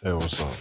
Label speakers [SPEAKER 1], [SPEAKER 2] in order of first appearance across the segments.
[SPEAKER 1] Hey, what's up?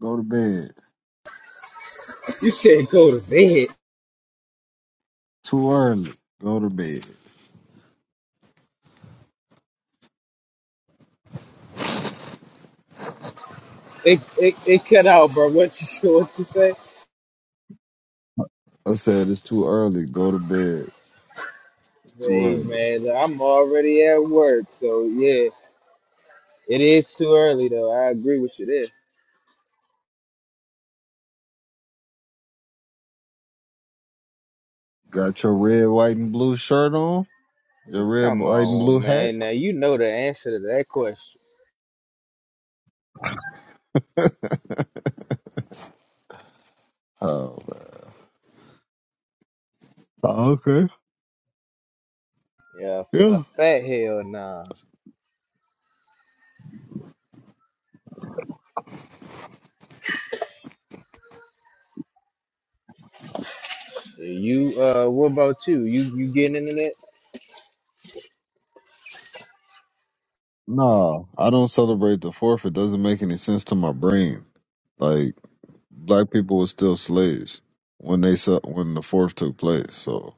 [SPEAKER 1] Go to bed.
[SPEAKER 2] You said go to bed.
[SPEAKER 1] Too early. Go to bed.
[SPEAKER 2] It, it, it cut out, bro. What you what you say?
[SPEAKER 1] I said it's too early. Go to bed. It's too
[SPEAKER 2] Hey
[SPEAKER 1] early.
[SPEAKER 2] man, look, I'm already at work, so yeah, it is too early though. I agree with you there.
[SPEAKER 1] Got your red, white, and blue shirt on? Your red,
[SPEAKER 2] Come
[SPEAKER 1] white, and blue
[SPEAKER 2] on,
[SPEAKER 1] hat?
[SPEAKER 2] man. Now you know the answer to that question.
[SPEAKER 1] Oh, man. Oh, okay.
[SPEAKER 2] Yeah, a
[SPEAKER 1] Yeah.
[SPEAKER 2] fat hell nah. You uh, what about you? You you getting into that?
[SPEAKER 1] No, I don't celebrate the fourth. It doesn't make any sense to my brain. Like, black people were still slaves when they se- when the fourth took place. So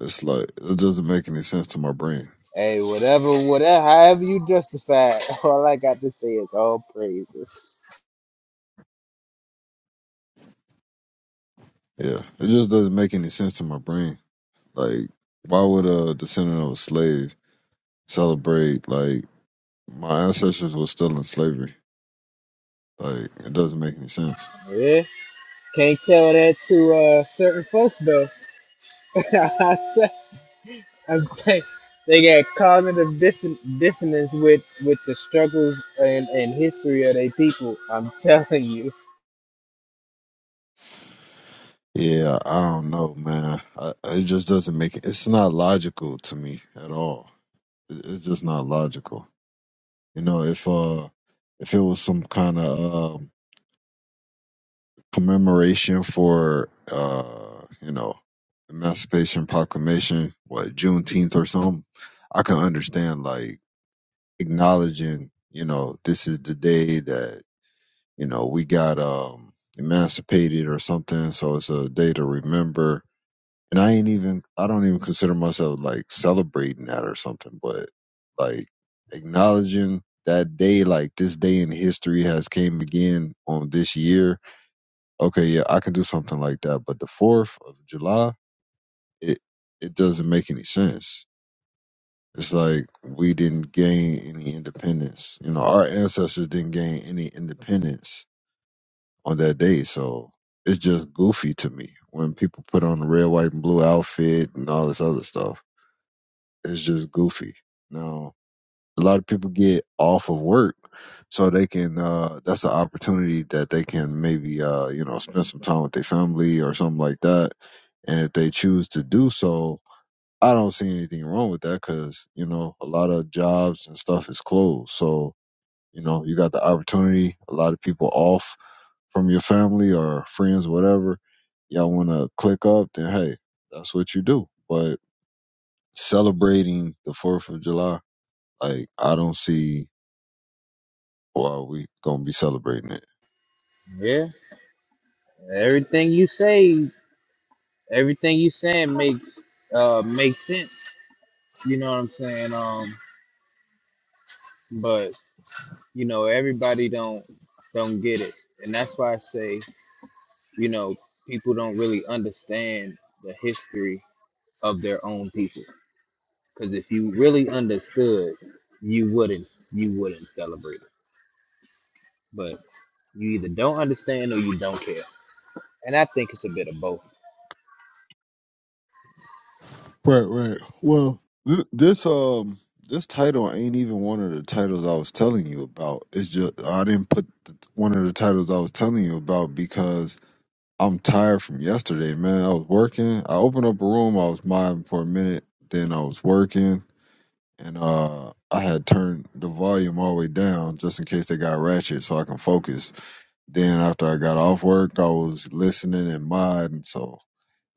[SPEAKER 1] it's like, it doesn't make any sense to my brain.
[SPEAKER 2] Hey, whatever, whatever, however you justify it. All I got to say is all praises.
[SPEAKER 1] Yeah. It just doesn't make any sense to my brain. Like, why would a descendant of a slave celebrate like my ancestors were still in slavery? Like, it doesn't make any sense.
[SPEAKER 2] Yeah, can't tell that to uh certain folks though. I'm saying they got cognitive disson- dissonance with with the struggles and, and history of their people. I'm telling you.
[SPEAKER 1] Yeah, I don't know, man. I, it just doesn't make it. It's not logical to me at all. It, it's just not logical. You know, if uh, if it was some kind of um, commemoration for uh, you know, Emancipation Proclamation, what Juneteenth or something, I can understand. Like. acknowledging, you know, this is the day that, you know, we got um emancipated or something. So it's a day to remember. And I ain't even I don't even consider myself like celebrating that or something, but like acknowledging that day, like this day in history has came again on this year. Okay, yeah, I can do something like that. But the fourth of July, it it doesn't make any sense It's like we didn't gain any independence. You know, our ancestors didn't gain any independence on that day. So it's just goofy to me when people put on the red, white, and blue outfit and all this other stuff. It's just goofy. Now, a lot of people get off of work so they can, uh, that's an opportunity that they can maybe, uh, you know, spend some time with their family or something like that. And if they choose to do so, I don't see anything wrong with that because you know a lot of jobs and stuff is closed. So you know you got the opportunity. A lot of people off from your family or friends, whatever. Y'all want to click up? Then hey, that's what you do. But celebrating the Fourth of July, like I don't see why we gonna be celebrating it.
[SPEAKER 2] Yeah, everything you say, everything you saying makes uh makes sense. You know what I'm saying? Um, but you know everybody don't don't get it, and that's why I say you know people don't really understand the history of their own people. Because if you really understood, you wouldn't you wouldn't celebrate. it. But you either don't understand or you don't care. And I think it's a bit of both.
[SPEAKER 1] Right, right. Well, th- this um this title ain't even one of the titles I was telling you about. It's just I didn't put the, one of the titles I was telling you about because I'm tired from yesterday, man. I was working. I opened up a room. I was modding for a minute. Then I was working, and uh I had turned the volume all the way down just in case they got ratchet, so I can focus. Then after I got off work, I was listening and modding. So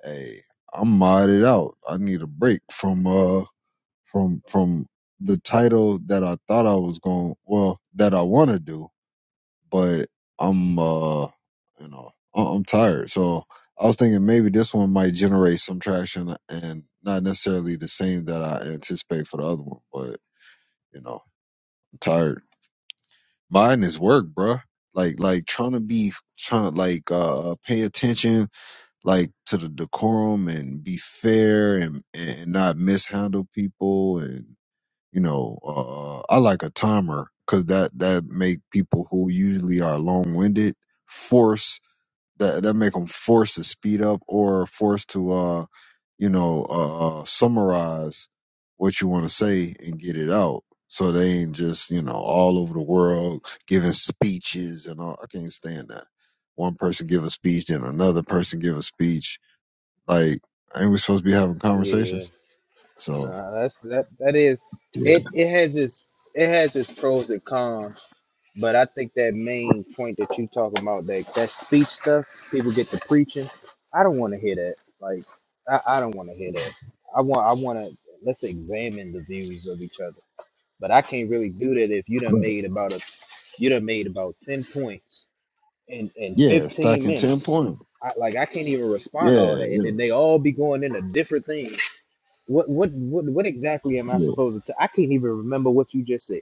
[SPEAKER 1] hey, I'm modded out. I need a break from uh from from the title that I thought I was going well that I want to do, but I'm uh you know I- I'm tired, so I was thinking maybe this one might generate some traction and not necessarily the same that I anticipate for the other one, but you know I'm tired. Mine is work, bruh. Like like trying to be trying to like uh uh, pay attention like to the decorum and be fair and and not mishandle people and. you know, uh, I like a timer because that that make people who usually are long winded force that that make them force to speed up or force to uh, you know, uh, uh, summarize what you want to say and get it out. So they ain't just you know all over the world giving speeches and all. I can't stand that. One person give a speech, then another person give a speech. Like, ain't we supposed to be having
[SPEAKER 2] Yeah,
[SPEAKER 1] conversations? So
[SPEAKER 2] nah, that's that. That is
[SPEAKER 1] yeah,
[SPEAKER 2] it. It has its it has its pros and cons, but I think that main point that you talking about that that speech stuff, people get to preaching. I don't want to hear that. Like I, I don't want to hear that. I want I want to let's examine the views of each other. But I can't really do that if you done made about a you done made about ten points in in
[SPEAKER 1] yeah,
[SPEAKER 2] 15
[SPEAKER 1] stacking ten
[SPEAKER 2] minutes.
[SPEAKER 1] points.
[SPEAKER 2] I, like I can't even respond to all
[SPEAKER 1] Yeah,
[SPEAKER 2] that, and
[SPEAKER 1] yeah,
[SPEAKER 2] then they all be going into different things. What what what what exactly am I
[SPEAKER 1] yeah.
[SPEAKER 2] supposed to? I can't even remember what you just said.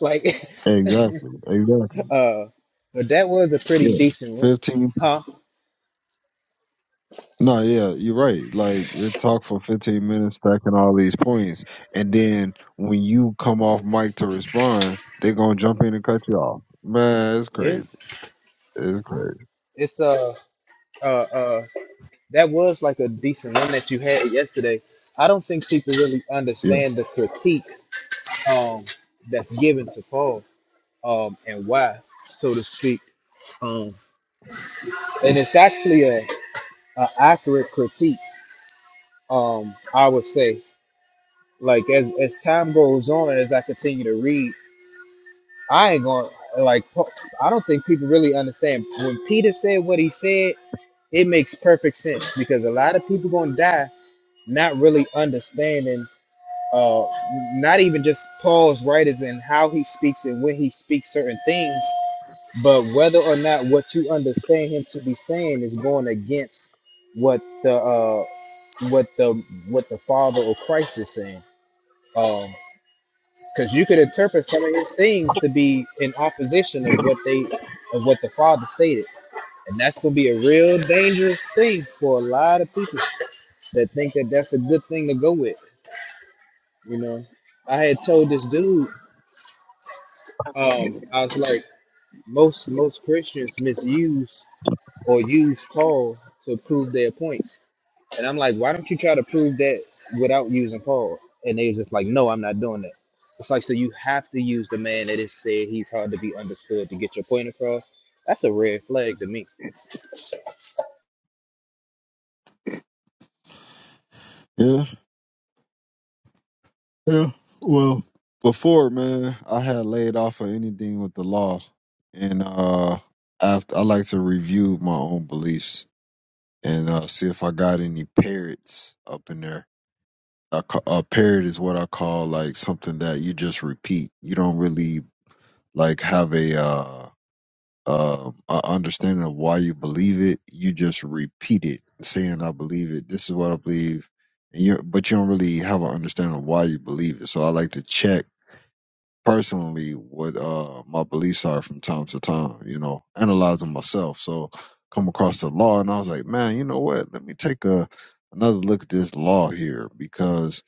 [SPEAKER 2] Like,
[SPEAKER 1] Exactly, exactly.
[SPEAKER 2] uh, but that was a pretty
[SPEAKER 1] Yeah,
[SPEAKER 2] decent room,
[SPEAKER 1] fifteen.
[SPEAKER 2] huh?
[SPEAKER 1] No, yeah, you're right. Like you talk for fifteen minutes, stacking all these points, and then when you come off mic to respond, they're gonna jump in and cut you off. Man, it's
[SPEAKER 2] Yeah,
[SPEAKER 1] crazy. It's
[SPEAKER 2] yeah.
[SPEAKER 1] crazy.
[SPEAKER 2] It's uh uh uh that was like a decent one that you had yesterday. I don't think people really
[SPEAKER 1] Yeah,
[SPEAKER 2] understand the critique um that's given to Paul um and why, so to speak. Um, and it's actually a, a accurate critique. Um, I would say, like as as time goes on and as I continue to read, I ain't going to like. po- I don't think people really understand when Peter said what he said. It makes perfect sense because a lot of people gonna die not really understanding. Uh, not even just Paul's writers and how he speaks and when he speaks certain things, but whether or not what you understand him to be saying is going against what the uh, what the what the Father or Christ is saying. Um, because you could interpret some of his things to be in opposition of what they of what the Father stated, and that's gonna be a real dangerous thing for a lot of people that think that that's a good thing to go with. You know, I had told this dude, um, I was like, most most Christians misuse or use Paul to prove their points And I'm like, why don't you try to prove that without using Paul? And they was just like, no, I'm not doing that. It's like, so you have to use the man that is said he's hard to be understood to get your point across. That's a red flag to me.
[SPEAKER 1] yeah, yeah. Well, before man, I had laid off of anything with the law, and uh, after I like to review my own beliefs and uh, see if I got any parrots up in there I ca- a parrot is what I call like something that you just repeat. You don't really like have a uh, uh a understanding of why you believe it. You just repeat it, saying "I believe it." This is what I believe, and you but you don't really have an understanding of why you believe it. So I like to check personally what uh my beliefs are from time to time. You know, analyzing myself. So come across the law, and I was like, man, you know what? Let me take a another look at this law here because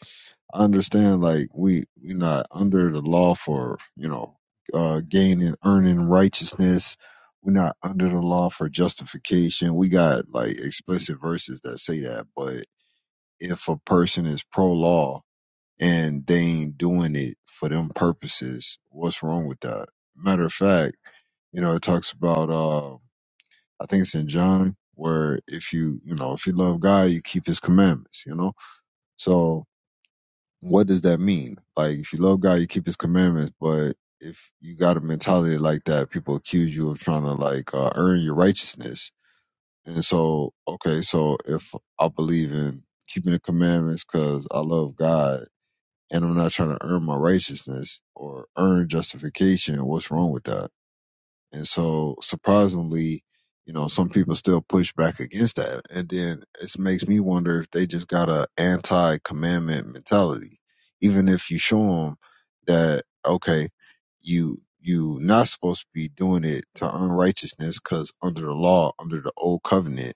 [SPEAKER 1] I understand like we we are not under the law for you know uh gaining earning righteousness. We're not under the law for justification. We got like explicit verses that say that. But if a person is pro law and they ain't doing it for them purposes, what's wrong with that? Matter of fact, you know, it talks about uh I think it's in John where if you you know, if you love God, you keep his commandments, you know? So what does that mean? Like, if you love God, you keep His commandments. But if you got a mentality like that, people accuse you of trying to like uh, earn your righteousness. And so, okay, so if I believe in keeping the commandments because I love God and I'm not trying to earn my righteousness or earn justification, what's wrong with that? And so surprisingly, you know, some people still push back against that. And then it makes me wonder if they just got a anti commandment mentality. Even if you show them that, okay, you, you not supposed to be doing it to unrighteousness because under the law, under the old covenant,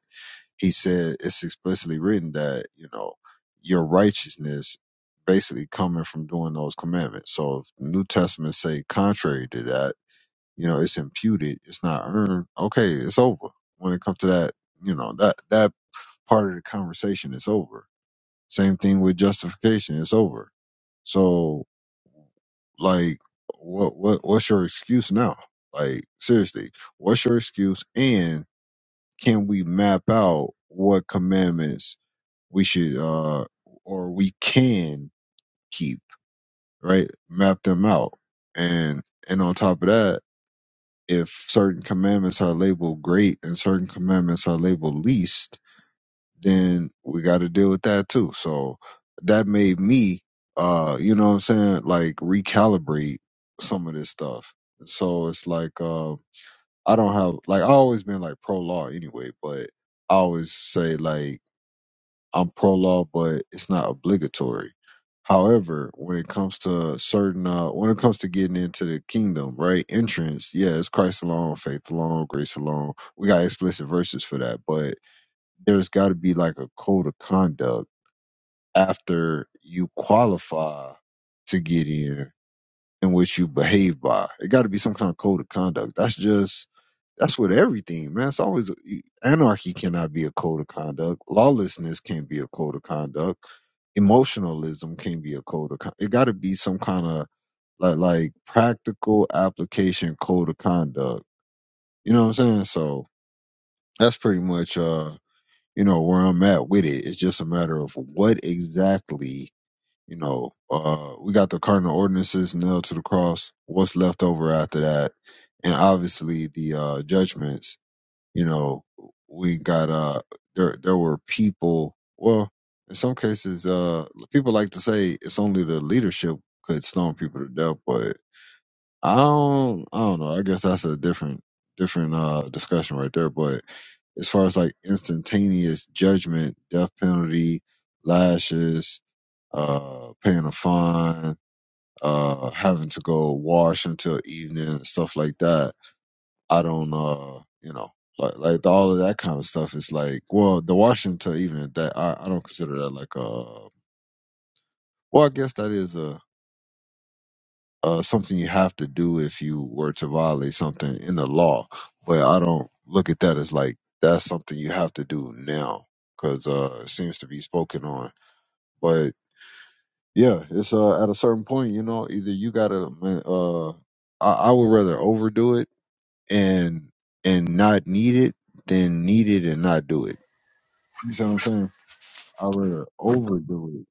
[SPEAKER 1] he said it's explicitly written that, you know, your righteousness basically coming from doing those commandments. So if the New Testament say contrary to that, you know, it's imputed. It's not earned. Okay, it's over. When it comes to that, you know, that that part of the conversation is over. Same thing with justification. It's over. So, like, what what what's your excuse now? Like, seriously, what's your excuse? And can we map out what commandments we should uh or we can keep? Right, map them out. And and on top of that if certain commandments are labeled great and certain commandments are labeled least, then we got to deal with that too. So that made me, uh, you know what I'm saying, like recalibrate some of this stuff. So it's like, uh, I don't have, like, I always been like pro law anyway, but I always say, like, I'm pro law, but it's not obligatory. However, when it comes to certain, uh, when it comes to getting into the kingdom, right? Entrance, yeah, it's Christ alone, faith alone, grace alone. We got explicit verses for that, but there's got to be like a code of conduct after you qualify to get in in which you behave by. It got to be some kind of code of conduct. That's just that's with everything, man. It's always e, anarchy cannot be a code of conduct. Lawlessness can't be a code of conduct. Emotionalism can't be a code of. Con- it got to be some kind of like like practical application code of conduct. You know what I'm saying? So that's pretty much uh you know where I'm at with it. It's just a matter of what exactly you know, uh, we got the cardinal ordinances nailed to the cross. What's left over after that? And obviously the uh, judgments. You know, we got uh, there. There were people. Well, in some cases, uh, people like to say it's only the leadership could stone people to death, but I don't. I don't know. I guess that's a different different uh discussion right there. But as far as like instantaneous judgment, death penalty, lashes uh, paying a fine, uh, having to go wash until evening and stuff like that. I don't, uh, you know, like, like all of that kind of stuff is like, well, the washing until evening that I, I don't consider that like a, well, I guess that is a, uh, something you have to do if you were to violate something in the law, but I don't look at that as like that's something you have to do now because uh, it seems to be spoken on. But Yeah, it's uh at a certain point, you know, either you gotta man, uh I, I would rather overdo it and and not need it than need it and not do it. You see what I'm saying? I'd rather overdo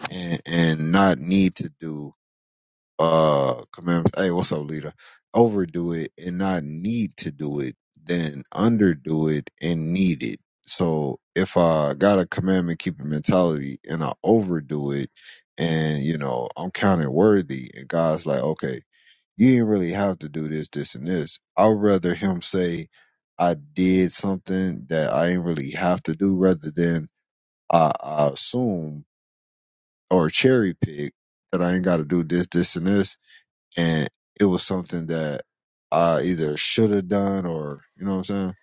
[SPEAKER 1] it and and not need to do uh commandments. hey what's up leader overdo it and not need to do it then underdo it and need it so if i got a commandment keeping mentality and i overdo it and you know i'm counted worthy and god's like okay you didn't really have to do this this and this i'd rather him say i did something that i didn't really have to do rather than i, I assume or cherry pick that i ain't got to do this this and this and it was something that I either should have done or you know what I'm saying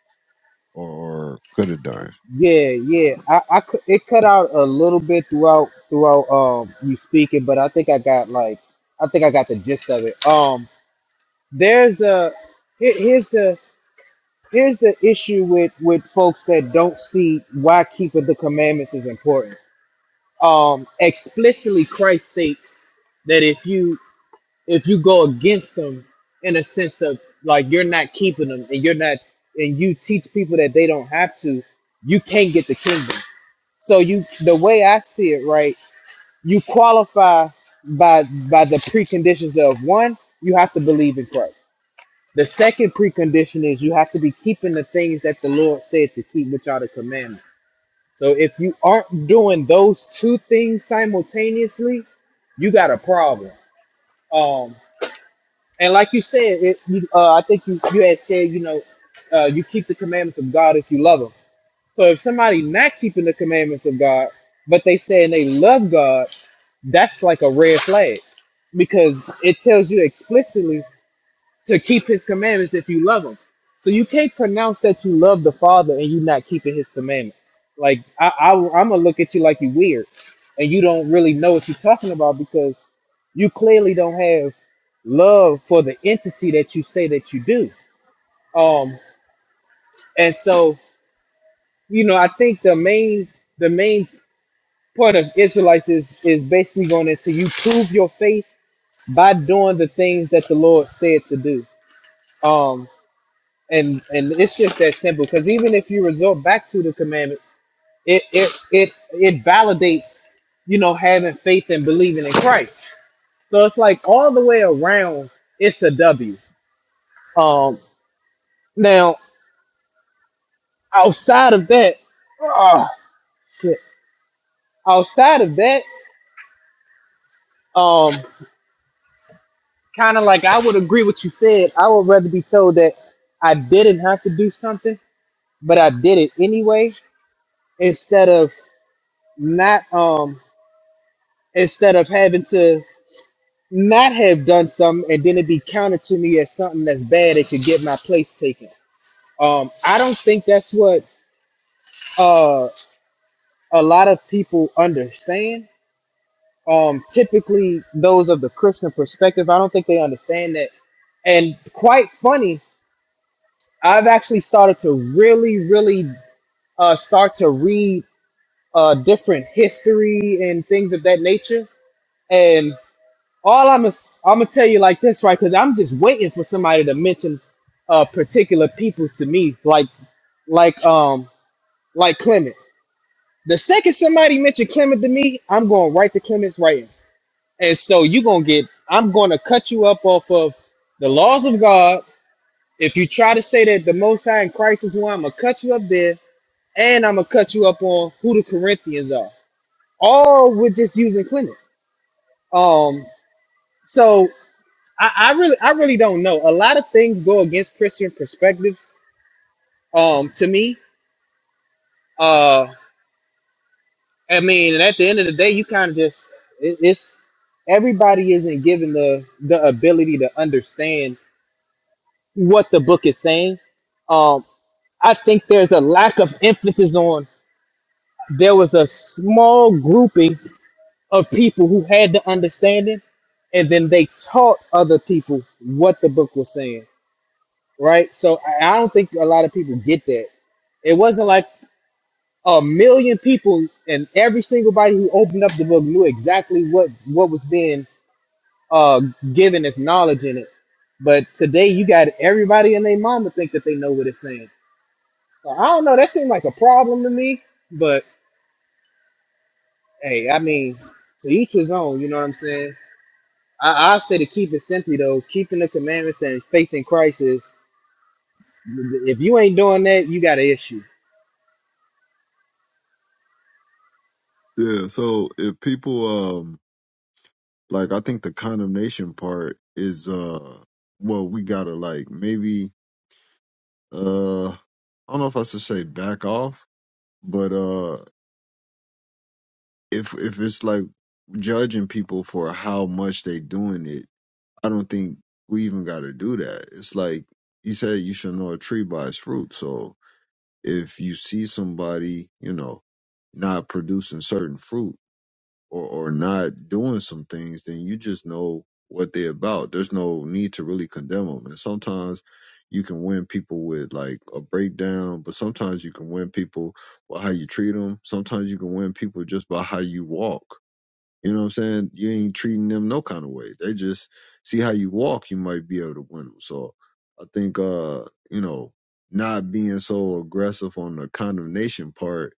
[SPEAKER 1] or, or could have done.
[SPEAKER 2] Yeah, yeah. I, I cu- it cut out a little bit throughout throughout um you speaking, but I think I got like I think I got the gist of it. Um, there's a here- here's the here's the issue with with folks that don't see why keeping the commandments is important. um, explicitly Christ states that if you if you go against them in a sense of like you're not keeping them and you're not and you teach people that they don't have to, you can't get the kingdom. So you the way I see it, right? You qualify by by the preconditions of one, you have to believe in Christ. The second precondition is you have to be keeping the things that the Lord said to keep, which are the commandments. So if you aren't doing those two things simultaneously, you got a problem. Um, and like you said, it, you, uh, I think you, you had said, you know, uh, you keep the commandments of God if you love Him. So if somebody not keeping the commandments of God, but they saying they love God, that's like a red flag because it tells you explicitly to keep his commandments if you love him. So you can't pronounce that you love the Father and you not keeping his commandments. Like I, I I'm gonna look at you like you weird, and you don't really know what you're talking about because you clearly don't have love for the entity that you say that you do. Um, and so you know, I think the main the main part of Israelites is is basically going into you prove your faith by doing the things that the Lord said to do. Um, and and it's just that simple because even if you resort back to the commandments it it it it validates you know having faith and believing in christ so it's like all the way around it's a w um now outside of that oh shit outside of that um kind of like i would agree what you said i would rather be told that i didn't have to do something but i did it anyway instead of not um instead of having to not have done something and then it be counted to me as something that's bad it could get my place taken um i don't think that's what uh a lot of people understand um typically those of the christian perspective i don't think they understand that and quite funny i've actually started to really really uh start to read uh different history and things of that nature and. all I'm gonna I'm gonna tell you like this, right? Because I'm just waiting for somebody to mention uh particular people to me, like like um like Clement. The second somebody mentioned Clement to me, I'm going right to Clement's writings, and so you gonna get I'm gonna cut you up off of the laws of God. If you try to say that the Most High and Christ is one, I'm gonna cut you up there, and I'm gonna cut you up on who the Corinthians are. All we're just using Clement. Um, so I, I really I really don't know. A lot of things go against Christian perspectives. Um, to me, uh, I mean, and at the end of the day, you kind of just it, it's everybody isn't given the the ability to understand what the book is saying. Um, I think there's a lack of emphasis on. There was a small grouping of people who had the understanding, and then they taught other people what the book was saying right? So I I don't think a lot of people get that. It wasn't like a million people and every single body who opened up the book knew exactly what what was being uh, given as knowledge in it. But today you got everybody and their mama think that they know what it's saying. So I don't know. That seemed like a problem to me. But hey, I mean, to each his own. You know what I'm saying? I, I say to keep it simply though. Keeping the commandments and faith in Christ is. If you ain't doing that, you got an issue
[SPEAKER 1] Yeah. So if people um like I think the condemnation part is uh well we gotta like maybe uh I don't know if I should say back off, but uh if if it's like judging people for how much they doing it, I don't think we even gotta do that. It's like you said you should know a tree by its fruit. So if you see somebody, you know, not producing certain fruit or, or not doing some things, then you just know what they're about. There's no need to really condemn them. And sometimes you can win people with like a breakdown, but sometimes you can win people by how you treat them. Sometimes you can win people just by how you walk. You know what I'm saying? You ain't treating them no kind of way. They just see how you walk, you might be able to win them. So I think, uh, you know, not being so aggressive on the condemnation part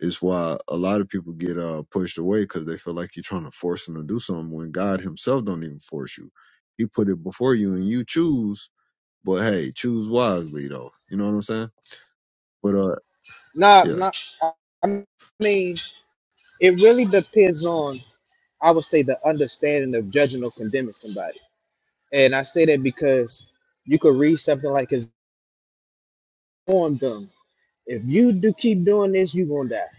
[SPEAKER 1] is why a lot of people get uh, pushed away because they feel like you're trying to force them to do something when God Himself don't even force you. He put it before you and you choose. But hey, choose wisely though. You know what I'm saying? But uh,
[SPEAKER 2] Nah,
[SPEAKER 1] yeah.
[SPEAKER 2] nah. I mean, it really depends on, I would say, the understanding of judging or condemning somebody. And I say that because you could read something like, "Is on them. If you do keep doing this, you gonna die.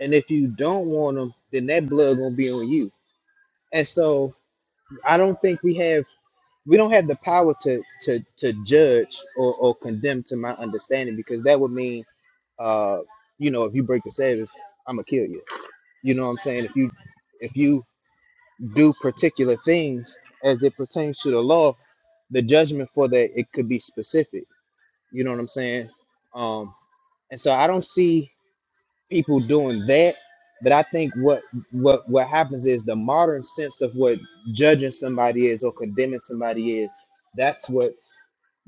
[SPEAKER 2] And if you don't want them, then that blood gonna be on you." And so, I don't think we have we don't have the power to to to judge or, or condemn to my understanding because that would mean, uh, you know, if you break the Sabbath, I'm gonna kill you You know what I'm saying? If you if you do particular things as it pertains to the law, the judgment for that it could be specific. You know what I'm saying? Um, and so I don't see people doing that, but I think what what what happens is the modern sense of what judging somebody is or condemning somebody is. That's what's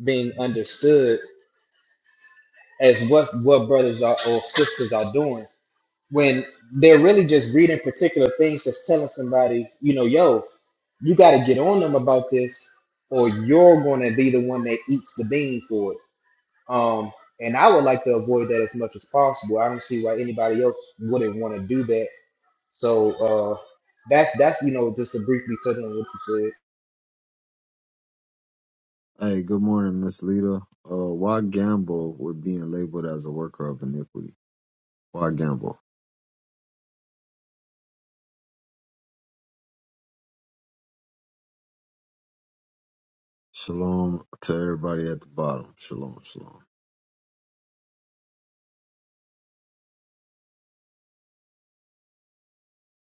[SPEAKER 2] being understood as what what brothers are, or sisters are doing when they're really just reading particular things that's telling somebody, you know, yo, you got to get on them about this, or you're going to be the one that eats the bean for it. Um, and I would like to avoid that as much as possible. I don't see why anybody else wouldn't want to do that. So uh, that's that's you know just to briefly touch on what you said.
[SPEAKER 1] Hey, good morning, Miss Lita. Uh, why gamble with being labeled as a worker of iniquity? Why gamble? Shalom to everybody at the bottom. Shalom, shalom.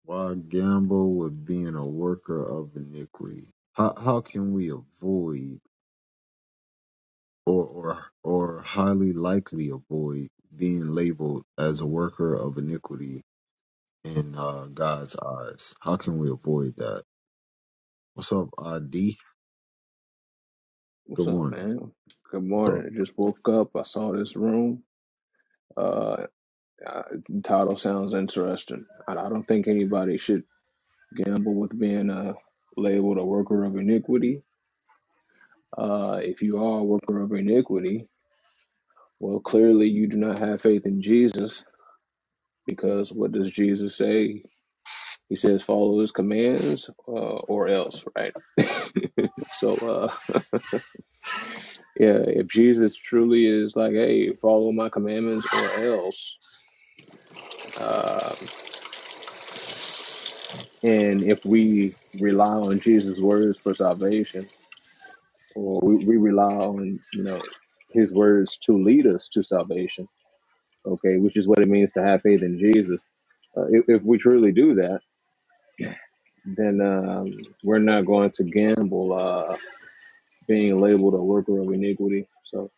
[SPEAKER 1] Why gamble with being a worker of iniquity? How how can we avoid or or or highly likely avoid being labeled as a worker of iniquity in uh, God's eyes? How can we avoid that? What's up, ID?
[SPEAKER 3] What's
[SPEAKER 1] Good
[SPEAKER 3] up,
[SPEAKER 1] morning.
[SPEAKER 3] man? Good
[SPEAKER 1] What's up?
[SPEAKER 3] morning. I just woke up. I saw this room. Uh, uh title sounds interesting. I, I don't think anybody should gamble with being uh, labeled a worker of iniquity. Uh, if you are a worker of iniquity, well, clearly you do not have faith in Jesus because what does Jesus say? He says, follow his commands uh, or else, right? so, uh, yeah, if Jesus truly is like, hey, follow my commandments or else, Um, and if we rely on Jesus' words for salvation, or we, we rely on, you know, his words to lead us to salvation, okay, which is what it means to have faith in Jesus. Uh, if, if we truly do that, then um, we're not going to gamble uh, being labeled a worker of iniquity. So,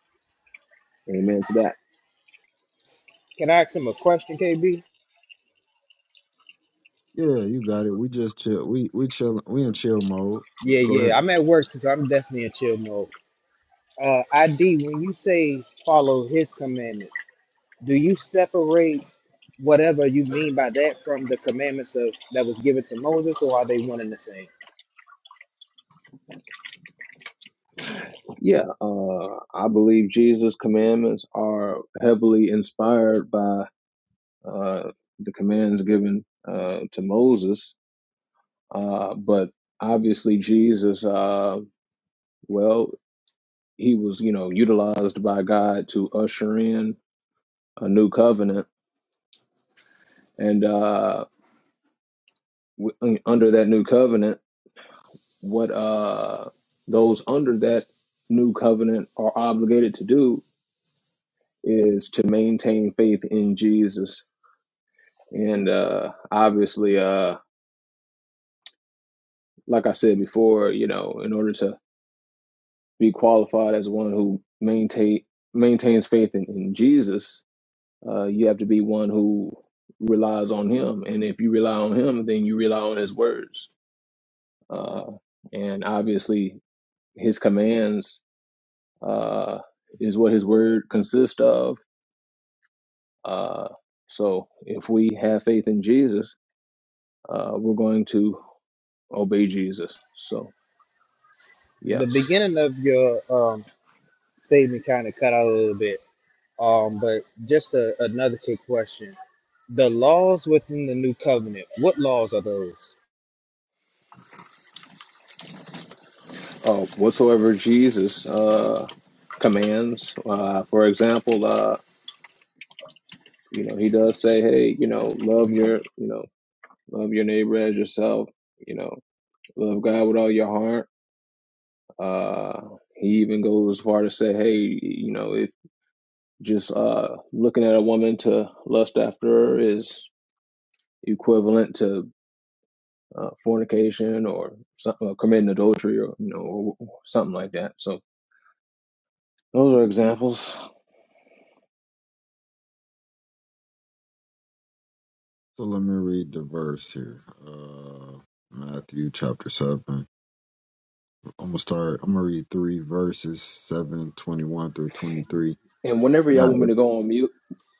[SPEAKER 3] amen to that.
[SPEAKER 2] Can I ask him a question, KB?
[SPEAKER 1] Yeah, you got it. We just chill. We we chill. We in chill mode. Yeah,
[SPEAKER 2] Yeah,
[SPEAKER 1] Go
[SPEAKER 2] yeah.
[SPEAKER 1] ahead.
[SPEAKER 2] I'm at work, too, so I'm definitely in chill mode. Uh, ID, when you say follow his commandments, do you separate? whatever you mean by that from the commandments of that was given to Moses, or are they one and the same?
[SPEAKER 3] Yeah, uh, I believe Jesus' commandments are heavily inspired by uh, the commands given uh, to Moses. Uh, but obviously, Jesus, uh, well, he was, you know, utilized by God to usher in a new covenant. And uh, w- under that new covenant, what uh, those under that new covenant are obligated to do is to maintain faith in Jesus. And uh, obviously, uh, like I said before, you know, in order to be qualified as one who maintain maintains faith in, in Jesus, uh, you have to be one who relies on Him. And if you rely on Him, then you rely on His words. Uh, and obviously, His commands uh, is what His word consists of. Uh, so if we have faith in Jesus, uh, we're going to obey Jesus. So yeah,
[SPEAKER 2] The beginning of your um, statement kind of cut out a little bit, um, but just a, another quick question: the laws within the new covenant, what laws are those?
[SPEAKER 3] uh, whatsoever Jesus uh, commands. Uh, for example. uh, You know, he does say, hey, you know, love your, you know, love your neighbor as yourself. You know, love God with all your heart. Uh, he even goes as far to say, hey, you know, if just uh, looking at a woman to lust after her is equivalent to uh, fornication or something, or committing adultery or you know, or something like that. So those are examples.
[SPEAKER 1] So let me read the verse here. Uh, Matthew chapter 7. I'm going to start. I'm going to read three verses 7 21 through 23.
[SPEAKER 3] And whenever y'all
[SPEAKER 1] Now,
[SPEAKER 3] want
[SPEAKER 1] if
[SPEAKER 3] me to go on mute,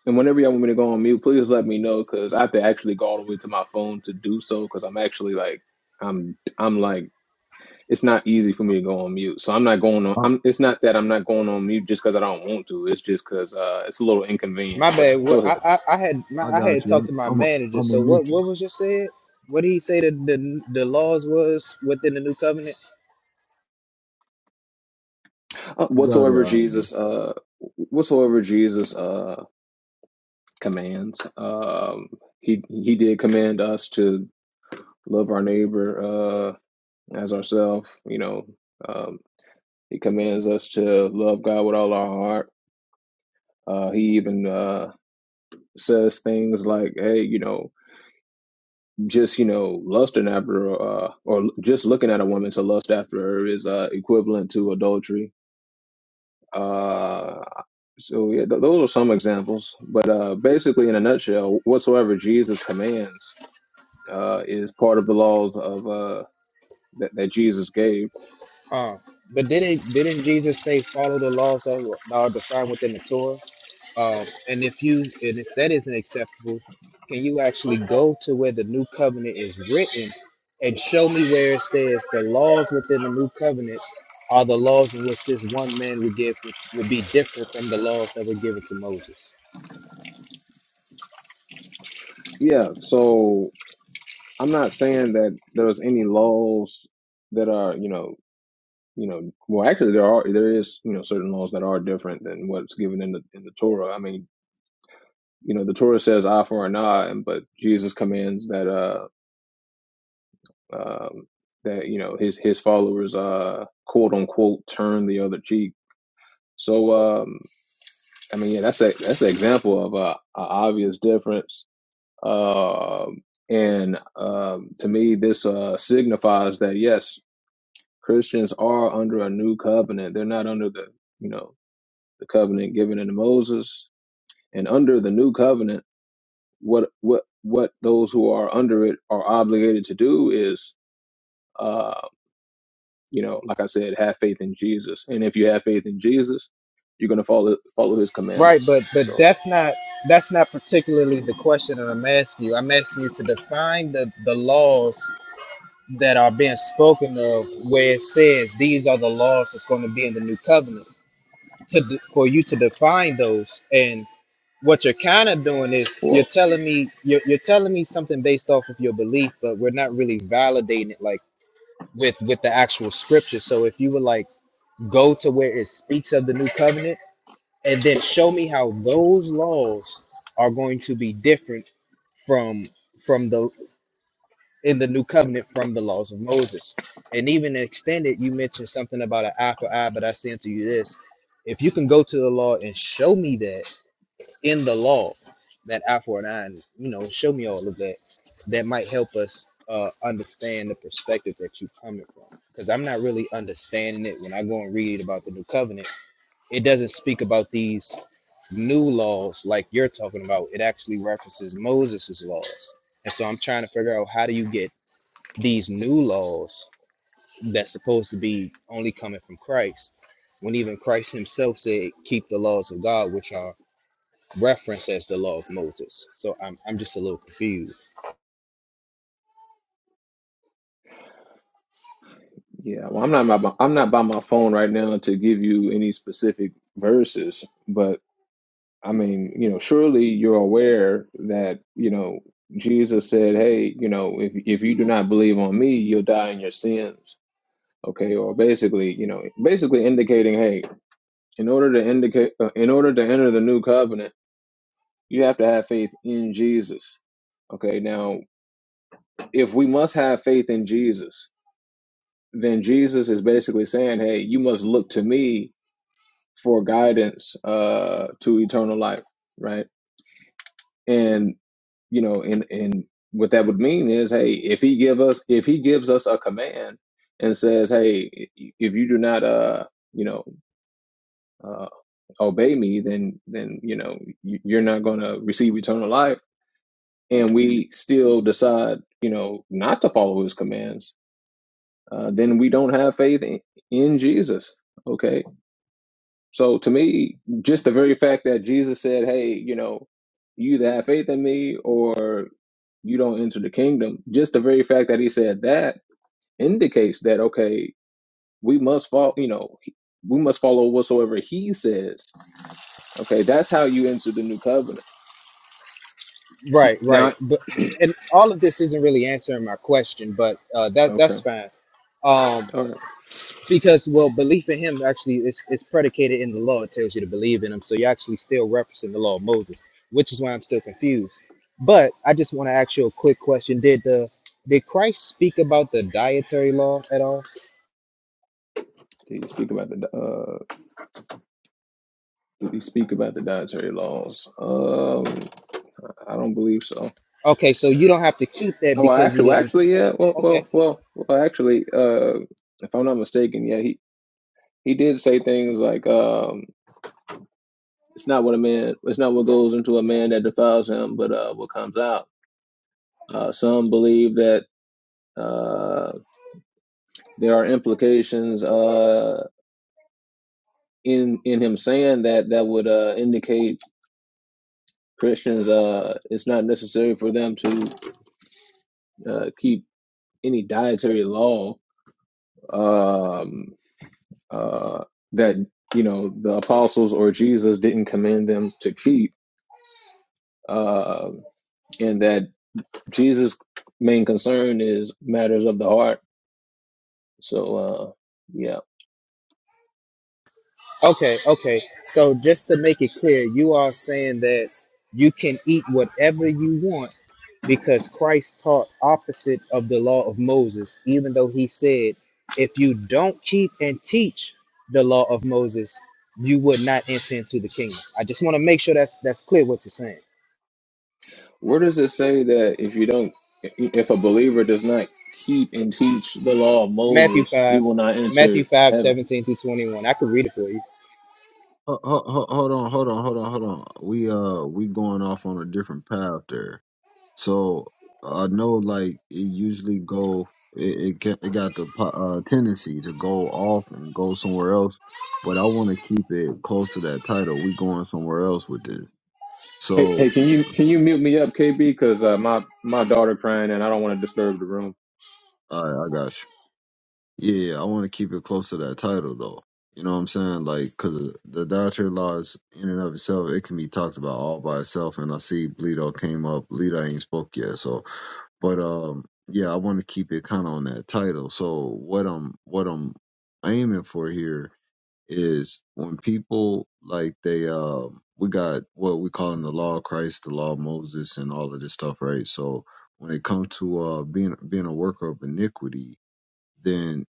[SPEAKER 3] and whenever y'all want me to go on mute, please let me know because I have to actually go all the way to my phone to do so because I'm actually like I'm I'm like it's not easy for me to go on mute. So I'm not going on.
[SPEAKER 1] I,
[SPEAKER 3] I'm it's not that I'm not going on mute just because I don't want to. It's just because uh, it's a little
[SPEAKER 2] My
[SPEAKER 3] inconvenient. But
[SPEAKER 2] bad.
[SPEAKER 3] uh, go
[SPEAKER 2] What I,
[SPEAKER 3] ahead.
[SPEAKER 2] I, I had my,
[SPEAKER 1] I
[SPEAKER 2] I
[SPEAKER 1] got
[SPEAKER 2] had talked
[SPEAKER 1] you.
[SPEAKER 2] to my
[SPEAKER 1] I'm I'm i
[SPEAKER 2] manager.
[SPEAKER 1] I'm going
[SPEAKER 2] So
[SPEAKER 1] to
[SPEAKER 2] what
[SPEAKER 1] mute you.
[SPEAKER 2] what was just said? What did he say that the the laws was within the new covenant?
[SPEAKER 3] Uh,
[SPEAKER 1] You got it,
[SPEAKER 3] whatsoever
[SPEAKER 1] IB.
[SPEAKER 3] Jesus, uh, whatsoever Jesus. uh, commands. Um, he he did command us to love our neighbor uh, as ourselves. You know, um, he commands us to love God with all our heart. Uh, he even uh, says things like, "Hey, you know, just you know, lusting after uh, or just looking at a woman to lust after her is uh, equivalent to adultery." Uh, so yeah, th- those are some examples, but uh, basically, in a nutshell, whatsoever Jesus commands. uh, is part of the laws of uh, that, that Jesus gave.
[SPEAKER 2] Uh, but didn't didn't Jesus say follow the laws that are defined within the Torah? Um, and if you and if that isn't acceptable, can you actually go to where the new covenant is written and show me where it says the laws within the new covenant are the laws in which this one man would give, which would be different from the laws that were given to Moses?
[SPEAKER 3] Yeah, so I'm not saying that there's any laws that are, you know, you know, well, actually, there are there is, you know, certain laws that are different than what's given in the in the Torah. I mean, you know, the Torah says eye for an eye, and but Jesus commands that uh um, that you know his his followers uh quote unquote turn the other cheek. So um I mean, yeah, that's a that's an example of a, a obvious difference Um, and um, to me, this uh, signifies that yes, Christians are under a new covenant. They're not under the you know the covenant given in Moses. And under the new covenant, what what what those who are under it are obligated to do is, uh, you know, like I said, have faith in Jesus. And if you have faith in Jesus, you're going to follow follow His
[SPEAKER 2] Right,
[SPEAKER 3] commandments.
[SPEAKER 2] but but
[SPEAKER 3] So,
[SPEAKER 2] that's not that's not particularly the question that I'm asking you. I'm asking you to define the the laws that are being spoken of where it says these are the laws that's going to be in the new covenant to d- for you to define those and what you're kind of doing is you're
[SPEAKER 3] well,
[SPEAKER 2] telling me you're, you're telling me something based off of your belief but we're not really validating it like with with the actual scripture so if you would like go to where it speaks of the new covenant and then show me how those laws are going to be different from from the in the new covenant from the laws of moses and even extended you mentioned something about an eye for eye but i say unto you this if you can go to the law and show me that in the law that I four nine, you know, show me all of that. That might help us uh, understand the perspective that you're coming from. Because I'm not really understanding it when I go and read about the new covenant. It doesn't speak about these new laws like you're talking about. It actually references Moses' laws. And so I'm trying to figure out how do you get these new laws that's supposed to be only coming from Christ when even Christ himself said, keep the laws of God, which are referenced as the law of Moses. So I'm I'm just a little confused.
[SPEAKER 3] Yeah, well, I'm not my, I'm not by my phone right now to give you any specific verses, but I mean, you know, surely you're aware that, you know, Jesus said, "Hey, you know, if if you do not believe on me, you'll die in your sins." Okay, or basically, you know, basically indicating, "Hey, in order to indicate uh, in order to enter the new covenant, you have to have faith in Jesus." Okay, now if we must have faith in Jesus, then Jesus is basically saying, "Hey, you must look to me." for guidance uh to eternal life right and you know and and what that would mean is hey if he give us if he gives us a command and says hey if you do not uh you know uh obey me then then you know you- you're not going to receive eternal life and we still decide you know not to follow his commands uh then we don't have faith in, in Jesus Okay, So to me, just the very fact that Jesus said, "Hey, you know, you either have faith in me or you don't enter the kingdom." Just the very fact that he said that indicates that okay, we must follow. You know, we must follow whatsoever he says. Okay, that's how you enter the new covenant.
[SPEAKER 2] Right, right.
[SPEAKER 3] Now,
[SPEAKER 2] But and all of this isn't really answering my question, but uh, that that's
[SPEAKER 3] okay,
[SPEAKER 2] fine. Um,
[SPEAKER 3] all right.
[SPEAKER 2] because well, belief in him actually is is predicated in the law. It tells you to believe in him, so you're actually still referencing the law of Moses, which is why I'm still confused. But I just want to ask you a quick question: Did the did Christ speak about the dietary law at all?
[SPEAKER 3] Did you speak about the uh? Did you speak about the dietary laws? Um, I don't believe so.
[SPEAKER 2] Okay, so you don't have to keep that
[SPEAKER 3] Oh, well,
[SPEAKER 2] because
[SPEAKER 3] actually,
[SPEAKER 2] he
[SPEAKER 3] well,
[SPEAKER 2] didn't.
[SPEAKER 3] actually, yeah. Well,
[SPEAKER 2] Okay.
[SPEAKER 3] well, well, well actually, uh if I'm not mistaken, yeah, he He did say things like, um, "It's not what a man, it's not what goes into a man that defiles him, but uh, what comes out." Uh, some believe that uh, there are implications uh, in in him saying that that would uh, indicate Christians. Uh, it's not necessary for them to uh, keep any dietary law um, uh, that you know the apostles or Jesus didn't command them to keep. Uh, and that Jesus' main concern is matters of the heart. So, uh, yeah.
[SPEAKER 2] Okay, okay. So just to make it clear, you are saying that you can eat whatever you want because Christ taught opposite of the law of Moses, even though he said, if you don't keep and teach the law of Moses, you would not enter into the kingdom. I just want to make sure that's that's clear what you're saying.
[SPEAKER 3] Where does it say that if you don't, if a believer does not keep and teach the law of
[SPEAKER 2] Matthew
[SPEAKER 3] Moses, he
[SPEAKER 2] 5,
[SPEAKER 3] will not
[SPEAKER 2] Matthew
[SPEAKER 3] enter
[SPEAKER 2] five,
[SPEAKER 3] heaven?
[SPEAKER 2] seventeen 17 through 21. I could read it for you.
[SPEAKER 1] Ho- ho- ho- Hold on, hold on, hold on, hold on. We uh we going off on a different path there. So I know like it usually go it it, get, it got the po- uh, tendency to go off and go somewhere else, but I want to keep it close to that title. We going somewhere else with this.
[SPEAKER 3] Hey, hey
[SPEAKER 1] So
[SPEAKER 3] can you can you mute me up, KB? Because uh, my my daughter crying and I don't want to disturb the room.
[SPEAKER 1] I I got you. Yeah, I want to keep it close to that title though. You know what I'm saying? Like, cause the dietary laws in and of itself, it can be talked about all by itself. And I see Bleedo came up. Bleedo ain't spoke yet, so But um, yeah, I want to keep it kind of on that title. So what I'm what I'm aiming for here is when people like they um we got what we call in the law of Christ, the law of Moses, and all of this stuff, right? So when it comes to uh being being a worker of iniquity, then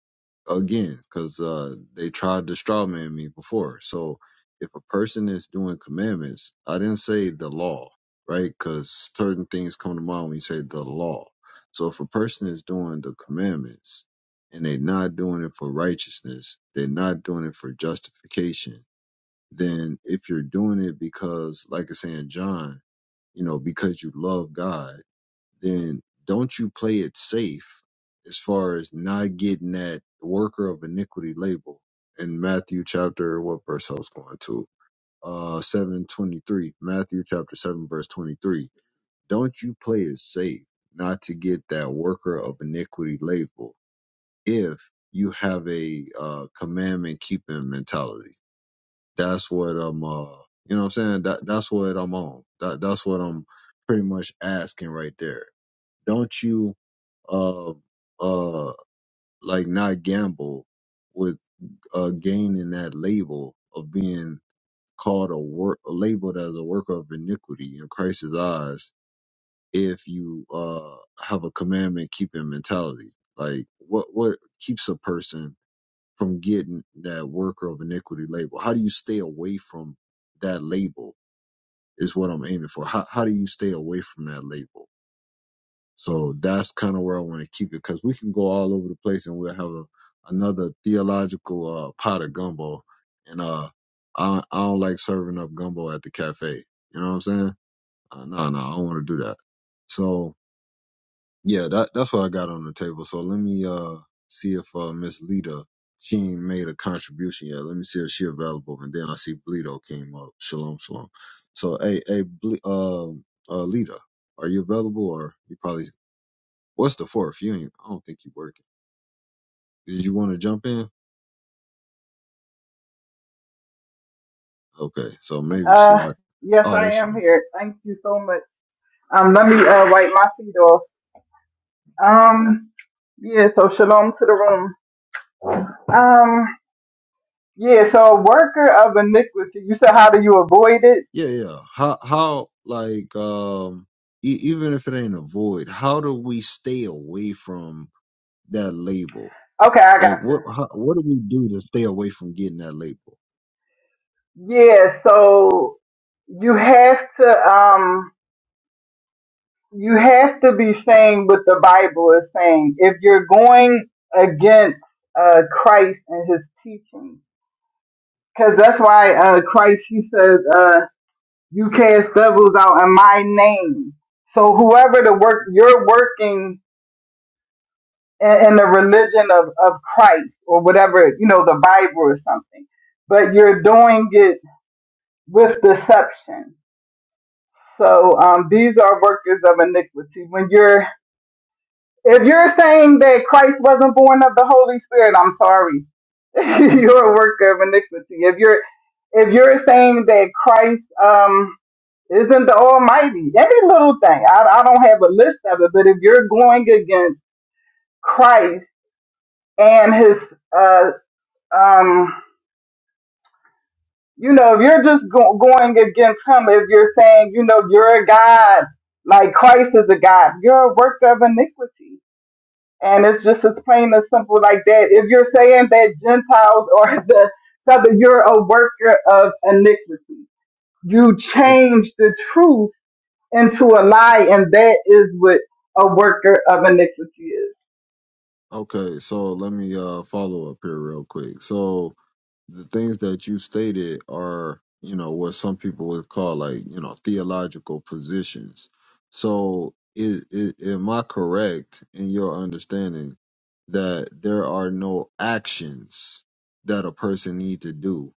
[SPEAKER 1] again, because uh, they tried to straw man me before. So if a person is doing commandments, I didn't say the law, right? Because certain things come to mind when you say the law. So if a person is doing the commandments and they're not doing it for righteousness, they're not doing it for justification, then if you're doing it because, like I say in John, you know, because you love God then don't you play it safe as far as not getting that worker of iniquity label in Matthew chapter what verse I was going to uh seven twenty three Matthew chapter seven verse twenty three don't you play it safe not to get that worker of iniquity label if you have a uh commandment keeping mentality that's what I'm uh you know what I'm saying that that's what I'm on that that's what I'm pretty much asking right there don't you uh, uh, like not gamble with uh, gaining that label of being called a work labeled as a worker of iniquity in Christ's eyes if you uh, have a commandment keeping mentality. Like what what keeps a person from getting that worker of iniquity label? How do you stay away from that label? Is what I'm aiming for. How how do you stay away from that label? So that's kind of where I want to keep it because we can go all over the place and we'll have a, another theological uh, pot of gumbo. And uh, I, I don't like serving up gumbo at the cafe. You know what I'm saying? Uh, no, no, I don't want to do that. So yeah, that that's what I got on the table. So let me uh see if uh, Miss Lita she ain't made a contribution yet. Let me see if she available. And then I see Bleedo came up. Shalom, shalom. So hey, hey, Ble- uh, uh, Lita, are you available or you probably What's the fourth? You ain't, I don't think you working. Did you want to jump in? Okay, so maybe she
[SPEAKER 4] Uh,
[SPEAKER 1] are.
[SPEAKER 4] yes,
[SPEAKER 1] Oh, there
[SPEAKER 4] I
[SPEAKER 1] she
[SPEAKER 4] am
[SPEAKER 1] go.
[SPEAKER 4] here. Thank you so much. Um, let me uh, wipe my feet off. Um, yeah. So shalom to the room. Um, yeah. So worker of iniquity. You said how do you avoid it?
[SPEAKER 1] Yeah, yeah. How how like um e- even if it ain't a void, how do we stay away from that label?
[SPEAKER 4] Okay, I
[SPEAKER 1] Like
[SPEAKER 4] got
[SPEAKER 1] what
[SPEAKER 4] you.
[SPEAKER 1] how, what do we do to stay away from getting that label?
[SPEAKER 4] Yeah. So you have to um you have to be saying what the Bible is saying if you're going against uh Christ and His teaching, because that's why uh Christ He says. uh, You cast devils out in my name. So whoever the work you're working in, in the religion of, of Christ or whatever, you know, the Bible or something, but you're doing it with deception. So um, these are workers of iniquity. When you're if you're saying that Christ wasn't born of the Holy Spirit, I'm sorry. you're a worker of iniquity. If you're if you're saying that Christ um Isn't the Almighty? Any little thing. I, I don't have a list of it, but if you're going against Christ and his, uh, um, you know, if you're just go- going against him, if you're saying, you know, you're a God, like Christ is a God, you're a work of iniquity. And it's just as plain and simple like that. If you're saying that Gentiles or the Southern, you're a worker of iniquity. You
[SPEAKER 1] Okay,
[SPEAKER 4] change the truth into a lie, and that is what a worker of iniquity is.
[SPEAKER 1] okay. So let me uh follow up here real quick. So the things that you stated are you know what some people would call like you know theological positions so is, is am i correct in your understanding that there are no actions that a person need to do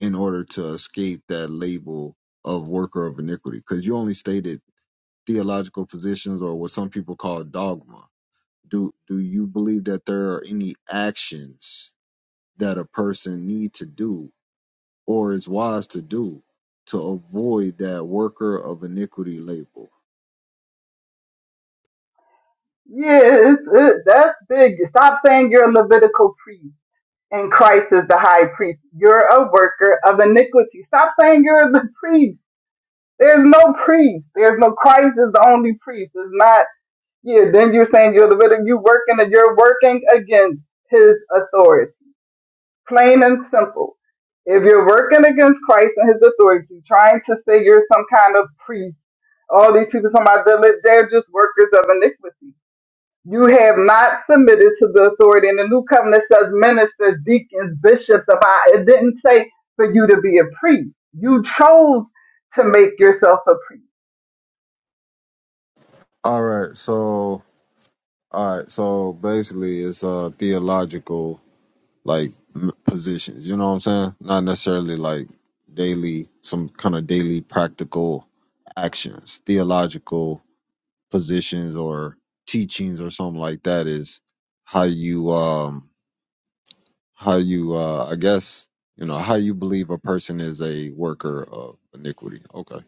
[SPEAKER 1] in order to escape that label of worker of iniquity because you only stated theological positions or what some people call dogma do do you believe that there are any actions that a person need to do or is wise to do to avoid that worker of iniquity label.
[SPEAKER 4] Yeah, it's, it, that's big. Stop saying you're a Levitical priest and Christ is the high priest. You're a worker of iniquity. Stop saying you're the priest. There's no priest. There's no Christ is the only priest. It's not, yeah, then you're saying you're Levitical. You're working and you're working against his authority. Plain and simple. If you're working against Christ and his authority, trying to say you're some kind of priest, all these people talking about they're they're just workers of iniquity. You have not submitted to the authority. And the new covenant says ministers, deacons, bishops of our, it didn't say for you to be a priest. You chose to make yourself a priest.
[SPEAKER 1] All right, so all right, so basically it's uh theological like m- positions, you know what I'm saying? Not necessarily like daily some kind of daily practical actions, theological positions or teachings or something like that is how you um how you uh i guess you know how you believe a person is a worker of iniquity okay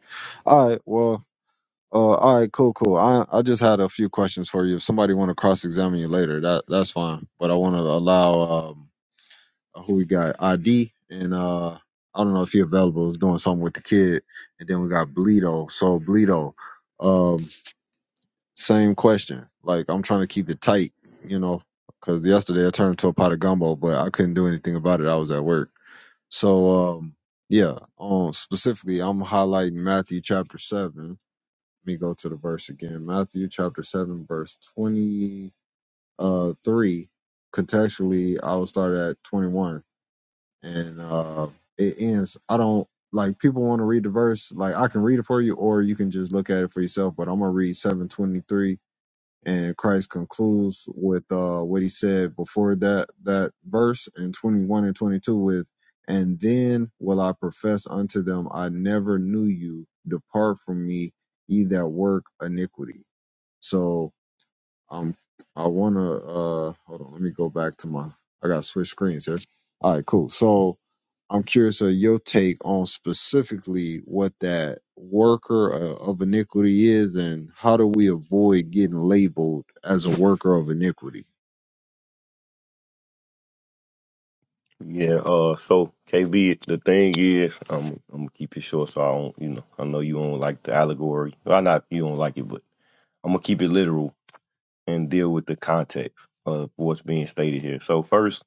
[SPEAKER 1] all right well uh all right cool cool i i just had a few questions for you if somebody want to cross-examine you later that that's fine but i want to allow um who we got id and uh i don't know if you available is doing something with the kid and then we got bleedo so bleedo um same question. Like I'm trying to keep it tight, you know, because yesterday I turned into a pot of gumbo, but I couldn't do anything about it. I was at work. So um, yeah. Um, specifically, I'm highlighting Matthew chapter seven. Let me go to the verse again. Matthew chapter seven, verse twenty-three. Contextually, I will start at twenty one, and uh, it ends. I don't like people want to read the verse. Like I can read it for you, or you can just look at it for yourself. But I'm gonna read seven twenty three and Christ concludes with uh, what he said before that that verse in 21 and 22 with, and then will I profess unto them, I never knew you. Depart from me, ye that work iniquity. So um, I wanna uh hold on. Let me go back to my. I gotta switch screens here. All right, cool. So I'm curious of your take on specifically what that worker uh, of iniquity is, and how do we avoid getting labeled as a worker of iniquity?
[SPEAKER 5] Yeah, uh, so KB, the thing is, I'm I'm gonna keep it short, so I don't, you know, I know you don't like the allegory. Well, not you don't like it, but I'm gonna keep it literal and deal with the context of what's being stated here. So first,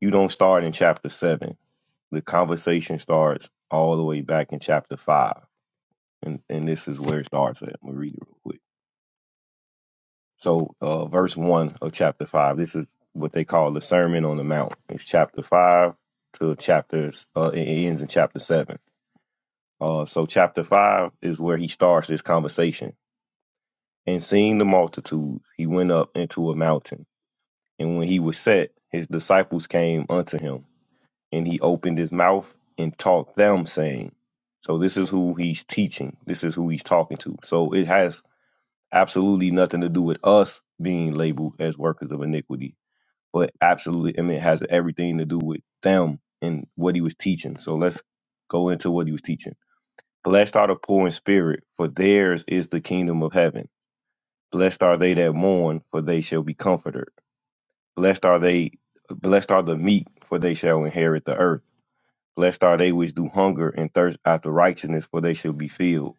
[SPEAKER 5] you don't start in chapter seven. The conversation starts all the way back in chapter five, and and this is where it starts. At. I'm gonna read it real quick. So, uh, verse one of chapter five. This is what they call the Sermon on the Mount. It's chapter five to chapters. Uh, it it ends in chapter seven Uh, so chapter five is where he starts this conversation. And seeing the multitudes, he went up into a mountain. And when he was set, his disciples came unto him, and he opened his mouth and taught them, saying, So this is who he's teaching. This is who he's talking to. So it has absolutely nothing to do with us being labeled as workers of iniquity, but absolutely, I mean, it has everything to do with them and what he was teaching. So let's go into what he was teaching. Blessed are the poor in spirit, for theirs is the kingdom of heaven. Blessed are they that mourn, for they shall be comforted. Blessed are they blessed are the meek, for they shall inherit the earth. Blessed are they which do hunger and thirst after righteousness, for they shall be filled.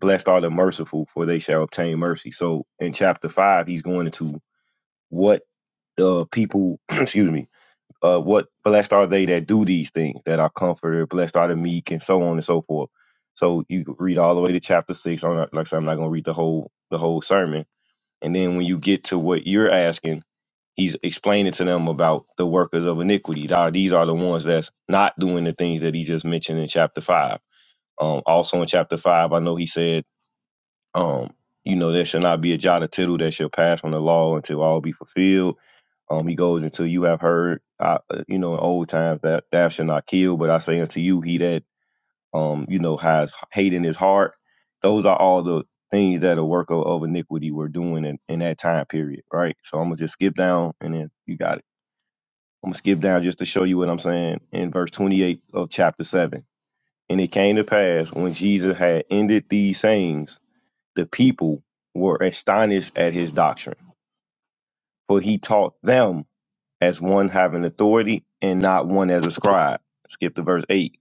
[SPEAKER 5] Blessed are the merciful, for they shall obtain mercy. So in chapter five, he's going into what the people, excuse me, uh, what blessed are they that do these things that are comforted, blessed are the meek, and so on and so forth. So you could read all the way to chapter six. I'm not, like I said, I'm not gonna read the whole the whole sermon. And then when you get to what you're asking, he's explaining to them about the workers of iniquity. Now, These are the ones that's not doing the things that he just mentioned in chapter five. Um, also in chapter five, I know he said, um, you know, there shall not be a jot or tittle that shall pass from the law until all be fulfilled um, he goes until you have heard, uh, uh, you know, in old times that thou shalt not kill, but I say unto you, he that, um, you know, has hate in his heart. Those are all the things that a work of, of iniquity were doing in, in that time period, right? So I'm gonna just skip down, and then you got it. I'm gonna skip down just to show you what I'm saying in verse 28 of chapter seven. And it came to pass when Jesus had ended these sayings, the people were astonished at his doctrine, for he taught them as one having authority and not one as a scribe. Skip to verse 8.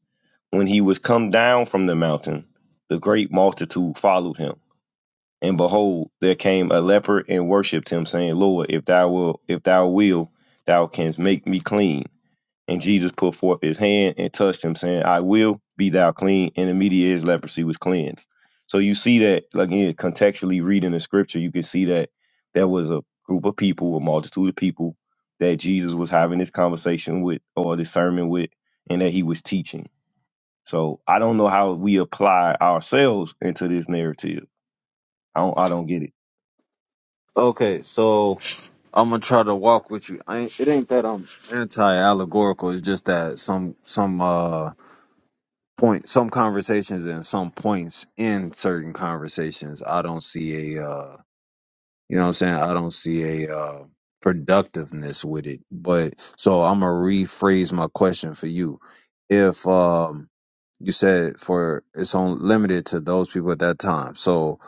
[SPEAKER 5] When he was come down from the mountain, the great multitude followed him. And behold, there came a leper and worshipped him, saying, Lord, if thou wilt, if thou wilt, thou canst make me clean. And Jesus put forth his hand and touched him, saying, I will be thou clean. And immediately his leprosy was cleansed. So you see that, like, again, contextually reading the scripture, you can see that there was a group of people, a multitude of people that Jesus was having this conversation with or this sermon with, and that he was teaching. So I don't know how we apply ourselves into this narrative. I don't, I don't get it.
[SPEAKER 1] Okay, so I'm gonna try to walk with you. I ain't, it ain't that I'm anti-allegorical. It's just that some some uh point some conversations and some points in certain conversations I don't see a uh You know what I'm saying? I don't see a uh, productiveness with it. But so I'm gonna rephrase my question for you. If um you said for it's only limited to those people at that time, so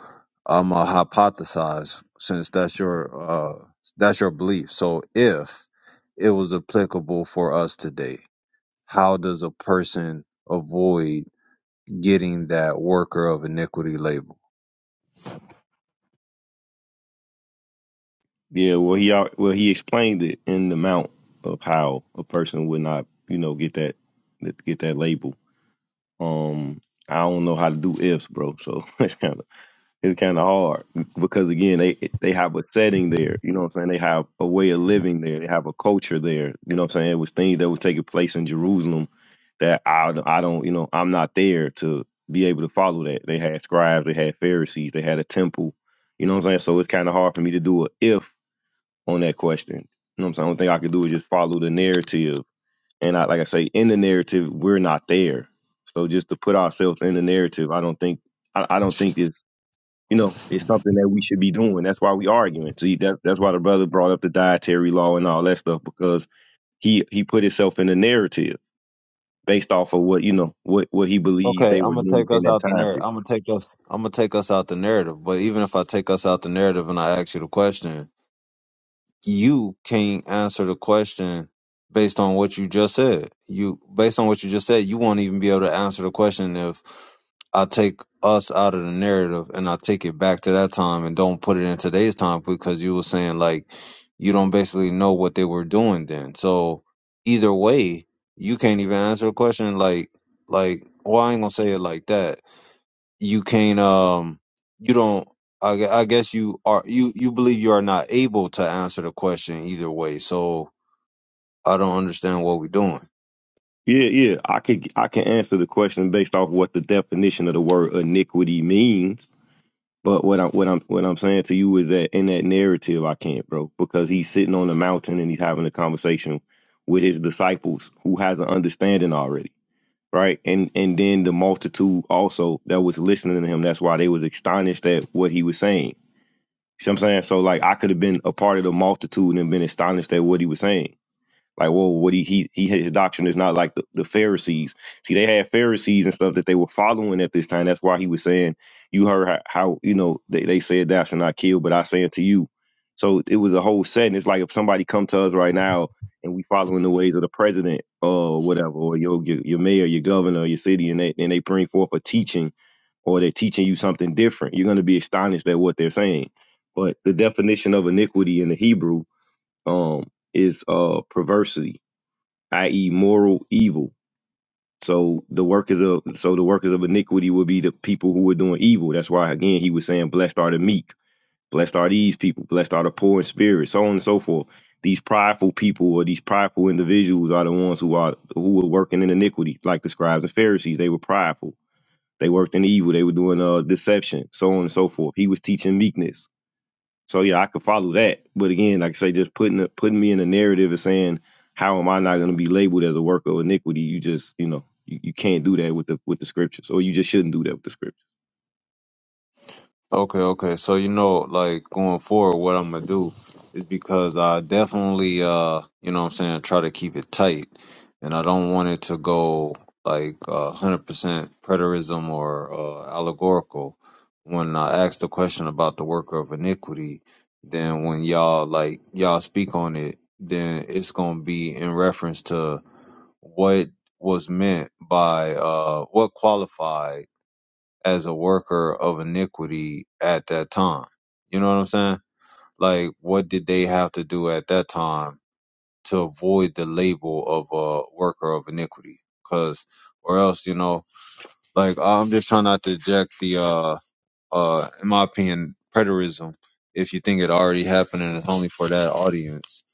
[SPEAKER 1] I'm gonna hypothesize since that's your uh that's your belief. So if it was applicable for us today, how does a person avoid getting that worker of iniquity label?
[SPEAKER 5] Yeah, well, he al- well he explained it in the mount of how a person would not, you know, get that get that label. Um, I don't know how to do ifs, bro. So it's kind of it's kind of hard because again, they they have a setting there. You know what I'm saying? They have a way of living there. They have a culture there. You know what I'm saying? It was things that was taking place in Jerusalem that I don't- I don't you know I'm not there to be able to follow that. They had scribes, they had Pharisees, they had a temple. You know what I'm saying? So it's kind of hard for me to do a if on that question. You know what I'm saying? The only thing I could do is just follow the narrative and I, like I say, in the narrative, we're not there. So just to put ourselves in the narrative, I don't think I, I don't think it's you know it's something that we should be doing. That's why we arguing. See, that that's why the brother brought up the dietary law and all that stuff because he he put himself in the narrative based off of what you know what what he believed
[SPEAKER 1] Okay,
[SPEAKER 5] they were
[SPEAKER 1] I'm gonna
[SPEAKER 5] doing
[SPEAKER 1] take
[SPEAKER 5] in
[SPEAKER 1] us
[SPEAKER 5] that
[SPEAKER 1] out the
[SPEAKER 5] time
[SPEAKER 1] narrative.
[SPEAKER 5] period.
[SPEAKER 1] I'm gonna take us. I'm gonna take us out the narrative. But even if I take us out the narrative and I ask you the question, you can't answer the question based on what you just said. You based on what you just said, you won't even be able to answer the question if I take us out of the narrative and I take it back to that time and don't put it in today's time because you were saying like you don't basically know what they were doing then. So either way, you can't even answer the question like like well I ain't gonna say it like that you can't um you don't I, gue- I guess you are you you believe you are not able to answer the question either way so i don't understand what we're doing
[SPEAKER 5] Yeah, yeah, I could I can answer the question based off what the definition of the word iniquity means But what I'm what I'm what I'm saying to you is that in that narrative I can't, bro, because he's sitting on the mountain and he's having a conversation with his disciples who has an understanding already, right? And and then the multitude also that was listening to him, that's why they was astonished at what he was saying. See what I'm saying? So like I could have been a part of the multitude and been astonished at what he was saying. Like, well, what he he, he his doctrine is not like the, the Pharisees. See, they had Pharisees and stuff that they were following at this time. That's why he was saying, "You heard how, how you know they, they said thou shalt not kill, but I say unto you." So it was a whole setting. It's like if somebody come to us right now and we following the ways of the president or whatever, or your your, your mayor, your governor, or your city, and they and they bring forth a teaching or they're teaching you something different. You're going to be astonished at what they're saying. But the definition of iniquity in the Hebrew um is uh perversity, i.e. moral evil. So the workers of so the workers of iniquity would be the people who were doing evil. That's why again he was saying, Blessed are the meek, blessed are these people, blessed are the poor in spirit, so on and so forth. These prideful people or these prideful individuals are the ones who are who were working in iniquity, like the scribes and Pharisees. They were prideful. They worked in evil. They were doing uh deception, so on and so forth. He was teaching meekness so yeah, I could follow that. But again, like I say, just putting the, putting me in a narrative and saying, how am I not going to be labeled as a worker of iniquity? You just, you know, you, you can't do that with the with the scriptures, or you just shouldn't do that with the scriptures.
[SPEAKER 1] Okay, okay. So you know, like going forward, what I'm gonna do is because I definitely, uh, you know, what I'm saying, try to keep it tight, and I don't want it to go like uh, hundred percent preterism or uh, allegorical. When I ask the question about the worker of iniquity, then when y'all like y'all speak on it, then it's gonna be in reference to what was meant by uh what qualified as a worker of iniquity at that time. You know what I'm saying? Like, what did they have to do at that time to avoid the label of a worker of iniquity? Because, or else, you know, like I'm just trying not to eject the uh uh, in my opinion, preterism. If you think it already happened and it's only for that audience,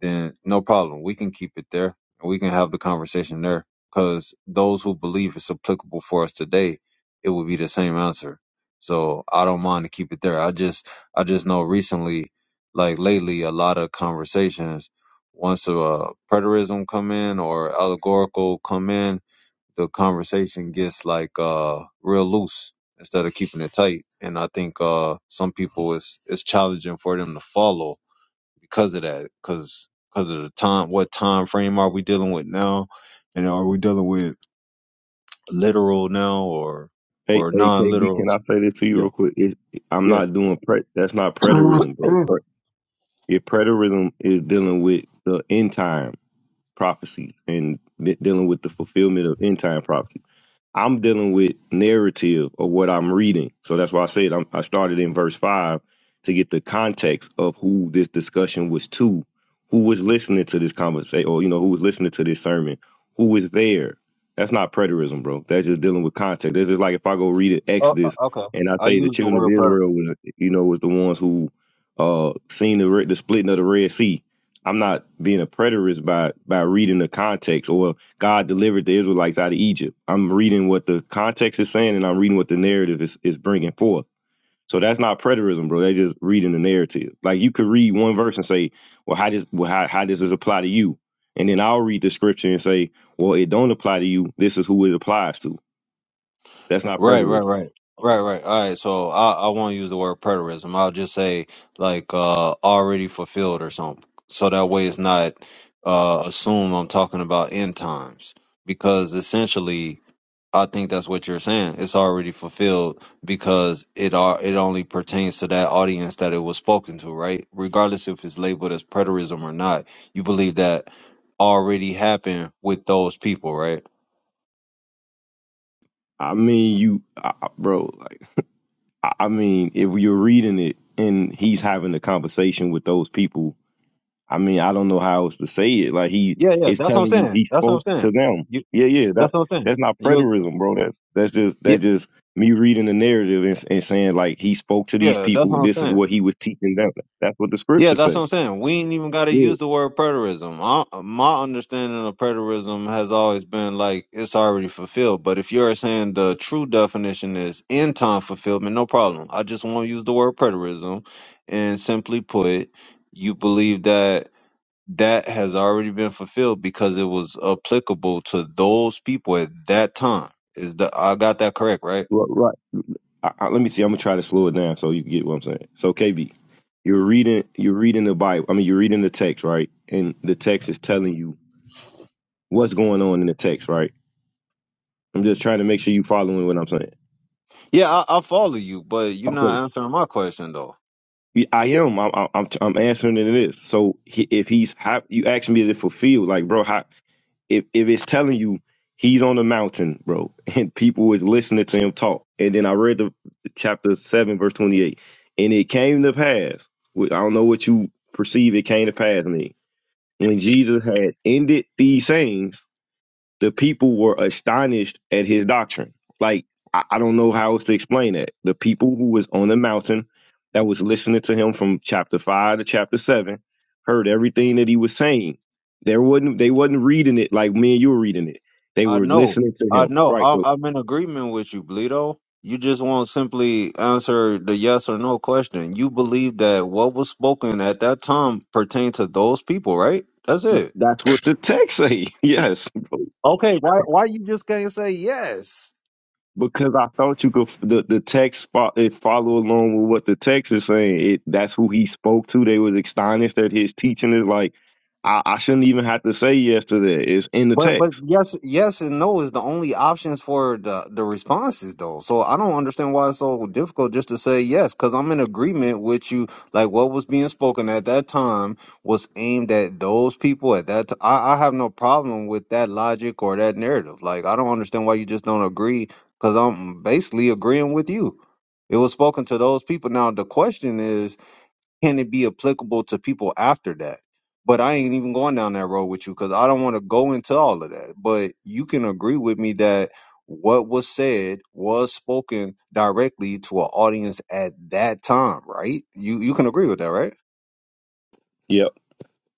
[SPEAKER 1] then no problem. We can keep it there. We can have the conversation there because those who believe it's applicable for us today, it would be the same answer. So I don't mind to keep it there. I just, I just know recently, like lately, a lot of conversations, once a uh, preterism come in or allegorical come in, the conversation gets like uh real loose instead of keeping it tight and i think uh some people it's it's challenging for them to follow because of that because because of the time what time frame are we dealing with now and are we dealing with literal now or
[SPEAKER 5] Hey,
[SPEAKER 1] or
[SPEAKER 5] hey, KB,
[SPEAKER 1] non-literal
[SPEAKER 5] can I say this to you
[SPEAKER 1] yeah
[SPEAKER 5] real quick? It, I'm
[SPEAKER 1] yeah
[SPEAKER 5] not doing pre- that's not preterism, bro.
[SPEAKER 1] uh,
[SPEAKER 5] Pre- If preterism is dealing with the end time prophecies and de- dealing with the fulfillment of end time prophecies I'm dealing with narrative of what I'm reading. So that's why I said I'm, I started in verse five to get the context of who this discussion was to, who was listening to this conversation, or you know, who was listening to this sermon, who was there. That's not preterism, bro. That's just dealing with context. That's just like if I go read it,
[SPEAKER 1] uh,
[SPEAKER 5] Exodus
[SPEAKER 1] okay
[SPEAKER 5] and I
[SPEAKER 1] i
[SPEAKER 5] say the
[SPEAKER 1] use the
[SPEAKER 5] children of
[SPEAKER 1] word
[SPEAKER 5] Israel, was, you know, was the ones who uh seen the re- the splitting of the Red Sea. I'm not being a preterist by by reading the context or God delivered the Israelites out of Egypt. I'm reading what the context is saying, and I'm reading what the narrative is, is bringing forth. So that's not preterism, bro. That's just reading the narrative. Like you could read one verse and say, "Well, how does well, how, how does this apply to you?" And then I'll read the scripture and say, "Well, it don't apply to you. This is who it applies to." That's not
[SPEAKER 1] Right, right,
[SPEAKER 5] preterism.
[SPEAKER 1] right. Right, right. All right. So I, I won't use the word preterism. I'll just say like uh already fulfilled or something. So that way it's not uh assumed I'm talking about end times. Because essentially I think that's what you're saying. It's already fulfilled because it are it only pertains to that audience that it was spoken to, right? Regardless if it's labeled as preterism or not, you believe that already happened with those people, right?
[SPEAKER 5] I mean, you, I- bro. Like I I mean, if you're reading it and he's having the conversation with those people I mean, I don't know how else to say it. Like he
[SPEAKER 1] Yeah, yeah,
[SPEAKER 5] is
[SPEAKER 1] that's what I'm
[SPEAKER 5] telling you
[SPEAKER 1] saying.
[SPEAKER 5] he
[SPEAKER 1] That's what I'm
[SPEAKER 5] spoke to
[SPEAKER 1] saying.
[SPEAKER 5] them. Yeah, yeah. That
[SPEAKER 1] That's what I'm saying.
[SPEAKER 5] that's not
[SPEAKER 1] You,
[SPEAKER 5] preterism, bro. That that's just
[SPEAKER 1] yeah,
[SPEAKER 5] that's just me reading the narrative and, and saying like he spoke to these
[SPEAKER 1] yeah, that's
[SPEAKER 5] people.
[SPEAKER 1] what
[SPEAKER 5] This
[SPEAKER 1] I'm
[SPEAKER 5] is
[SPEAKER 1] saying.
[SPEAKER 5] what he was teaching them. That's what the
[SPEAKER 1] Yeah,
[SPEAKER 5] scriptures
[SPEAKER 1] that's what
[SPEAKER 5] say.
[SPEAKER 1] I'm saying. We ain't even got to
[SPEAKER 5] Yeah,
[SPEAKER 1] use the word preterism. I, my understanding of preterism has always been like it's already fulfilled. But if you're saying the true definition is end time fulfillment, no problem. I just won't use the word preterism, and simply put, you believe that that has already been fulfilled because it was applicable to those people at that time. Is the I got that correct, right?
[SPEAKER 5] right. right. I, I, let me see. I'm gonna try to slow it down so you can get what I'm saying. So KB, you're reading you're reading the Bible. I mean, you're reading the text, right? And the text is telling you what's going on in the text, right? I'm just trying to make sure you following what I'm saying.
[SPEAKER 1] Yeah, I, I follow you, but you're
[SPEAKER 5] Okay.
[SPEAKER 1] not answering my question though.
[SPEAKER 5] Yeah, I am. I'm, I'm, I'm I'm answering it is. So he, if he's, how, you ask me, is it fulfilled? Like, bro, how, if, if it's telling you he's on the mountain, bro, and people is listening to him talk. And then I read the chapter seven, verse 28, and it came to pass. wh- I don't know what you perceive it came to pass me. When Jesus had ended these sayings, the people were astonished at his doctrine. Like, I, I don't know how else to explain that. The people who was on the mountain that was listening to him from chapter five to chapter seven heard everything that he was saying. There wasn't they wasn't reading it like me and you were reading it. They
[SPEAKER 1] I
[SPEAKER 5] were
[SPEAKER 1] know,
[SPEAKER 5] listening to
[SPEAKER 1] I
[SPEAKER 5] him.
[SPEAKER 1] know.
[SPEAKER 5] Right.
[SPEAKER 1] I,
[SPEAKER 5] So
[SPEAKER 1] I'm in agreement with you, Bleedo. You just won't simply answer the yes or no question. You believe that what was spoken at that time pertained to those people, right? That's it.
[SPEAKER 5] that's what the text say. Yes.
[SPEAKER 1] Okay, why why you just can't say yes?
[SPEAKER 5] Because I thought you could the the text fo- it follow along with what the text is saying. It that's who he spoke to. They was astonished that his teaching is like I, I shouldn't even have to say yes to that. It's in the
[SPEAKER 1] But but
[SPEAKER 5] text.
[SPEAKER 1] yes yes and no is the only options for the the responses though. So I don't understand why it's so difficult just to say yes cuz I'm in agreement with you like what was being spoken at that time was aimed at those people at that t- I I have no problem with that logic or that narrative. Like I don't understand why you just don't agree cuz I'm basically agreeing with you. It was spoken to those people. Now the question is can it be applicable to people after that? But I ain't even going down that road with you because I don't want to go into all of that. But you can agree with me that what was said was spoken directly to an audience at that time, right? You you can agree with that, right?
[SPEAKER 5] Yep.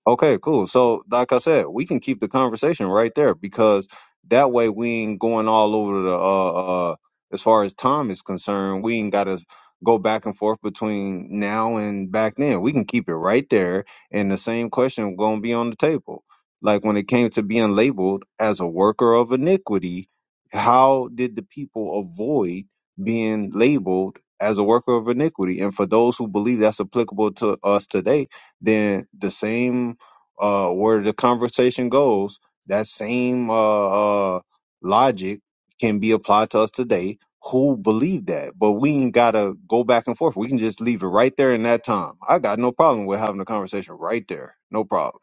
[SPEAKER 1] Okay, cool. So, like I said, we can keep the conversation right there because that way we ain't going all over the. Uh, uh, as far as time is concerned, we ain't got to go back and forth between now and back then. We can keep it right there, and the same question gonna be on the table. Like when it came to being labeled as a worker of iniquity, how did the people avoid being labeled as a worker of iniquity? And for those who believe that's applicable to us today then the same uh, where the conversation goes, that same uh, uh, logic can be applied to us today who believe that. But we ain't got to go back and forth. We can just leave it right there in that time. I got no problem with having a conversation right there. No problem.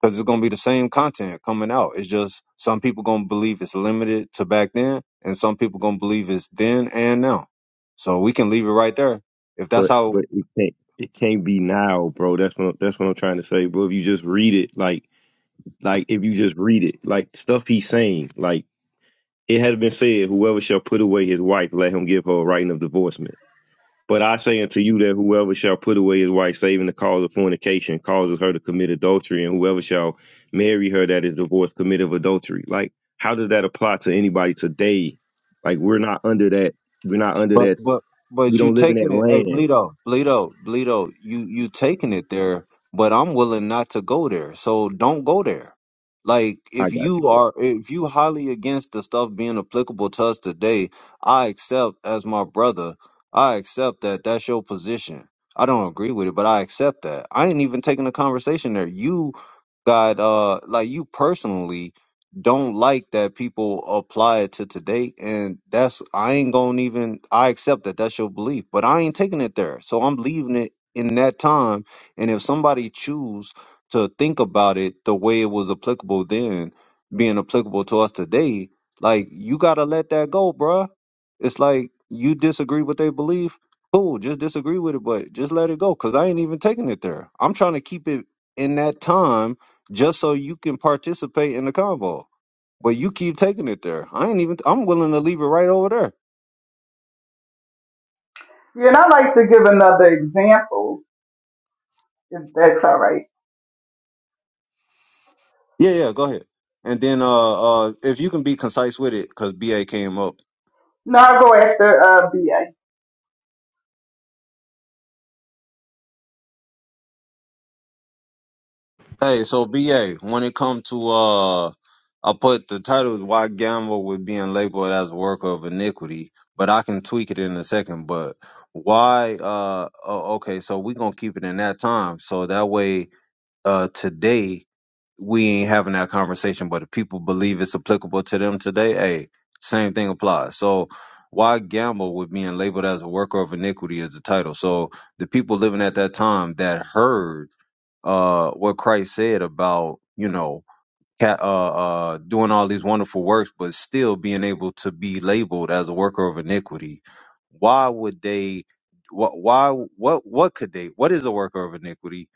[SPEAKER 1] Because it's going to be the same content coming out. It's just some people going to believe it's limited to back then, and some people going to believe it's then and now. So we can leave it right there. If that's
[SPEAKER 5] But
[SPEAKER 1] how
[SPEAKER 5] but it can't it can't be now, bro. That's what that's what I'm trying to say, bro. If you just read it, like like if you just read it, like stuff he's saying, like it had been said, whoever shall put away his wife, let him give her a writing of divorcement. But I say unto you that whoever shall put away his wife, saving the cause of fornication, causes her to commit adultery, and whoever shall marry her that is divorced committeth adultery. Like, how does that apply to anybody today? Like, we're not under that. We're not under
[SPEAKER 1] But
[SPEAKER 5] that.
[SPEAKER 1] but
[SPEAKER 5] We
[SPEAKER 1] but you
[SPEAKER 5] don't live in that
[SPEAKER 1] taking it, hey
[SPEAKER 5] land.
[SPEAKER 1] Bleedo, Bleedo, Bleedo, you you taking it there, but I'm willing not to go there. So don't go there. Like
[SPEAKER 5] I
[SPEAKER 1] if
[SPEAKER 5] got
[SPEAKER 1] you
[SPEAKER 5] you,
[SPEAKER 1] are
[SPEAKER 5] bro.
[SPEAKER 1] if you highly against the stuff being applicable to us today, I accept as my brother. I accept that that's your position. I don't agree with it, but I accept that. I ain't even taking a conversation there. You got uh like you personally don't like that people apply it to today and that's i ain't gonna even i accept that that's your belief but i ain't taking it there so i'm leaving it in that time and if somebody choose to think about it the way it was applicable then being applicable to us today like you gotta let that go bruh it's like you disagree with their belief cool just disagree with it but just let it go because i ain't even taking it there i'm trying to keep it in that time just so you can participate in the convo but you keep taking it there. I ain't even. I'm willing to leave it right over there.
[SPEAKER 4] Yeah, and I like to give another example, if that's all right.
[SPEAKER 1] Yeah, yeah. Go ahead. And then, uh, uh, if you can be concise with it, because BA came up.
[SPEAKER 4] No, I'll go after uh, BA.
[SPEAKER 1] Hey, so BA, when it comes to, uh, I put the title is "Why Gamble with Being Labeled as a Worker of Iniquity," but I can tweak it in a second. But why? Uh, oh, okay. So we gonna keep it in that time, so that way, uh, today we ain't having that conversation, but if people believe it's applicable to them today, hey, same thing applies. So why gamble with being labeled as a worker of iniquity as the title? So the people living at that time that heard uh what Christ said about, you know, ca- uh, uh, doing all these wonderful works, but still being able to be labeled as a worker of iniquity. Why would they? What? Why? What? What could they? What is a worker of iniquity,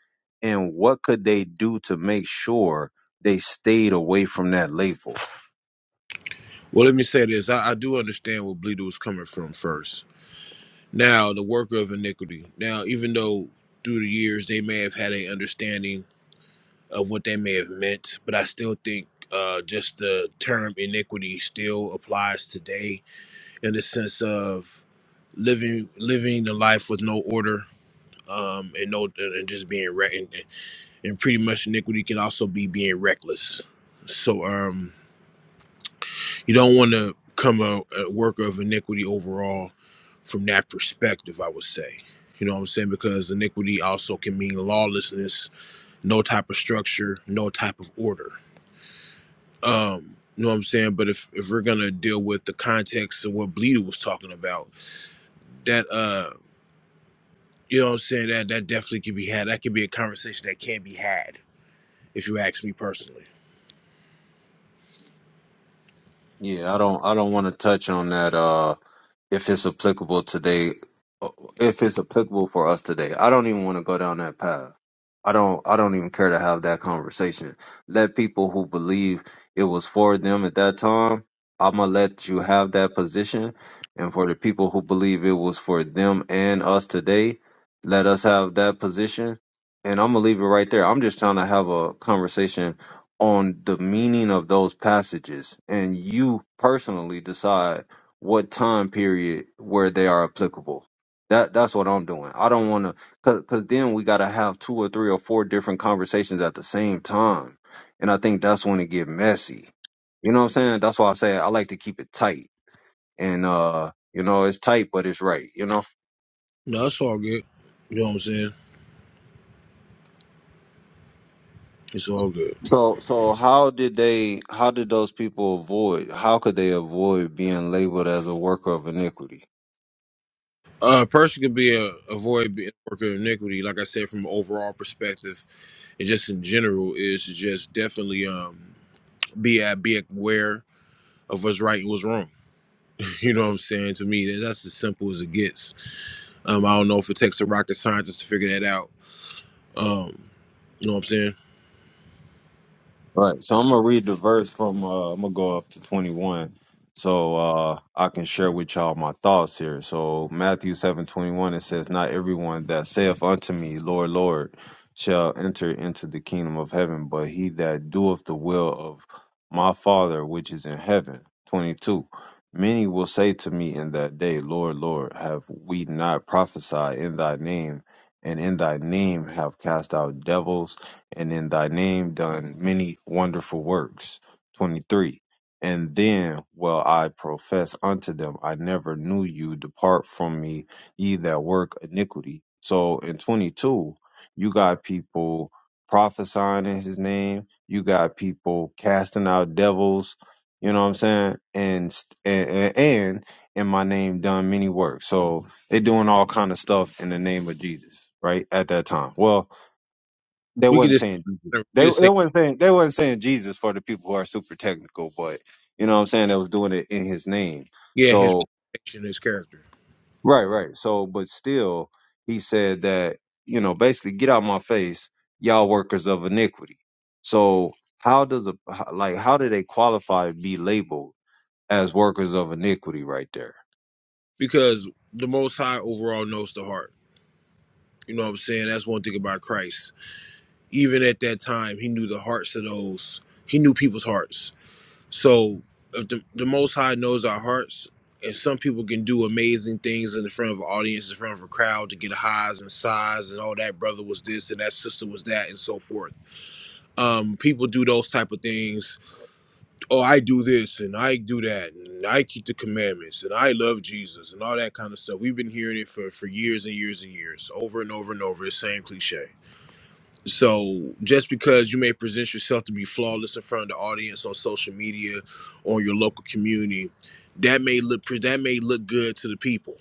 [SPEAKER 1] and what could they do to make sure they stayed away from that label?
[SPEAKER 6] Well, let me say this. I, I do understand where Bleeder was coming from first. Now, the worker of iniquity. Now, even though through the years they may have had a understanding of what they may have meant, but I still think uh, just the term iniquity still applies today in the sense of living living the life with no order um, and no and just being re- and, and pretty much iniquity can also be being reckless. So, um, You don't want to come a, a worker of iniquity overall from that perspective, I would say. You know what I'm saying? Because iniquity also can mean lawlessness, no type of structure, no type of order. Um, you know what I'm saying? But if, if we're gonna deal with the context of what Bleeder was talking about, that uh you know what I'm saying, that that definitely can be had. That could be a conversation that can be had, if you ask me personally.
[SPEAKER 1] Yeah, I don't. I don't want to touch on that. Uh. if it's applicable today, if it's applicable for us today. I don't even want to go down that path. I don't I don't even care to have that conversation. Let people who believe it was for them at that time, I'm gonna let you have that position. And for the people who believe it was for them and us today, let us have that position. And I'm gonna leave it right there. I'm just trying to have a conversation on the meaning of those passages and you personally decide what time period where they are applicable. That that's what I'm doing. I don't want to, cause, cause then we gotta have two or three or four different conversations at the same time, and I think that's when it get messy. You know what I'm saying? That's why I say I like to keep it tight, and uh, you know, it's tight but it's right. You know.
[SPEAKER 6] No, it's all good. You know what I'm saying? It's all good.
[SPEAKER 1] So so how did they? How did those people avoid? How could they avoid being labeled as a worker of iniquity?
[SPEAKER 6] A person could be a avoid being a worker of iniquity, like I said, from an overall perspective, and just in general, is to just definitely um be at be aware of what's right and what's wrong. You know what I'm saying? To me, that- that's as simple as it gets. Um, I don't know if it takes a rocket scientist to figure that out. Um, you know what I'm saying?
[SPEAKER 1] Right. So I'm gonna read the verse from uh I'm gonna go up to 21 so uh I can share with y'all my thoughts here. So Matthew 7:21 it says not everyone that saith unto me Lord Lord shall enter into the kingdom of heaven but he that doeth the will of my Father which is in heaven. 22 Many will say to me in that day Lord Lord have we not prophesied in thy name and in thy name have cast out devils and in thy name done many wonderful works. 23. And then will I profess unto them, I never knew you, depart from me, ye that work iniquity. So in 22, you got people prophesying in his name, you got people casting out devils, you know what I'm saying? And, st- and, and and in my name done many works. So they doing all kind of stuff in the name of Jesus, right? At that time. Well, they
[SPEAKER 6] We could
[SPEAKER 1] wasn't
[SPEAKER 6] just
[SPEAKER 1] saying
[SPEAKER 6] we
[SPEAKER 1] Jesus.
[SPEAKER 6] could
[SPEAKER 1] They
[SPEAKER 6] just
[SPEAKER 1] they
[SPEAKER 6] say,
[SPEAKER 1] weren't saying they weren't saying Jesus for the people who are super technical, but you know what I'm saying they was doing it in his name.
[SPEAKER 6] yeah, his
[SPEAKER 1] So
[SPEAKER 6] reputation, his character,
[SPEAKER 1] right, right. So but still he said that, you know, basically get out my face, y'all workers of iniquity. So how does a how- like how do they qualify to be labeled as workers of iniquity right there?
[SPEAKER 6] because the Most High overall knows the heart. You know what I'm saying? That's one thing about Christ even at that time, he knew the hearts of those. He knew people's hearts. So if the, the Most High knows our hearts, and some people can do amazing things in the front of an audience, in front of a crowd, to get highs and sighs and all that. Brother was this and that sister was that, and so forth. Um, people do those type of things. Oh, I do this and I do that, and I keep the commandments, and I love Jesus, and all that kind of stuff. We've been hearing it for for years and years and years, over and over and over. The same cliche so just because you may present yourself to be flawless in front of the audience on social media or your local community, that may look pre- that may look good to the people.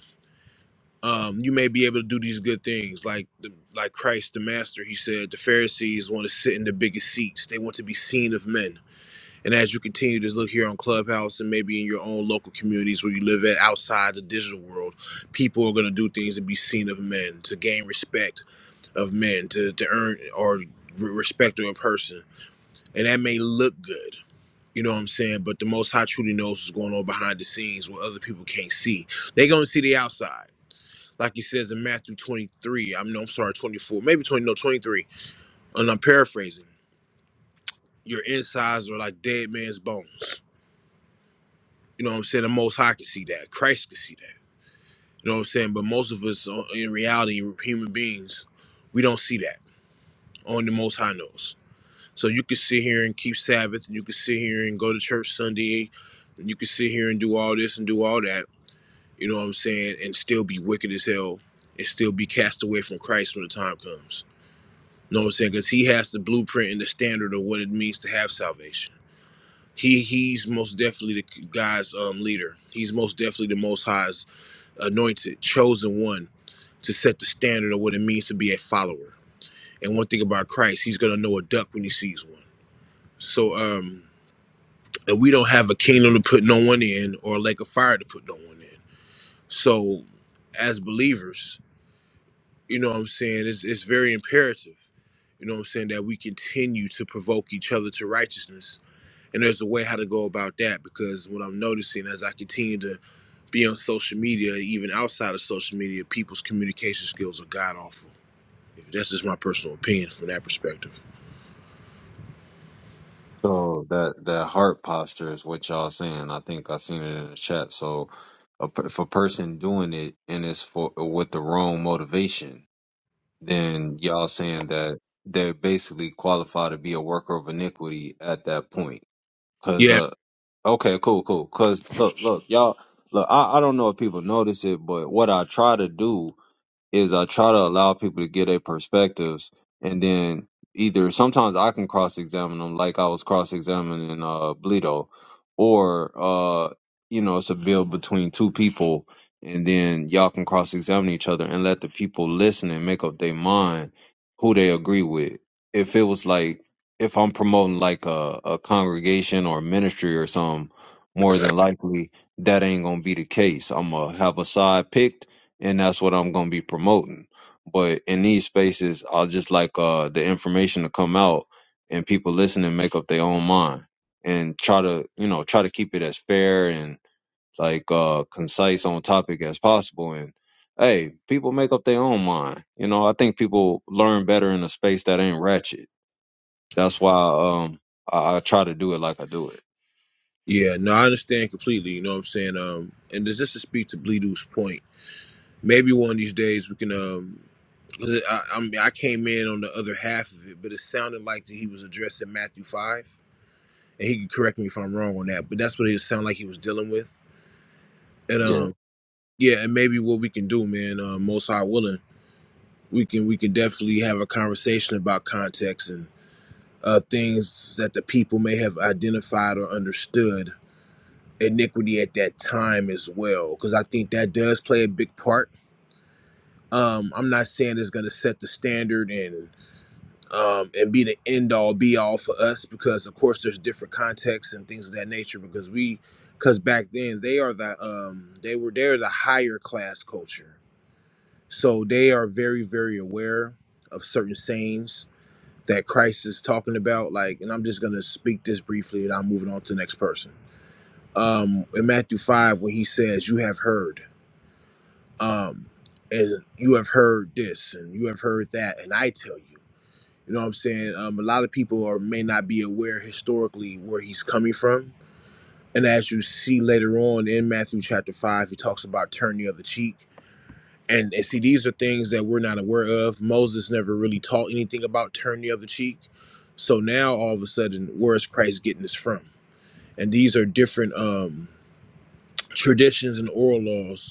[SPEAKER 6] Um, you may be able to do these good things, like the, like Christ the Master. He said the Pharisees want to sit in the biggest seats; they want to be seen of men. And as you continue to look here on Clubhouse and maybe in your own local communities where you live at outside the digital world, people are going to do things to be seen of men to gain respect of men to, to earn or re- respect of a person. And that may look good. You know what I'm saying? But the most high truly knows what's going on behind the scenes what other people can't see. They're gonna see the outside. Like he says in Matthew 23, I'm no, I'm sorry, 24, maybe 20, no, 23. And I'm paraphrasing. Your insides are like dead man's bones. You know what I'm saying? The most high can see that. Christ can see that. You know what I'm saying? But most of us uh, in reality, human beings, we don't see that. Only the most high knows. So you could sit here and keep Sabbath, and you could sit here and go to church Sunday, and you could sit here and do all this and do all that. You know what I'm saying? And still be wicked as hell, and still be cast away from Christ when the time comes. You know what I'm saying? Because He has the blueprint and the standard of what it means to have salvation. He He's most definitely the guy's um, leader. He's most definitely the Most High's anointed, chosen one to set the standard of what it means to be a follower. And one thing about Christ, He's gonna know a duck when He sees one. So um and we don't have a kingdom to put no one in or a lake of fire to put no one in. So, as believers, you know what I'm saying, it's, it's very imperative, you know what I'm saying, that we continue to provoke each other to righteousness. And there's a way how to go about that because what I'm noticing as I continue to be on social media, even outside of social media, people's communication skills are god awful. That's just my personal opinion from that perspective.
[SPEAKER 1] So that that heart posture is what y'all saying. I think I seen it in the chat. So a, per- if a person doing it and it's for with the wrong motivation, then y'all saying that they basically qualify to be a worker of iniquity at that point. Cause
[SPEAKER 6] Yeah,
[SPEAKER 1] uh, okay, cool, cool. Cause look, look, y'all, look. I I don't know if people notice it, but what I try to do is I try to allow people to get their perspectives, and then either sometimes I can cross examine them, like I was cross examining uh, Bleedo, or uh, you know it's a bill between two people, and then y'all can cross examine each other and let the people listen and make up their mind who they agree with. If it was like if I'm promoting like a, a congregation or ministry or something, more than likely that ain't gonna be the case. I'm gonna have a side picked and that's what I'm gonna be promoting. But in these spaces, I'll just like uh the information to come out and people listen and make up their own mind and try to you know try to keep it as fair and like uh concise on topic as possible and hey people make up their own mind you know i think people learn better in a space that ain't ratchet that's why um i, I try to do it like i do it
[SPEAKER 6] yeah, no, I understand completely. You know what I'm saying? Um, and this is to speak to Bleedu's point Maybe one of these days we can. Um, 'cause I, I mean, I came in on the other half of it, but it sounded like that he was addressing Matthew five, and he can correct me if I'm wrong on that. But that's what it sounded like he was dealing with. And
[SPEAKER 1] yeah
[SPEAKER 6] um, yeah, and maybe what we can do, man, uh, most high willing, we can we can definitely have a conversation about context and uh, things that the people may have identified or understood iniquity at that time as well, because I think that does play a big part. Um, I'm not saying it's going to set the standard and um, and be the end all be all for us because of course there's different contexts and things of that nature because we because back then they are the um, they were they're the higher class culture so they are very very aware of certain sayings that christ is talking about like and i'm just going to speak this briefly and i'm moving on to the next person um in matthew 5 when he says you have heard um and you have heard this and you have heard that and i tell you you know what I'm saying? Um, a lot of people are may not be aware historically where he's coming from. And as you see later on in Matthew chapter five, he talks about turn the other cheek. And, and see, these are things that we're not aware of. Moses never really taught anything about turn the other cheek. So now all of a sudden, where is Christ getting this from? And these are different um, traditions and oral laws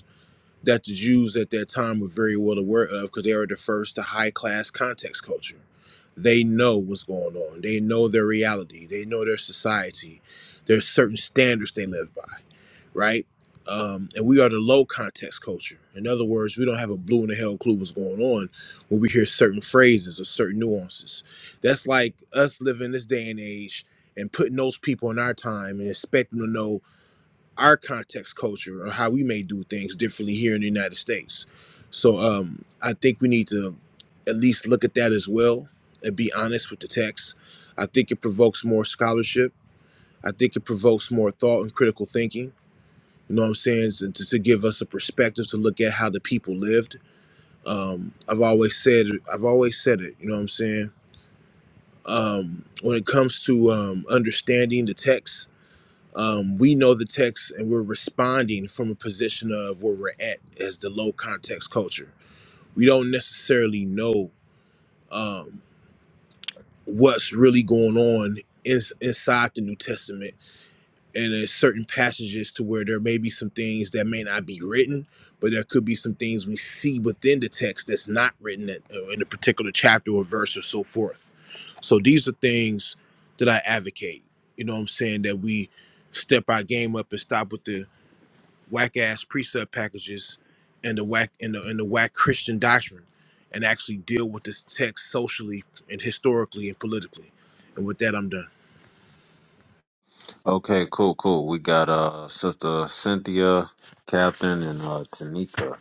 [SPEAKER 6] that the Jews at that time were very well aware of because they are the first to high class context culture. They know what's going on. They know their reality. They know their society. There's certain standards they live by, right? Um, and we are the low context culture. In other words, we don't have a blue in the hell clue what's going on when we hear certain phrases or certain nuances. That's like us living this day and age and putting those people in our time and expecting them to know our context culture or how we may do things differently here in the United States. So um, I think we need to at least look at that as well and be honest with the text. I think it provokes more scholarship. I think it provokes more thought and critical thinking. You know what I'm saying? So to, to give us a perspective to look at how the people lived. Um, I've always said I've always said it. You know what I'm saying? Um, when it comes to um, understanding the text, um, we know the text and we're responding from a position of where we're at as the low context culture. We don't necessarily know um, what's really going on in, inside the New Testament, and there's certain passages to where there may be some things that may not be written, but there could be some things we see within the text that's not written in, uh, in a particular chapter or verse or so forth. So these are things that I advocate. You know what I'm saying? That we step our game up and stop with the whack ass precept packages and the whack and the, and the whack Christian doctrine and actually deal with this text socially and historically and politically. And with that, I'm done.
[SPEAKER 1] okay cool cool we got uh sister cynthia captain and uh tanika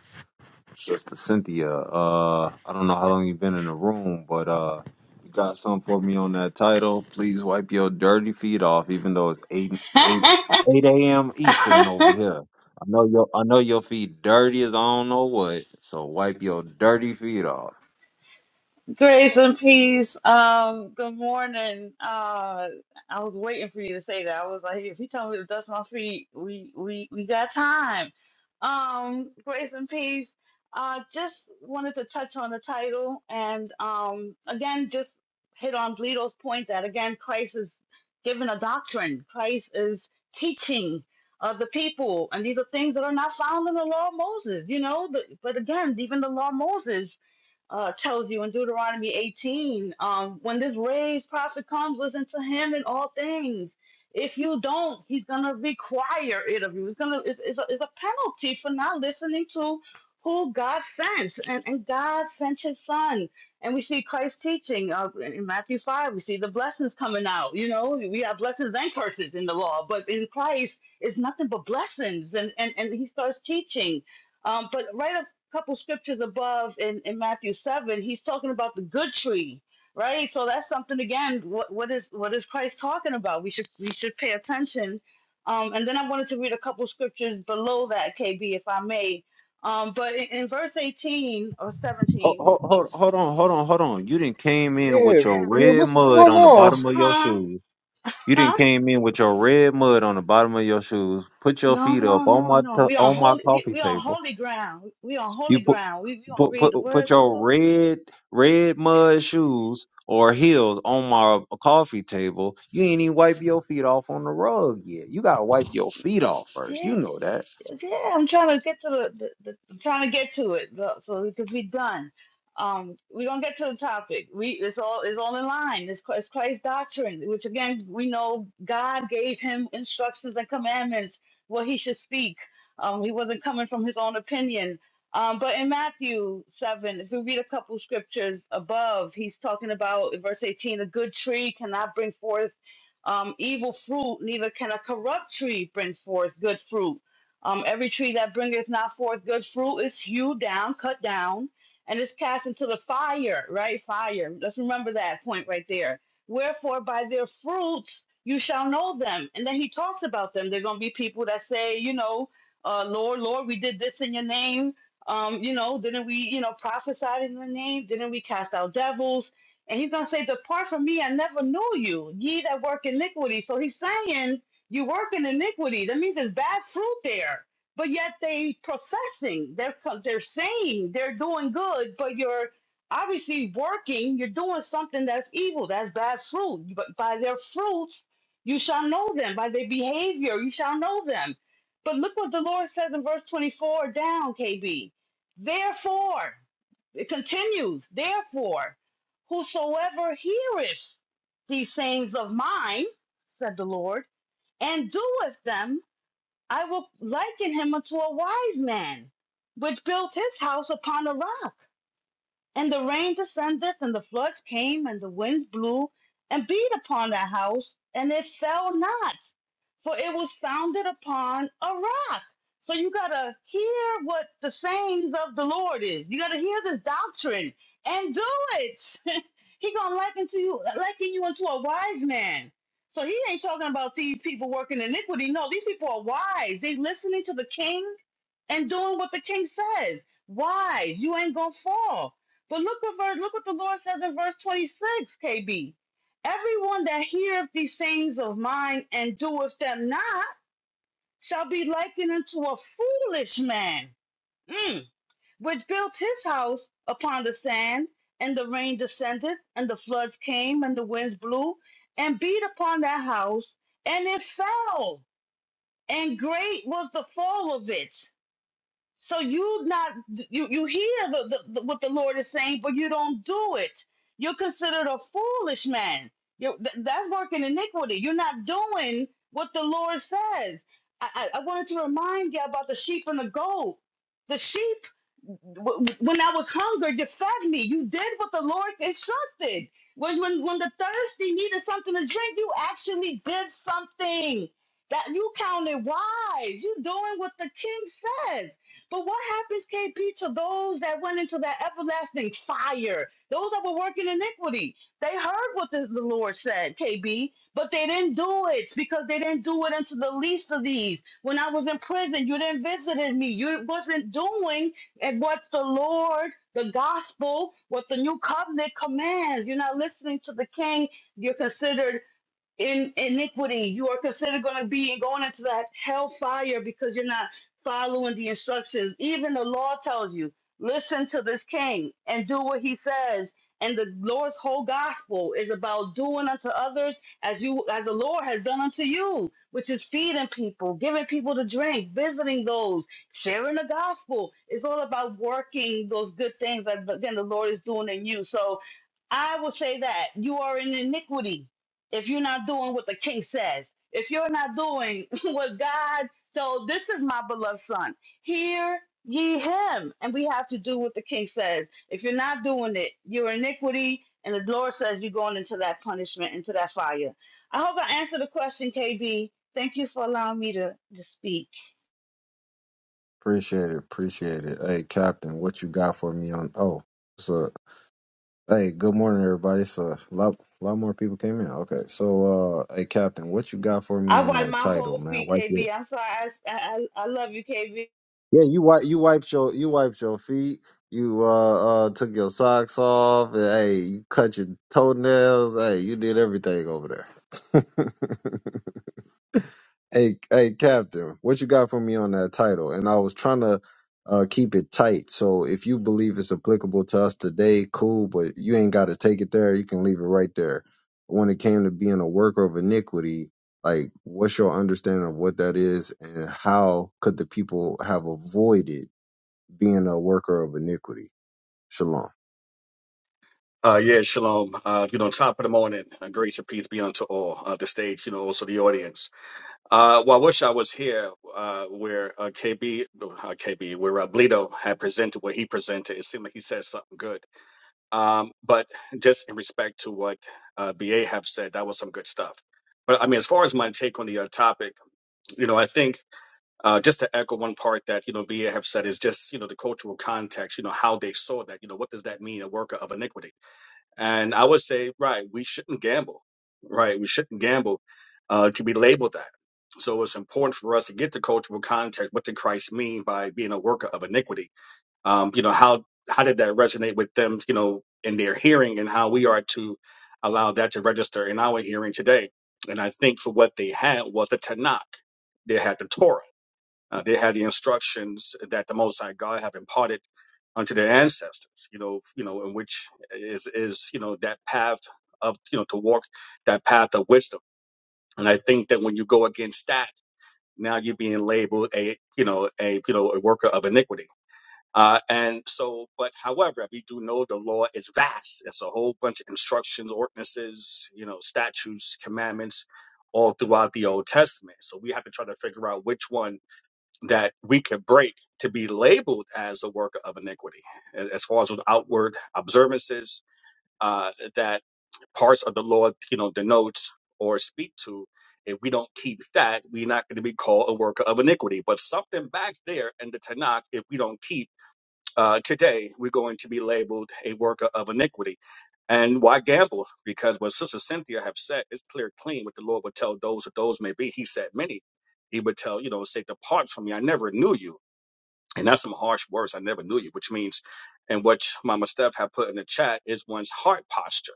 [SPEAKER 1] Just to Cynthia. Uh, I don't know how long you've been in the room, but uh, you got something for me on that title. Please wipe your dirty feet off, even though it's eight eight eight a.m. Eastern over here. I know your I know your feet dirty as I don't know what. So wipe your dirty feet off.
[SPEAKER 7] Grace and peace. Um, good morning. Uh, I was waiting for you to say that. I was like, if you tell me to dust my feet, we we we got time. Um, grace and peace. Uh, just wanted to touch on the title and um, again, just hit on Leto's point that again, Christ is given a doctrine. Christ is teaching of the people, and these are things that are not found in the law of Moses. You know, the, but again, even the law of Moses uh, tells you in Deuteronomy 18, um, when this raised prophet comes, listen to him in all things. If you don't, he's gonna require it of you. It's gonna it's, it's, a, it's a penalty for not listening to who God sent, and, and God sent His Son, and we see Christ teaching uh, in Matthew five. We see the blessings coming out. You know, we have blessings and curses in the law, but in Christ, it's nothing but blessings, and and and He starts teaching. Um, but right couple scriptures above in, in Matthew 7, he's talking about the good tree, right? So that's something again, what, what is what is Christ talking about? We should we should pay attention. Um, and then I wanted to read a couple scriptures below that, KB, if I may. Um, but in, in verse 18 or
[SPEAKER 1] Hold,
[SPEAKER 7] 17,
[SPEAKER 1] hold, hold, hold on, hold on, hold on. You didn't came in
[SPEAKER 2] Yeah,
[SPEAKER 1] with your
[SPEAKER 2] yeah,
[SPEAKER 1] red
[SPEAKER 2] what's
[SPEAKER 1] mud
[SPEAKER 2] going
[SPEAKER 1] on the
[SPEAKER 2] on?
[SPEAKER 1] bottom of your
[SPEAKER 7] huh?
[SPEAKER 1] shoes. You didn't
[SPEAKER 7] Huh?
[SPEAKER 1] came in with your red mud on the bottom of your shoes. Put your
[SPEAKER 7] No,
[SPEAKER 1] feet up
[SPEAKER 7] no,
[SPEAKER 1] on
[SPEAKER 7] no,
[SPEAKER 1] my
[SPEAKER 7] no.
[SPEAKER 1] t-
[SPEAKER 7] We on
[SPEAKER 1] on my
[SPEAKER 7] holy we,
[SPEAKER 1] coffee
[SPEAKER 7] we on
[SPEAKER 1] table
[SPEAKER 7] holy ground. We on holy
[SPEAKER 1] You put
[SPEAKER 7] ground. We, we gonna
[SPEAKER 1] put
[SPEAKER 7] read
[SPEAKER 1] put,
[SPEAKER 7] the
[SPEAKER 1] put
[SPEAKER 7] words of the
[SPEAKER 1] your
[SPEAKER 7] Lord.
[SPEAKER 1] red red mud shoes or heels on my coffee table. You ain't even wipe your feet off on the rug yet. You gotta wipe your feet off first.
[SPEAKER 7] Yeah,
[SPEAKER 1] You know that.
[SPEAKER 7] Yeah, I'm trying to get to the, the, the I'm trying to get to it though, so we could be done. Um, we don't get to the topic. We it's all it's all in line. It's, Chri- it's Christ's doctrine, which again we know God gave him instructions and commandments what he should speak. Um, he wasn't coming from his own opinion. Um, but in Matthew seven, if we read a couple scriptures above, he's talking about in verse eighteen, a good tree cannot bring forth um, evil fruit, neither can a corrupt tree bring forth good fruit um, every tree that bringeth not forth good fruit is hewed down, cut down, and is cast into the fire, right? Fire. Let's remember that point right there. Wherefore, by their fruits you shall know them. And then he talks about them. They're going to be people that say, you know, uh, Lord, Lord, we did this in your name. Um, you know, didn't we, you know, prophesied in your name? Didn't we cast out devils? And he's going to say, Depart from me, I never knew you, ye that work iniquity. So he's saying, you work in iniquity. That means there's bad fruit there. But yet they professing, they're co- they're saying they're doing good, but you're obviously working. You're doing something that's evil. That's bad fruit. But by their fruits, you shall know them. By their behavior, you shall know them. But look what the Lord says in verse 24 down, KB. Therefore, it continues, therefore, whosoever heareth these sayings of mine, said the Lord and doeth them, I will liken him unto a wise man, which built his house upon a rock. And the rain descended, and the floods came, and the winds blew and beat upon that house, and it fell not, for it was founded upon a rock. So you got to hear what the sayings of the Lord is. You got to hear this doctrine and do it. he going to liken to you, liken you into a wise man. So he ain't talking about these people working iniquity. No, these people are wise. They listening to the king and doing what the king says. Wise, you ain't gonna fall. But look what ver- look what the Lord says in verse 26, KB. Everyone that heareth these things of mine and doeth them not shall be likened unto a foolish man, mm, which built his house upon the sand, and the rain descended, and the floods came, and the winds blew, and beat upon that house, and it fell, and great was the fall of it. So you not you you hear the, the, the- what the Lord is saying, but you don't do it. You're considered a foolish man. You th- that's working iniquity. You're not doing what the Lord says. I, I, I wanted to remind you about the sheep and the goat. The sheep, w- w- when I was hungry, you fed me. You did what the Lord instructed. When when when the thirsty needed something to drink, you actually did something that you counted wise. You doing what the King says but what happens, KP, to those that went into that everlasting fire? Those that were working iniquity. They heard what the, the Lord said, KB, but they didn't do it because they didn't do it unto the least of these. When I was in prison, you didn't visit me. You wasn't doing and what the Lord, the gospel, what the new covenant commands. You're not listening to the king. You're considered in iniquity. You are considered going to be going into that hellfire because you're not following the instructions. Even the law tells you, listen to this king and do what he says. And the Lord's whole gospel is about doing unto others as you as the Lord has done unto you, which is feeding people, giving people to drink, visiting those, sharing the gospel. It's all about working those good things that again the Lord is doing in you. So I will say that you are in iniquity if you're not doing what the king says. If you're not doing what God told, this is my beloved son. Hear ye him. And we have to do what the king says. If you're not doing it, you're iniquity. And the Lord says you're going into that punishment, into that fire. I hope I answered the question, KB. Thank you for allowing me to, to speak.
[SPEAKER 1] Appreciate it, appreciate it. Hey, Captain, what you got for me on? Oh, so hey, good morning, everybody. So a lot, lot more people came in. Okay, so uh, hey, Captain, what you got for me
[SPEAKER 7] I
[SPEAKER 1] on
[SPEAKER 7] wipe
[SPEAKER 1] that
[SPEAKER 7] my
[SPEAKER 1] title,
[SPEAKER 7] whole
[SPEAKER 1] man?
[SPEAKER 7] feet,
[SPEAKER 1] Wipe your
[SPEAKER 7] KB. I'm sorry. I, I I love you, KB.
[SPEAKER 1] Yeah, you wipe you wiped your you wiped your feet. You uh uh took your socks off. And, hey, you cut your toenails. Hey, you did everything over there. hey, hey, Captain, what you got for me on that title? And I was trying to uh keep it tight. So if you believe it's applicable to us today, cool. But you ain't got to take it there. You can leave it right there. When it came to being a worker of iniquity, like what's your understanding of what that is, and how could the people have avoided? being a worker of iniquity. Shalom.
[SPEAKER 8] Uh, yeah, shalom. Uh, you know, top of the morning. Uh, grace and peace be unto all. Uh, the stage, you know, also the audience. Uh, well, I wish I was here uh, where uh, KB, uh, KB, where uh, Bledo had presented what he presented. It seemed like he said something good. Um, but just in respect to what uh, BA have said, that was some good stuff. But I mean, as far as my take on the uh, topic, you know, I think uh, just to echo one part that you know BA have said is just you know the cultural context. You know how they saw that. You know what does that mean? A worker of iniquity and I would say, right, we shouldn't gamble, right? We shouldn't gamble uh, to be labeled that. So it's important for us to get the cultural context. What did Christ mean by being a worker of iniquity? Um, you know, how how did that resonate with them? You know, in their hearing, and how we are to allow that to register in our hearing today. And I think for what they had was the Tanakh. They had the Torah uh, they had the instructions that the Most High God have imparted unto their ancestors. You know, you know, in which is is you know that path of you know to walk that path of wisdom. And I think that when you go against that, now you're being labeled a you know a you know a worker of iniquity. Uh, and so, but however, we do know the law is vast. It's a whole bunch of instructions, ordinances, you know, statutes, commandments, all throughout the Old Testament. So we have to try to figure out which one that we could break to be labeled as a worker of iniquity, a- as far as with outward observances uh, that parts of the law, you know, denotes or speak to. If we don't keep that, we're not going to be called a worker of iniquity. But something back there in the Tanakh, if we don't keep uh, today, we're going to be labeled a worker of iniquity. And why gamble? Because what Sister Cynthia have said is clear, clean. What the Lord would tell those or those may be, He said many. He would tell, you know, say, depart from me. I never knew you. And that's some harsh words. I never knew you, which means, and what Mama Steph had put in the chat is one's heart posture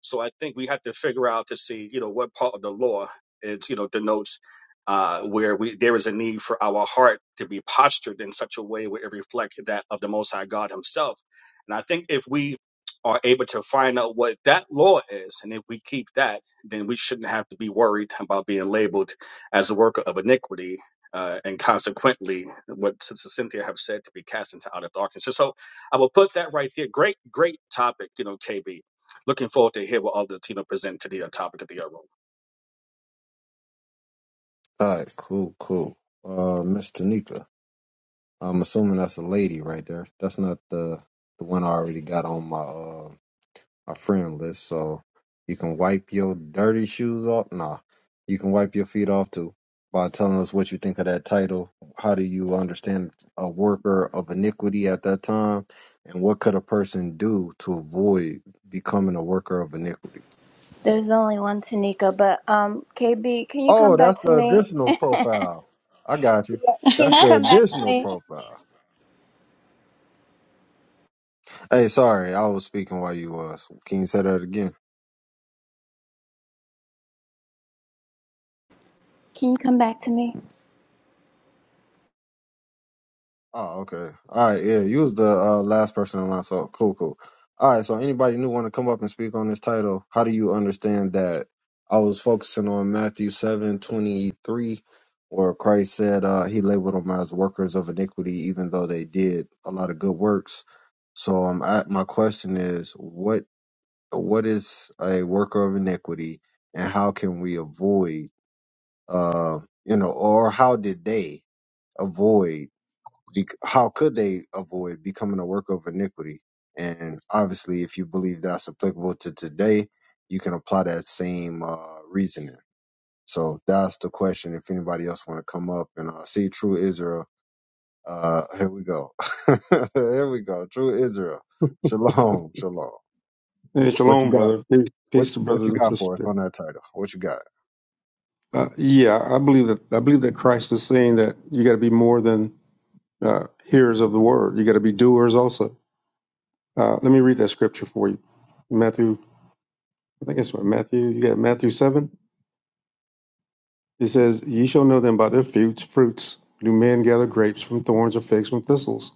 [SPEAKER 8] so I think we have to figure out to see, you know, what part of the law is, you know, denotes uh, where we there is a need for our heart to be postured in such a way where it reflects that of the Most High God Himself. And I think if we are able to find out what that law is, and if we keep that, then we shouldn't have to be worried about being labeled as a worker of iniquity. Uh, and consequently, what Sister Cynthia have said to be cast into outer darkness. So, so I will put that right there. Great, great topic, you know, KB Looking forward to hear what all the team will present to the uh, topic of the uh, room.
[SPEAKER 1] All right, cool, cool. Uh, Miss Tanika, I'm assuming that's a lady right there. That's not the the one I already got on my uh my friend list. So you can wipe your dirty shoes off. Nah, you can wipe your feet off too by telling us what you think of that title. How do you understand a worker of iniquity at that time, and what could a person do to avoid becoming a worker of iniquity?
[SPEAKER 9] There's only one Tanika, but um, KB, can you
[SPEAKER 1] Oh,
[SPEAKER 9] come
[SPEAKER 1] that's
[SPEAKER 9] back to
[SPEAKER 1] the
[SPEAKER 9] me?
[SPEAKER 1] additional profile. I got you.
[SPEAKER 9] Can
[SPEAKER 1] That's
[SPEAKER 9] you
[SPEAKER 1] the
[SPEAKER 9] come back to
[SPEAKER 1] additional
[SPEAKER 9] me?
[SPEAKER 1] profile. Hey, sorry, I was speaking while you was. Can you say that again?
[SPEAKER 9] Can you come back to me?
[SPEAKER 1] Oh, okay. All right, yeah, you was the uh, last person in line, so cool, cool. All right, so anybody new want to come up and speak on this title? How do you understand that? I was focusing on Matthew seven twenty three, where Christ said uh, he labeled them as workers of iniquity, even though they did a lot of good works. So um, I, my question is, what what is a worker of iniquity and how can we avoid uh you know or how did they avoid bec how could they avoid becoming a worker of iniquity and obviously if you believe that's applicable to today you can apply that same uh reasoning so that's the question if anybody else want to come up and uh, see true israel uh here we go here we go true israel shalom shalom
[SPEAKER 10] Hey,
[SPEAKER 1] what you
[SPEAKER 10] shalom,
[SPEAKER 1] got
[SPEAKER 10] brother. Peace,
[SPEAKER 1] What
[SPEAKER 10] peace to
[SPEAKER 1] what
[SPEAKER 10] brothers
[SPEAKER 1] you
[SPEAKER 10] and
[SPEAKER 1] got for us
[SPEAKER 10] sisters.
[SPEAKER 1] on that title? What you got?
[SPEAKER 10] Uh, yeah, I believe that. I believe that Christ is saying that you got to be more than uh, hearers of the word. You got to be doers also. Uh, let me read that scripture for you. Matthew, I think it's what, Matthew. You got Matthew seven. It says, "Ye shall know them by their fruits. Fruits do men gather grapes from thorns or figs from thistles?"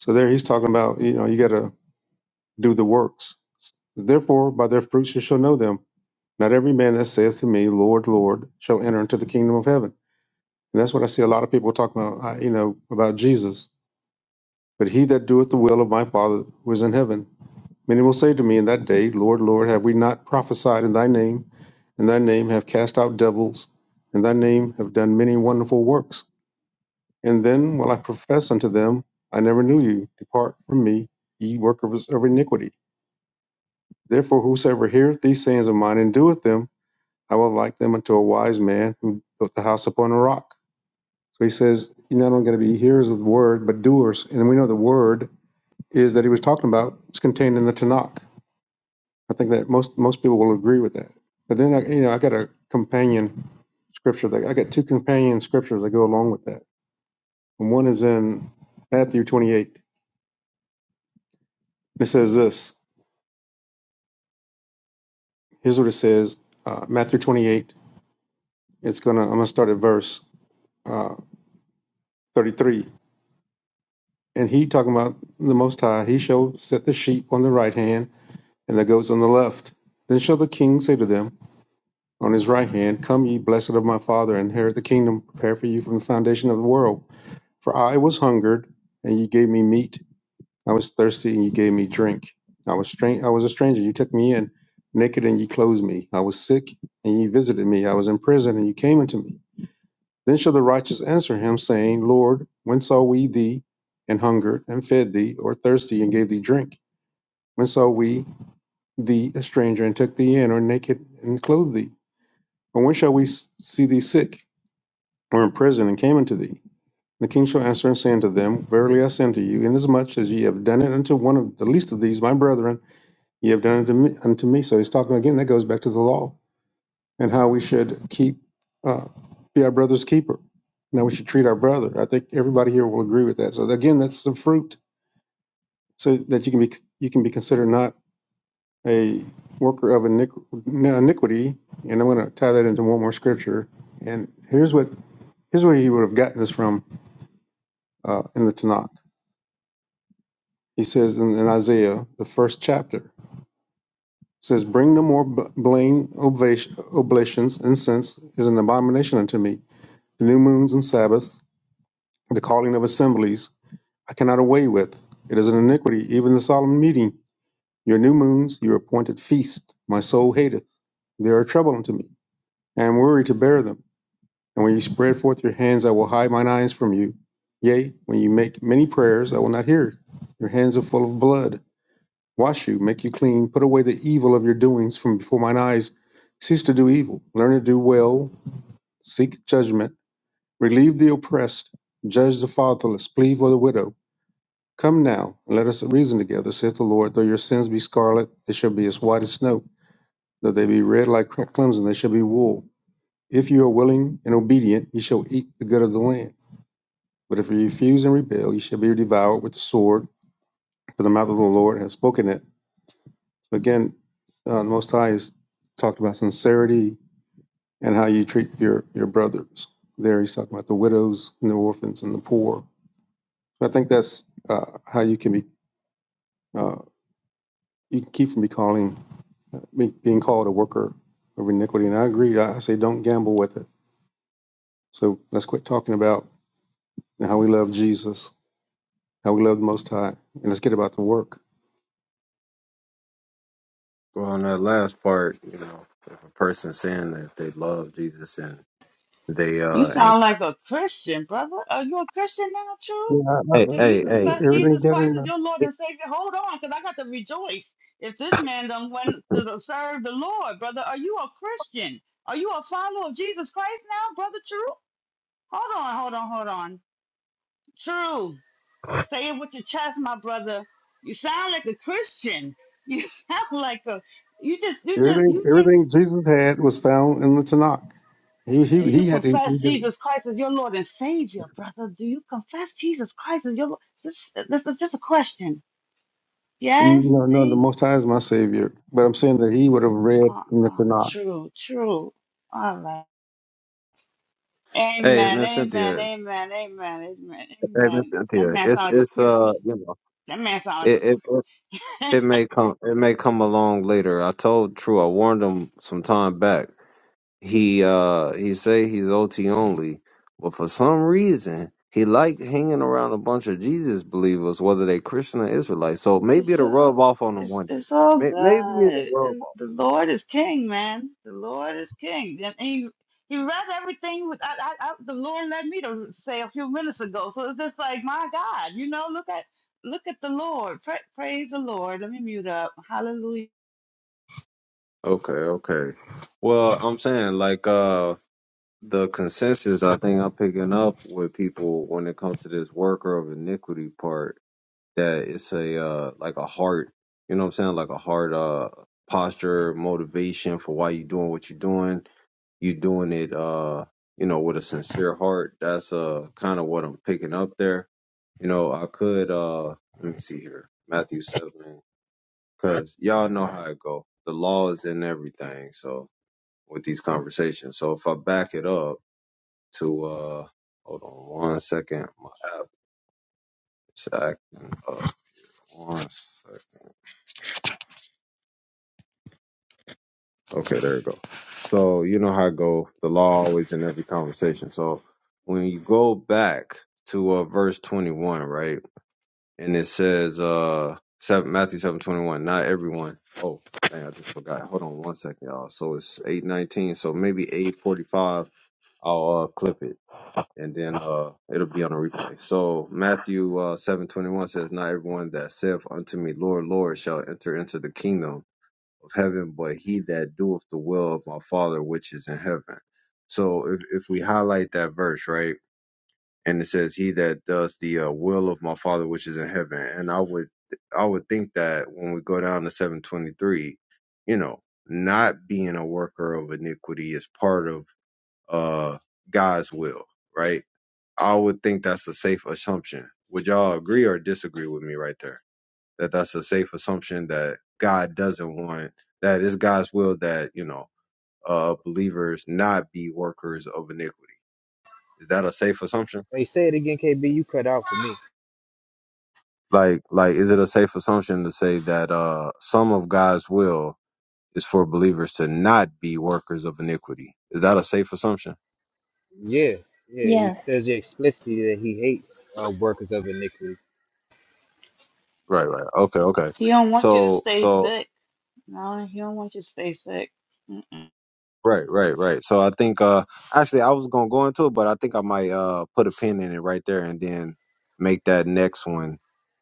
[SPEAKER 10] So there, he's talking about you know you got to do the works. Therefore, by their fruits you shall know them. Not every man that saith to me, Lord, Lord, shall enter into the kingdom of heaven And that's what I see a lot of people talking about, uh, you know, about Jesus. But he that doeth the will of my Father who is in heaven. Many will say to me in that day, Lord, Lord, have we not prophesied in thy name? In thy name have cast out devils. In thy name have done many wonderful works. And then will I profess unto them, I never knew you. Depart from me, ye workers of iniquity. Therefore, whosoever heareth these sayings of mine and doeth them, I will like them unto a wise man who built the house upon a rock. So he says, You're not only going to be hearers of the word, but doers. And we know the word is that he was talking about is contained in the Tanakh. I think that most most people will agree with that. But then I, you know, I got a companion scripture. That, I got two companion scriptures that go along with that. And one is in Matthew 28. It says this. Here's what it says. Uh, Matthew 28. It's gonna. I'm gonna start at verse uh, 33. And he talking about the Most High. He shall set the sheep on the right hand and that goes on the left. Then shall the king say to them on his right hand, Come ye, blessed of my father, and inherit the kingdom prepared for you from the foundation of the world. For I was hungered, and ye gave me meat. I was thirsty, and ye gave me drink. I was strange. I was a stranger, you took me in. Naked, and ye clothed me. I was sick, and ye visited me. I was in prison, and ye came unto me. Then shall the righteous answer him, saying, Lord, when saw we thee and hungered, and fed thee, or thirsty, and gave thee drink? When saw we thee a stranger, and took thee in, or naked, and clothed thee? Or when shall we see thee sick, or in prison, and came unto thee? The king shall answer and say unto them, Verily I say unto you, inasmuch as ye have done it unto one of the least of these, my brethren, ye have done it unto me. Unto me. So he's talking again, that goes back to the law and how we should keep, uh, be our brother's keeper. Now we should treat our brother. I think everybody here will agree with that. So again, that's the fruit so that you can be, you can be considered not a worker of iniquity, and I'm going to tie that into one more scripture. And here's what here's where he would have gotten this from uh, in the Tanakh. He says in, in Isaiah, the first chapter, it says, "Bring no more blame oblations. Incense is an abomination unto me. The new moons and Sabbath, the calling of assemblies, I cannot away with. It is an iniquity, even the solemn meeting. Your new moons, your appointed feast, my soul hateth. They are trouble unto me. I am weary to bear them. And when you spread forth your hands, I will hide mine eyes from you. Yea, when you make many prayers, I will not hear. Your hands are full of blood. Wash you, make you clean, put away the evil of your doings from before mine eyes. Cease to do evil, learn to do well, seek judgment, relieve the oppressed, judge the fatherless, plead for the widow. Come now, and let us reason together, saith the Lord. Though your sins be scarlet, they shall be as white as snow. Though they be red like crimson, they shall be wool. If you are willing and obedient, you shall eat the good of the land. But if you refuse and rebel, you shall be devoured with the sword, for the mouth of the Lord has spoken it. So again, uh, the Most High has talked about sincerity and how you treat your, your brothers. There, he's talking about the widows and the orphans and the poor. So I think that's uh, how you can be uh, you can keep from be calling uh, be, being called a worker of iniquity. And I agree. I I say don't gamble with it. So let's quit talking about how we love Jesus, how we love the Most High, and let's get about the work.
[SPEAKER 1] Well, on that last part, you know, if a person saying that they love Jesus and they
[SPEAKER 7] You
[SPEAKER 1] uh ain't
[SPEAKER 7] sound like a Christian, brother. Are you a Christian now, true?
[SPEAKER 10] Yeah, I-
[SPEAKER 1] Hey,
[SPEAKER 10] I-
[SPEAKER 7] Do
[SPEAKER 10] I-
[SPEAKER 7] you
[SPEAKER 1] hey, hey.
[SPEAKER 7] confess
[SPEAKER 1] keep-
[SPEAKER 10] everything
[SPEAKER 7] Jesus
[SPEAKER 10] that in
[SPEAKER 7] Christ as
[SPEAKER 10] the,
[SPEAKER 7] your Lord
[SPEAKER 1] keep-
[SPEAKER 7] and Savior? Hold on, because I got to rejoice if this man done went to serve the Lord, brother. Are you a Christian? Are you a follower of Jesus Christ now, brother? True. Hold on, hold on, hold on. True. Say it with your chest, my brother. You sound like a Christian. You sound like a. You just, you just,
[SPEAKER 10] everything
[SPEAKER 7] you just
[SPEAKER 10] everything Jesus had was found in the Tanakh. He he
[SPEAKER 7] Do you
[SPEAKER 10] he had to he
[SPEAKER 7] confess
[SPEAKER 10] did,
[SPEAKER 7] Jesus Christ as your Lord and Savior, brother? Do you confess Jesus Christ as your Lord? This, this is just a question. Yes,
[SPEAKER 10] no no the
[SPEAKER 7] me?
[SPEAKER 10] Most High is my Savior, but I'm saying that he would have read
[SPEAKER 7] Ah,
[SPEAKER 10] in the
[SPEAKER 7] ah,
[SPEAKER 10] Tanakh.
[SPEAKER 7] true, true. All right.
[SPEAKER 1] hey
[SPEAKER 7] Amen,
[SPEAKER 1] Miss
[SPEAKER 7] amen,
[SPEAKER 1] Cynthia,
[SPEAKER 7] amen, amen, amen,
[SPEAKER 1] hey Miss
[SPEAKER 7] amen. That
[SPEAKER 1] Cynthia,
[SPEAKER 7] man
[SPEAKER 1] it's
[SPEAKER 7] sound like a
[SPEAKER 1] it's uh
[SPEAKER 7] Christian.
[SPEAKER 1] you know
[SPEAKER 7] That man sound
[SPEAKER 1] it
[SPEAKER 7] like
[SPEAKER 1] it it
[SPEAKER 7] a
[SPEAKER 1] it may come it may come along later. I told True, I warned him some time back. he uh he say he's OT only, but for some reason he like hanging around a bunch of Jesus believers, whether they Christian or Israelite. So maybe
[SPEAKER 7] It's
[SPEAKER 1] it'll
[SPEAKER 7] all
[SPEAKER 1] rub off on him
[SPEAKER 7] it's
[SPEAKER 1] one day.
[SPEAKER 7] it's all
[SPEAKER 1] May- Maybe it'll
[SPEAKER 7] good.
[SPEAKER 1] rub
[SPEAKER 7] And
[SPEAKER 1] off.
[SPEAKER 7] the Lord is king, man. The Lord is king. And he he read everything with I, I, I, the Lord led me to say a few minutes ago. So it's just like my God, you know, look at look at the Lord. Pra praise the Lord. Let me mute up. Hallelujah.
[SPEAKER 1] Okay, okay. Well, I'm saying like uh the consensus I think I'm picking up with people when it comes to this worker of iniquity part that it's a uh like a heart, you know what I'm saying, like a heart uh posture, motivation for why you doing what you're doing you doing it uh you know with a sincere heart that's uh kind of what i'm picking up there you know i could uh let me see here matthew 7 because y'all know how it go the law is in everything so with these conversations so if i back it up to uh hold on one second my app is acting up one sec okay there you go so you know how it go the law always in every conversation so when you go back to uh, verse 21, right? and it says uh seven Matthew seven twenty one. Not everyone. Oh, dang, I just forgot. Hold on one second, y'all. So it's eight nineteen. So maybe eight forty five. I'll uh, clip it and then uh it'll be on a replay. So Matthew uh seven twenty one says, Not everyone that saith unto me, Lord, Lord, shall enter into the kingdom of heaven, but he that doeth the will of my Father which is in heaven. So if if we highlight that verse, right? and it says he that does the uh, will of my father which is in heaven and i would i would think that when we go down to 723 you know not being a worker of iniquity is part of uh god's will right i would think that's a safe assumption would y'all agree or disagree with me right there that that's a safe assumption that god doesn't want that it's god's will that you know uh believers not be workers of iniquity is that a safe assumption
[SPEAKER 2] Hey, say it again, KB. You cut out for me.
[SPEAKER 1] Like, like, is it a safe assumption to say that uh, some of God's will is for believers to not be workers of iniquity? Is that a safe assumption?
[SPEAKER 2] Yeah, yeah. He
[SPEAKER 9] Yes.
[SPEAKER 2] tells you explicitly that he hates uh, workers of iniquity.
[SPEAKER 1] Right, right. Okay, okay.
[SPEAKER 7] He don't want you to
[SPEAKER 1] So,
[SPEAKER 7] stay
[SPEAKER 1] so
[SPEAKER 7] sick. No, he don't want you to stay sick. Mm-mm.
[SPEAKER 1] right, right, right. So I think uh, actually I was gonna go into it, but I think I might uh put a pin in it right there and then make that next one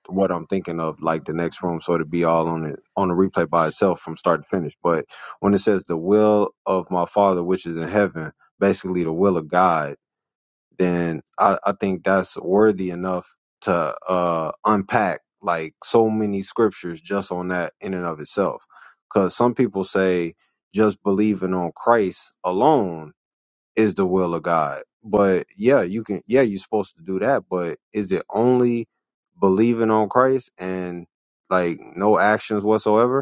[SPEAKER 1] what I'm thinking of, like the next room, so it'd be all on it on the replay by itself from start to finish. But when it says the will of my Father which is in heaven, basically the will of God then I, I think that's worthy enough to uh, unpack like so many scriptures just on that in and of itself. Because some people say just believing on Christ alone is the will of God. But yeah, you can, yeah, you're supposed to do that. But is it only believing on Christ and like no actions whatsoever?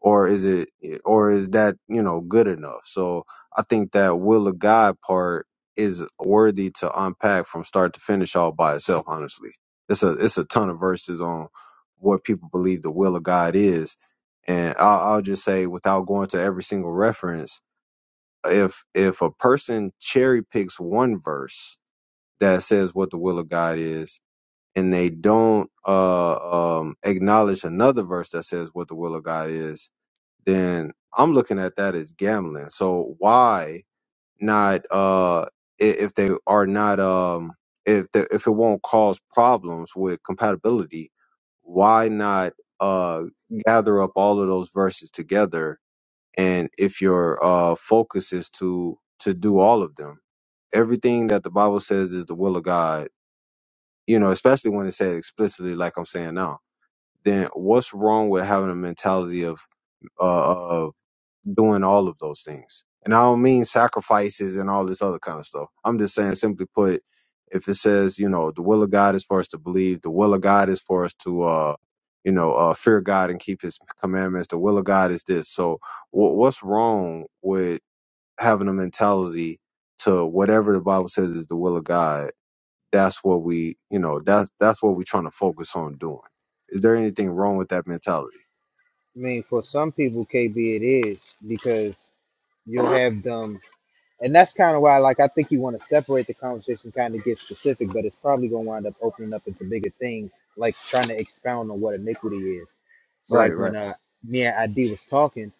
[SPEAKER 1] or is it or is that you know good enough so i think that will of god part is worthy to unpack from start to finish all by itself honestly it's a it's a ton of verses on what people believe the will of god is and i'll, I'll just say without going to every single reference if if a person cherry picks one verse that says what the will of god is and they don't uh, um, acknowledge another verse that says what the will of God is then I'm looking at that as gambling. So why not uh i- if they are not um if the, if it won't cause problems with compatibility, why not uh gather up all of those verses together and if your uh focus is to to do all of them. Everything that the Bible says is the will of God, you know, especially when it said explicitly like I'm saying now. Then what's wrong with having a mentality of uh, doing all of those things. And I don't mean sacrifices and all this other kind of stuff. I'm just saying, simply put, if it says, you know, the will of God is for us to believe, the will of God is for us to, uh, you know, uh, fear God and keep His commandments. The will of God is this. So, wh- what's wrong with having a mentality to whatever the Bible says is the will of God? That's what we, you know, that's that's what we're trying to focus on doing. Is there anything wrong with that mentality?
[SPEAKER 2] I mean, for some people, KB, it is because you'll have them. and that's kind of why like i think you want to separate the conversation kind of get specific but it's probably going to wind up opening up into bigger things like trying to expound on what iniquity is so
[SPEAKER 1] Right.
[SPEAKER 2] like
[SPEAKER 1] Right.
[SPEAKER 2] when uh me and id was talking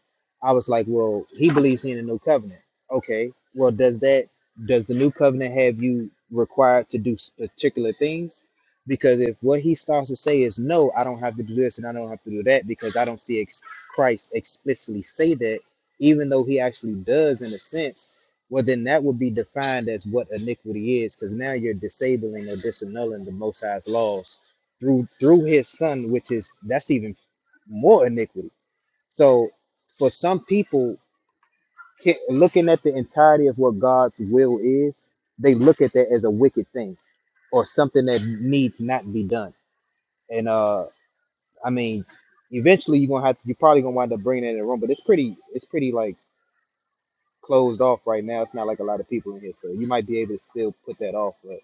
[SPEAKER 2] i was like well he believes in the new covenant okay well does that does the new covenant have you required to do s- particular things because if what he starts to say is no i don't have to do this and i don't have to do that because i don't see ex- christ explicitly say that even though he actually does in a sense well, then that would be defined as what iniquity is, because now you're disabling or disannulling the Most High's laws through through His Son, which is that's even more iniquity. So, for some people, ca- looking at the entirety of what God's will is, they look at that as a wicked thing or something that needs not be done. And uh, I mean, eventually you're gonna have you're probably gonna wind up bringing it in the room, but it's pretty it's pretty like closed off right now. It's not like a lot of people in here, so you might be able to still put that off. but.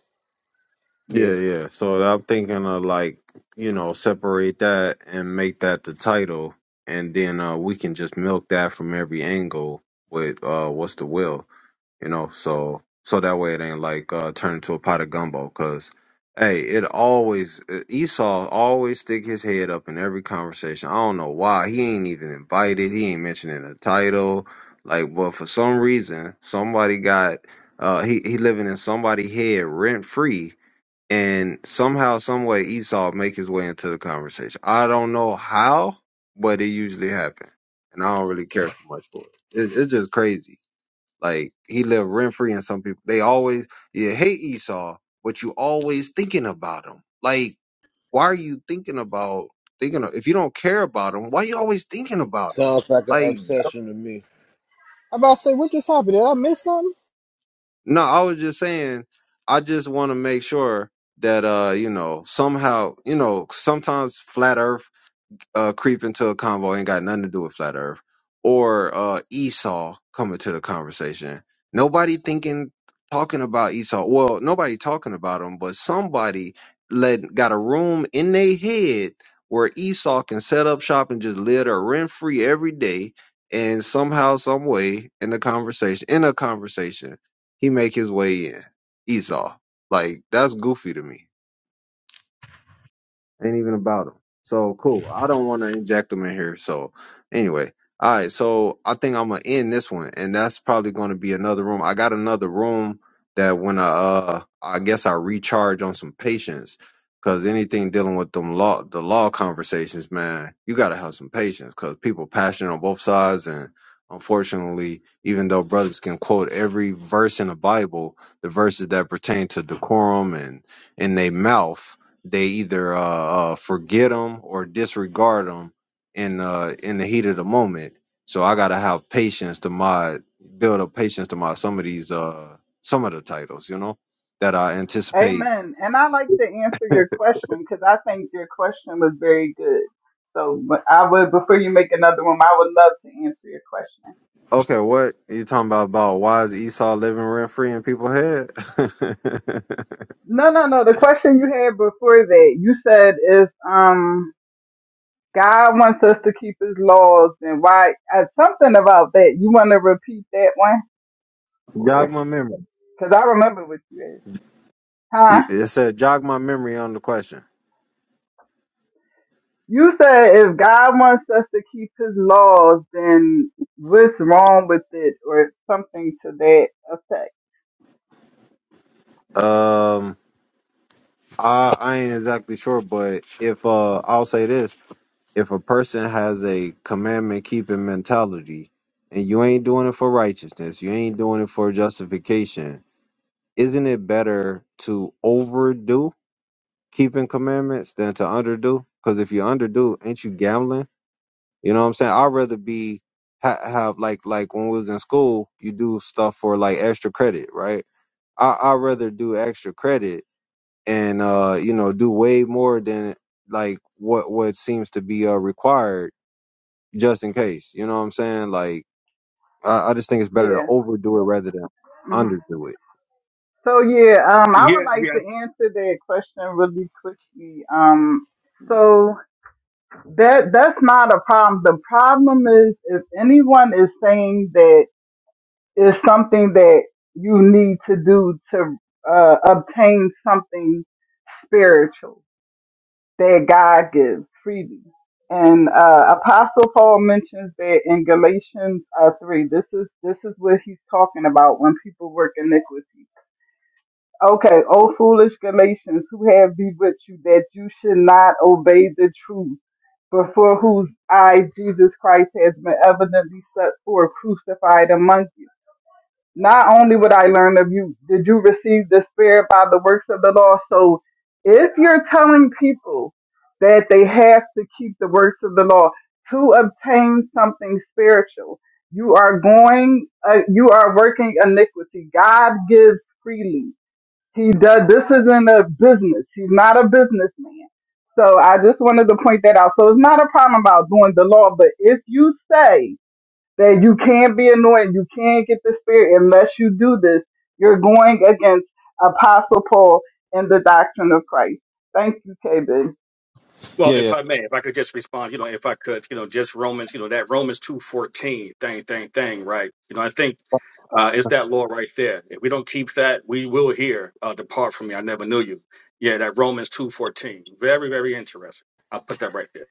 [SPEAKER 2] Yeah.
[SPEAKER 1] Yeah, yeah. So I'm thinking of like, you know, separate that and make that the title, and then uh, we can just milk that from every angle with uh, what's the will, you know? So so that way it ain't like uh, turn into a pot of gumbo, cause hey, it always uh, Esau always stick his head up in every conversation. I don't know why he ain't even invited. He ain't mentioned in the title. Like, but for some reason, somebody got uh he he living in somebody head rent free and somehow, some way, Esau make his way into the conversation. I don't know how, but it usually happens, and I don't really care too much for it. it it's just crazy. Like he lived rent free, and some people they always you hate Esau, but you always thinking about him. Like why are you thinking about thinking of, if you don't care about him? Why you always thinking about him?
[SPEAKER 6] Sounds like an
[SPEAKER 1] Like
[SPEAKER 6] obsession to me.
[SPEAKER 2] I'm about to say, what just happened? Did I miss something?
[SPEAKER 1] no, I was just saying, I just want to make sure that uh you know somehow you know sometimes flat earth uh, creep into a convo ain't got nothing to do with flat Earth, or uh, Esau coming to the conversation. Nobody thinking, talking about Esau. Well, nobody talking about him, but somebody let got a room in their head where Esau can set up shop and just live there rent free every day. And somehow, some way, in the conversation, in a conversation, he make his way in Esau. Like that's goofy to me. Ain't even about them. So cool. I don't want to inject them in here. So anyway, all right. So I think I'm gonna end this one, and that's probably going to be another room. I got another room that when I uh I guess I recharge on some patience because anything dealing with them law the law conversations, man, you gotta have some patience because people passionate on both sides and. Unfortunately, even though brothers can quote every verse in the Bible, the verses that pertain to decorum and in their mouth, they either uh, uh forget them or disregard them in uh in the heat of the moment so i gotta have patience to my build up patience to my some of these uh some of the titles you know that i anticipate
[SPEAKER 4] Amen. And I like to answer your question because I think your question was very good. So but I would, before you make another one, I would love to answer your question.
[SPEAKER 1] okay what you talking about about why is esau living rent free in people's head
[SPEAKER 4] No, no, no. The question you had before that, you said is, um, God wants us to keep his laws and why, uh, something about that. You want to repeat that one?
[SPEAKER 1] jog
[SPEAKER 4] Or,
[SPEAKER 1] my memory
[SPEAKER 4] cause I remember what you said. Huh?
[SPEAKER 1] You- it said jog my memory on the question
[SPEAKER 4] You said if God wants us to keep his laws, then what's wrong with it or something to that effect.
[SPEAKER 1] um I, I ain't exactly sure, but if uh, I'll say this: if a person has a commandment keeping mentality, and you ain't doing it for righteousness, you ain't doing it for justification, isn't it better to overdo keeping commandments than to underdo? Because if you underdo, ain't you gambling? You know what I'm saying? I'd rather be ha- have like like when we was in school, you do stuff for like extra credit, right? I I'd rather do extra credit and uh, you know do way more than like what what seems to be uh, required just in case. You know what I'm saying? Like I, I just think it's better to
[SPEAKER 4] Yeah.
[SPEAKER 1] overdo it rather than
[SPEAKER 4] hmm
[SPEAKER 1] underdo it.
[SPEAKER 4] So yeah, um, I would
[SPEAKER 8] Yeah,
[SPEAKER 4] like to
[SPEAKER 8] yeah.
[SPEAKER 4] answer that question really quickly. Um, so that that's not a problem. The problem is if anyone is saying that it's something that you need to do to uh, obtain something spiritual that God gives freely. And uh, Apostle Paul mentions that in Galatians uh, three. This is this is what he's talking about when people work iniquity Okay, O foolish Galatians, who have be with you that you should not obey the truth, but for whose I, Jesus Christ, has been evidently set forth, crucified among you. Not only would I learn of you, did you receive the Spirit by the works of the law? So if you're telling people that they have to keep the works of the law to obtain something spiritual, you are going, uh, you are working iniquity. God gives freely. He does. This isn't a business. He's not a businessman. So I just wanted to point that out. So it's not a problem about doing the law, but if you say that you can't be anointed, you can't get the spirit unless you do this, you're going against Apostle Paul and the doctrine of Christ. Thank you, KB.
[SPEAKER 8] Well,
[SPEAKER 1] Yeah,
[SPEAKER 8] if
[SPEAKER 1] yeah.
[SPEAKER 8] I may, if I could just respond, you know, if I could, you know, just Romans, you know, that Romans two fourteen thing, thing, thing, right? You know, I think uh, it's that law right there. If we don't keep that, we will hear, uh, "Depart from me, I never knew you." Yeah, that Romans two fourteen, very, very interesting. I'll put that right there.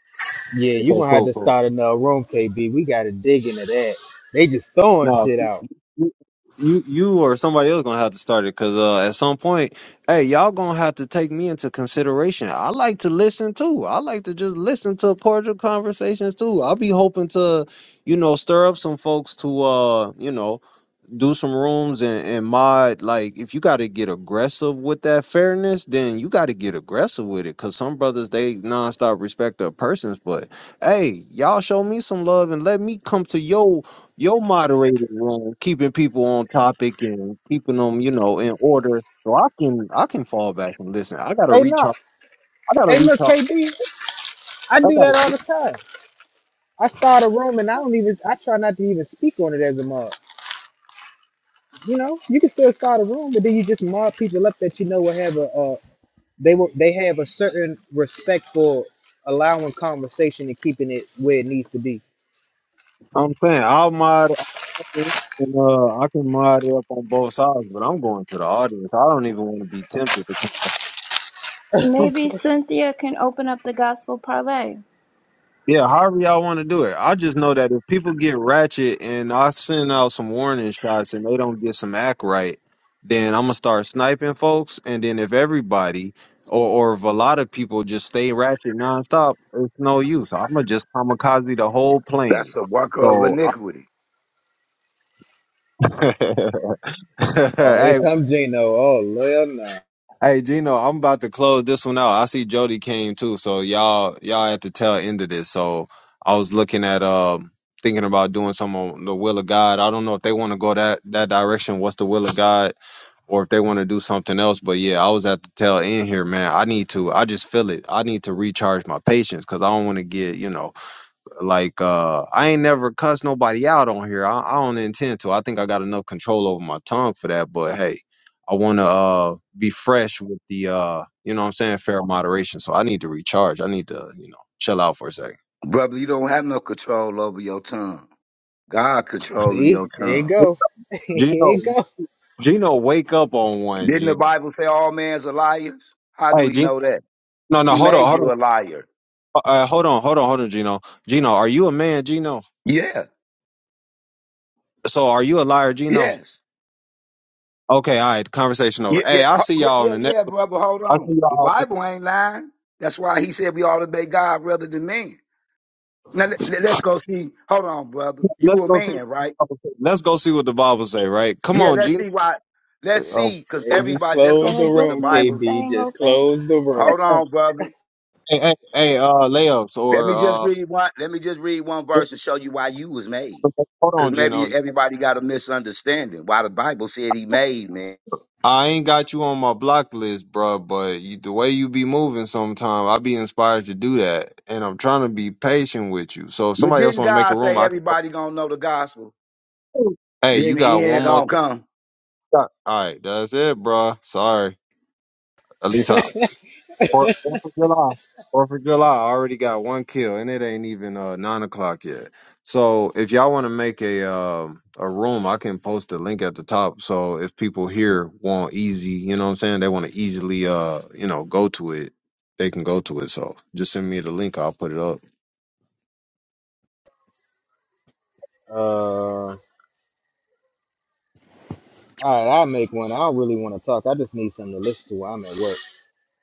[SPEAKER 2] Yeah, you're
[SPEAKER 1] Okay,
[SPEAKER 2] gonna have
[SPEAKER 1] cool,
[SPEAKER 2] to
[SPEAKER 1] cool.
[SPEAKER 2] start another room, KB. We gotta dig into that. They just throwing
[SPEAKER 1] No,
[SPEAKER 2] shit out.
[SPEAKER 1] you you you or somebody else gonna have to start it because uh, at some point, hey, y'all gonna have to take me into consideration. I like to listen too. I like to just listen to cordial conversations too. I'll be hoping to, you know, stir up some folks to uh, you know. do some rooms and, and mod like if you got to get aggressive with that fairness then you got to get aggressive with it because some brothers they nonstop respect their persons but hey y'all show me some love and let me come to your your moderated room keeping people on topic and keeping them you know in order so i can i can fall back and listen i gotta
[SPEAKER 2] Hey, no.
[SPEAKER 1] recharge i gotta
[SPEAKER 2] Hey, look,
[SPEAKER 1] recharge
[SPEAKER 2] KB, I
[SPEAKER 1] i
[SPEAKER 2] do
[SPEAKER 1] gotta
[SPEAKER 2] that all the time. I start a room and I don't even, I try not to even speak on it as a mob. You know, you can still start a room, but then you just mob people up that you know will have a, uh, they will, they have a certain respect for allowing conversation and keeping it where it needs to be.
[SPEAKER 1] i'm saying i'll mod I can- uh, I can mod up on both sides, but I'm going to the audience. I don't even want to be tempted to
[SPEAKER 9] Maybe Cynthia can open up the gospel parlay.
[SPEAKER 1] Yeah, however y'all want to do it. I just know that if people get ratchet and I send out some warning shots and they don't get some act right, then I'm gonna start sniping folks. And then if everybody or, or if a lot of people just stay ratchet nonstop, it's no use. I'm gonna just kamikaze the whole
[SPEAKER 11] That's
[SPEAKER 1] plane.
[SPEAKER 11] a worker of
[SPEAKER 1] So,
[SPEAKER 11] iniquity.
[SPEAKER 1] I,
[SPEAKER 2] Oh, here
[SPEAKER 1] hey,
[SPEAKER 2] comes Gino. Oh, Lord, nah.
[SPEAKER 1] Hey Gino, I'm about to close this one out. I see Jody came too, so y'all y'all at the tail end of this. So I was looking at um thinking about doing some on the will of God. I don't know if they want to go that that direction. What's the will of God, or if they want to do something else. But yeah, I was at the tail end here, man. I need to. I just feel it. I need to recharge my patience because I don't want to get you know like uh i ain't never cuss nobody out on here I, I don't intend to i think i got enough control over my tongue for that but hey i want to uh be fresh with the uh you know what i'm saying fair moderation so i need to recharge i need to you know chill out for a second
[SPEAKER 11] Brother, you don't have no control over your tongue. God controlling
[SPEAKER 2] See,
[SPEAKER 11] your
[SPEAKER 2] there you
[SPEAKER 11] tongue.
[SPEAKER 2] go. Here
[SPEAKER 1] gino
[SPEAKER 2] you go.
[SPEAKER 1] gino wake up on one
[SPEAKER 11] Didn't the
[SPEAKER 1] gino
[SPEAKER 11] Bible say all men's are liars? How do
[SPEAKER 1] hey
[SPEAKER 11] we
[SPEAKER 1] gino
[SPEAKER 11] know that?
[SPEAKER 1] no no
[SPEAKER 11] He
[SPEAKER 1] hold on
[SPEAKER 11] made
[SPEAKER 1] hold on
[SPEAKER 11] you a liar.
[SPEAKER 1] uh, hold on hold on hold on gino gino are you a man gino
[SPEAKER 11] Yeah.
[SPEAKER 1] so are you a liar gino
[SPEAKER 11] Yes.
[SPEAKER 1] okay all right conversation
[SPEAKER 11] Yeah,
[SPEAKER 1] over
[SPEAKER 11] yeah,
[SPEAKER 1] hey i'll
[SPEAKER 11] ho-
[SPEAKER 1] see
[SPEAKER 11] yeah,
[SPEAKER 1] y'all on
[SPEAKER 11] yeah,
[SPEAKER 1] the next
[SPEAKER 11] yeah, brother. Hold
[SPEAKER 1] i'll
[SPEAKER 11] on.
[SPEAKER 1] see
[SPEAKER 11] The
[SPEAKER 1] y'all
[SPEAKER 11] Bible ain't lying. That's why he said we ought to obey God rather than men. Now let, let- let's go see. Hold on, brother.
[SPEAKER 1] Let's
[SPEAKER 11] You a
[SPEAKER 1] go see.
[SPEAKER 11] man, right?
[SPEAKER 1] Let's go see what the Bible say. Right? Come
[SPEAKER 11] Yeah.
[SPEAKER 1] on,
[SPEAKER 11] Let's
[SPEAKER 1] Gino.
[SPEAKER 11] see why. Let's
[SPEAKER 1] Oh,
[SPEAKER 11] see, because
[SPEAKER 2] Hey, just
[SPEAKER 11] everybody. Let's go
[SPEAKER 2] close
[SPEAKER 9] So
[SPEAKER 2] the
[SPEAKER 11] see
[SPEAKER 9] is
[SPEAKER 11] what
[SPEAKER 9] this
[SPEAKER 11] the
[SPEAKER 2] room,
[SPEAKER 9] room
[SPEAKER 11] Bible.
[SPEAKER 2] KB.
[SPEAKER 9] staying
[SPEAKER 2] Just
[SPEAKER 9] open?
[SPEAKER 2] close the room.
[SPEAKER 11] Hold
[SPEAKER 1] hey,
[SPEAKER 11] on, brother.
[SPEAKER 1] hey, hey, hey, uh, layups
[SPEAKER 11] Let
[SPEAKER 1] or
[SPEAKER 11] me just read one. Let me just read one
[SPEAKER 1] uh,
[SPEAKER 11] verse and show you why you was made.
[SPEAKER 1] hold
[SPEAKER 11] Because
[SPEAKER 1] on, Gino.
[SPEAKER 11] maybe everybody got a misunderstanding why the Bible said he made man.
[SPEAKER 1] I ain't got you on my block list, bro. But you, the way you be moving, sometime I be inspired to do that, and I'm trying to be patient with you. So if
[SPEAKER 11] But
[SPEAKER 1] somebody else
[SPEAKER 11] didn't
[SPEAKER 1] want to make a
[SPEAKER 11] God
[SPEAKER 1] room,
[SPEAKER 11] say
[SPEAKER 1] I can.
[SPEAKER 11] everybody gonna know the gospel?
[SPEAKER 1] Hey,
[SPEAKER 11] Then
[SPEAKER 1] you
[SPEAKER 11] the
[SPEAKER 1] got
[SPEAKER 11] end
[SPEAKER 1] one more.
[SPEAKER 11] gonna come.
[SPEAKER 1] shot. All right, that's it, bro. Sorry. At least I Fourth of July. Fourth of July. I already got one kill, and it ain't even uh, nine o'clock yet. So if y'all want to make a um a room, I can post the link at the top. So if people here want easy, you know what I'm saying, they want to easily uh you know go to it, they can go to it. So just send me the link. I'll put it up.
[SPEAKER 2] Uh, all right, I'll make one. I don't really want to talk. I just need something to listen to while I'm at work.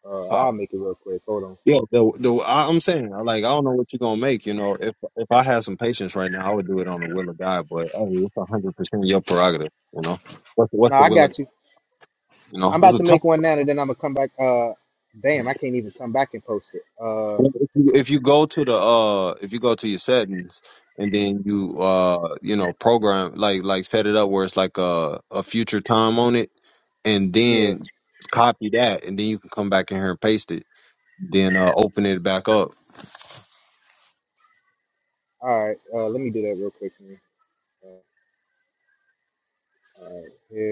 [SPEAKER 2] Uh,
[SPEAKER 1] Uh,
[SPEAKER 2] I'll make it real quick. Hold on.
[SPEAKER 1] yeah, the, the, I, I'm saying, I like, I don't know what you're gonna make. You know, if if I had some patience right now, I would do it on the will of God. But oh, it's 100 percent your prerogative. You know, what's
[SPEAKER 2] No,
[SPEAKER 1] what's the
[SPEAKER 2] I
[SPEAKER 1] will of
[SPEAKER 2] got you.
[SPEAKER 1] you know,
[SPEAKER 2] I'm
[SPEAKER 1] it's
[SPEAKER 2] about
[SPEAKER 1] a
[SPEAKER 2] to
[SPEAKER 1] tough
[SPEAKER 2] make one now, and then I'm gonna come back. Uh, damn, I can't even come back and post it. Uh,
[SPEAKER 1] Well, If you, if you go to the uh, if you go to your settings and then you uh, you know, program like like set it up where it's like a a future time on it, and
[SPEAKER 2] yeah.
[SPEAKER 1] then copy that, and then you can come back in here and paste it. Then uh, open it back up.
[SPEAKER 2] All right. Uh, let me do that real quick. man. Uh,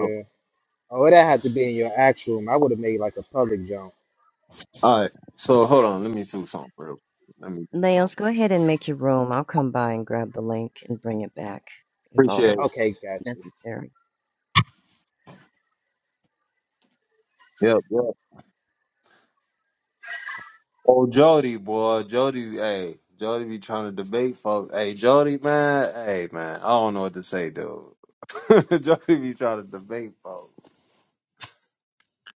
[SPEAKER 1] Oh,
[SPEAKER 2] Oh, that had to be in your actual room. I would have made like a public jump.
[SPEAKER 1] all right. So hold on, let me do something real. quick. Let me do something.
[SPEAKER 12] Nails, go ahead and make your room. I'll come by and grab the link and bring it back if all
[SPEAKER 1] Appreciate it.
[SPEAKER 12] that's
[SPEAKER 2] Okay, gotcha.
[SPEAKER 12] necessary.
[SPEAKER 1] Yep, yep. Oh, Jody, boy, Jody, hey, Jody be trying to debate folks. Hey, Jody, man, hey, man, I don't know what to say, dude. Jody be trying to debate folks.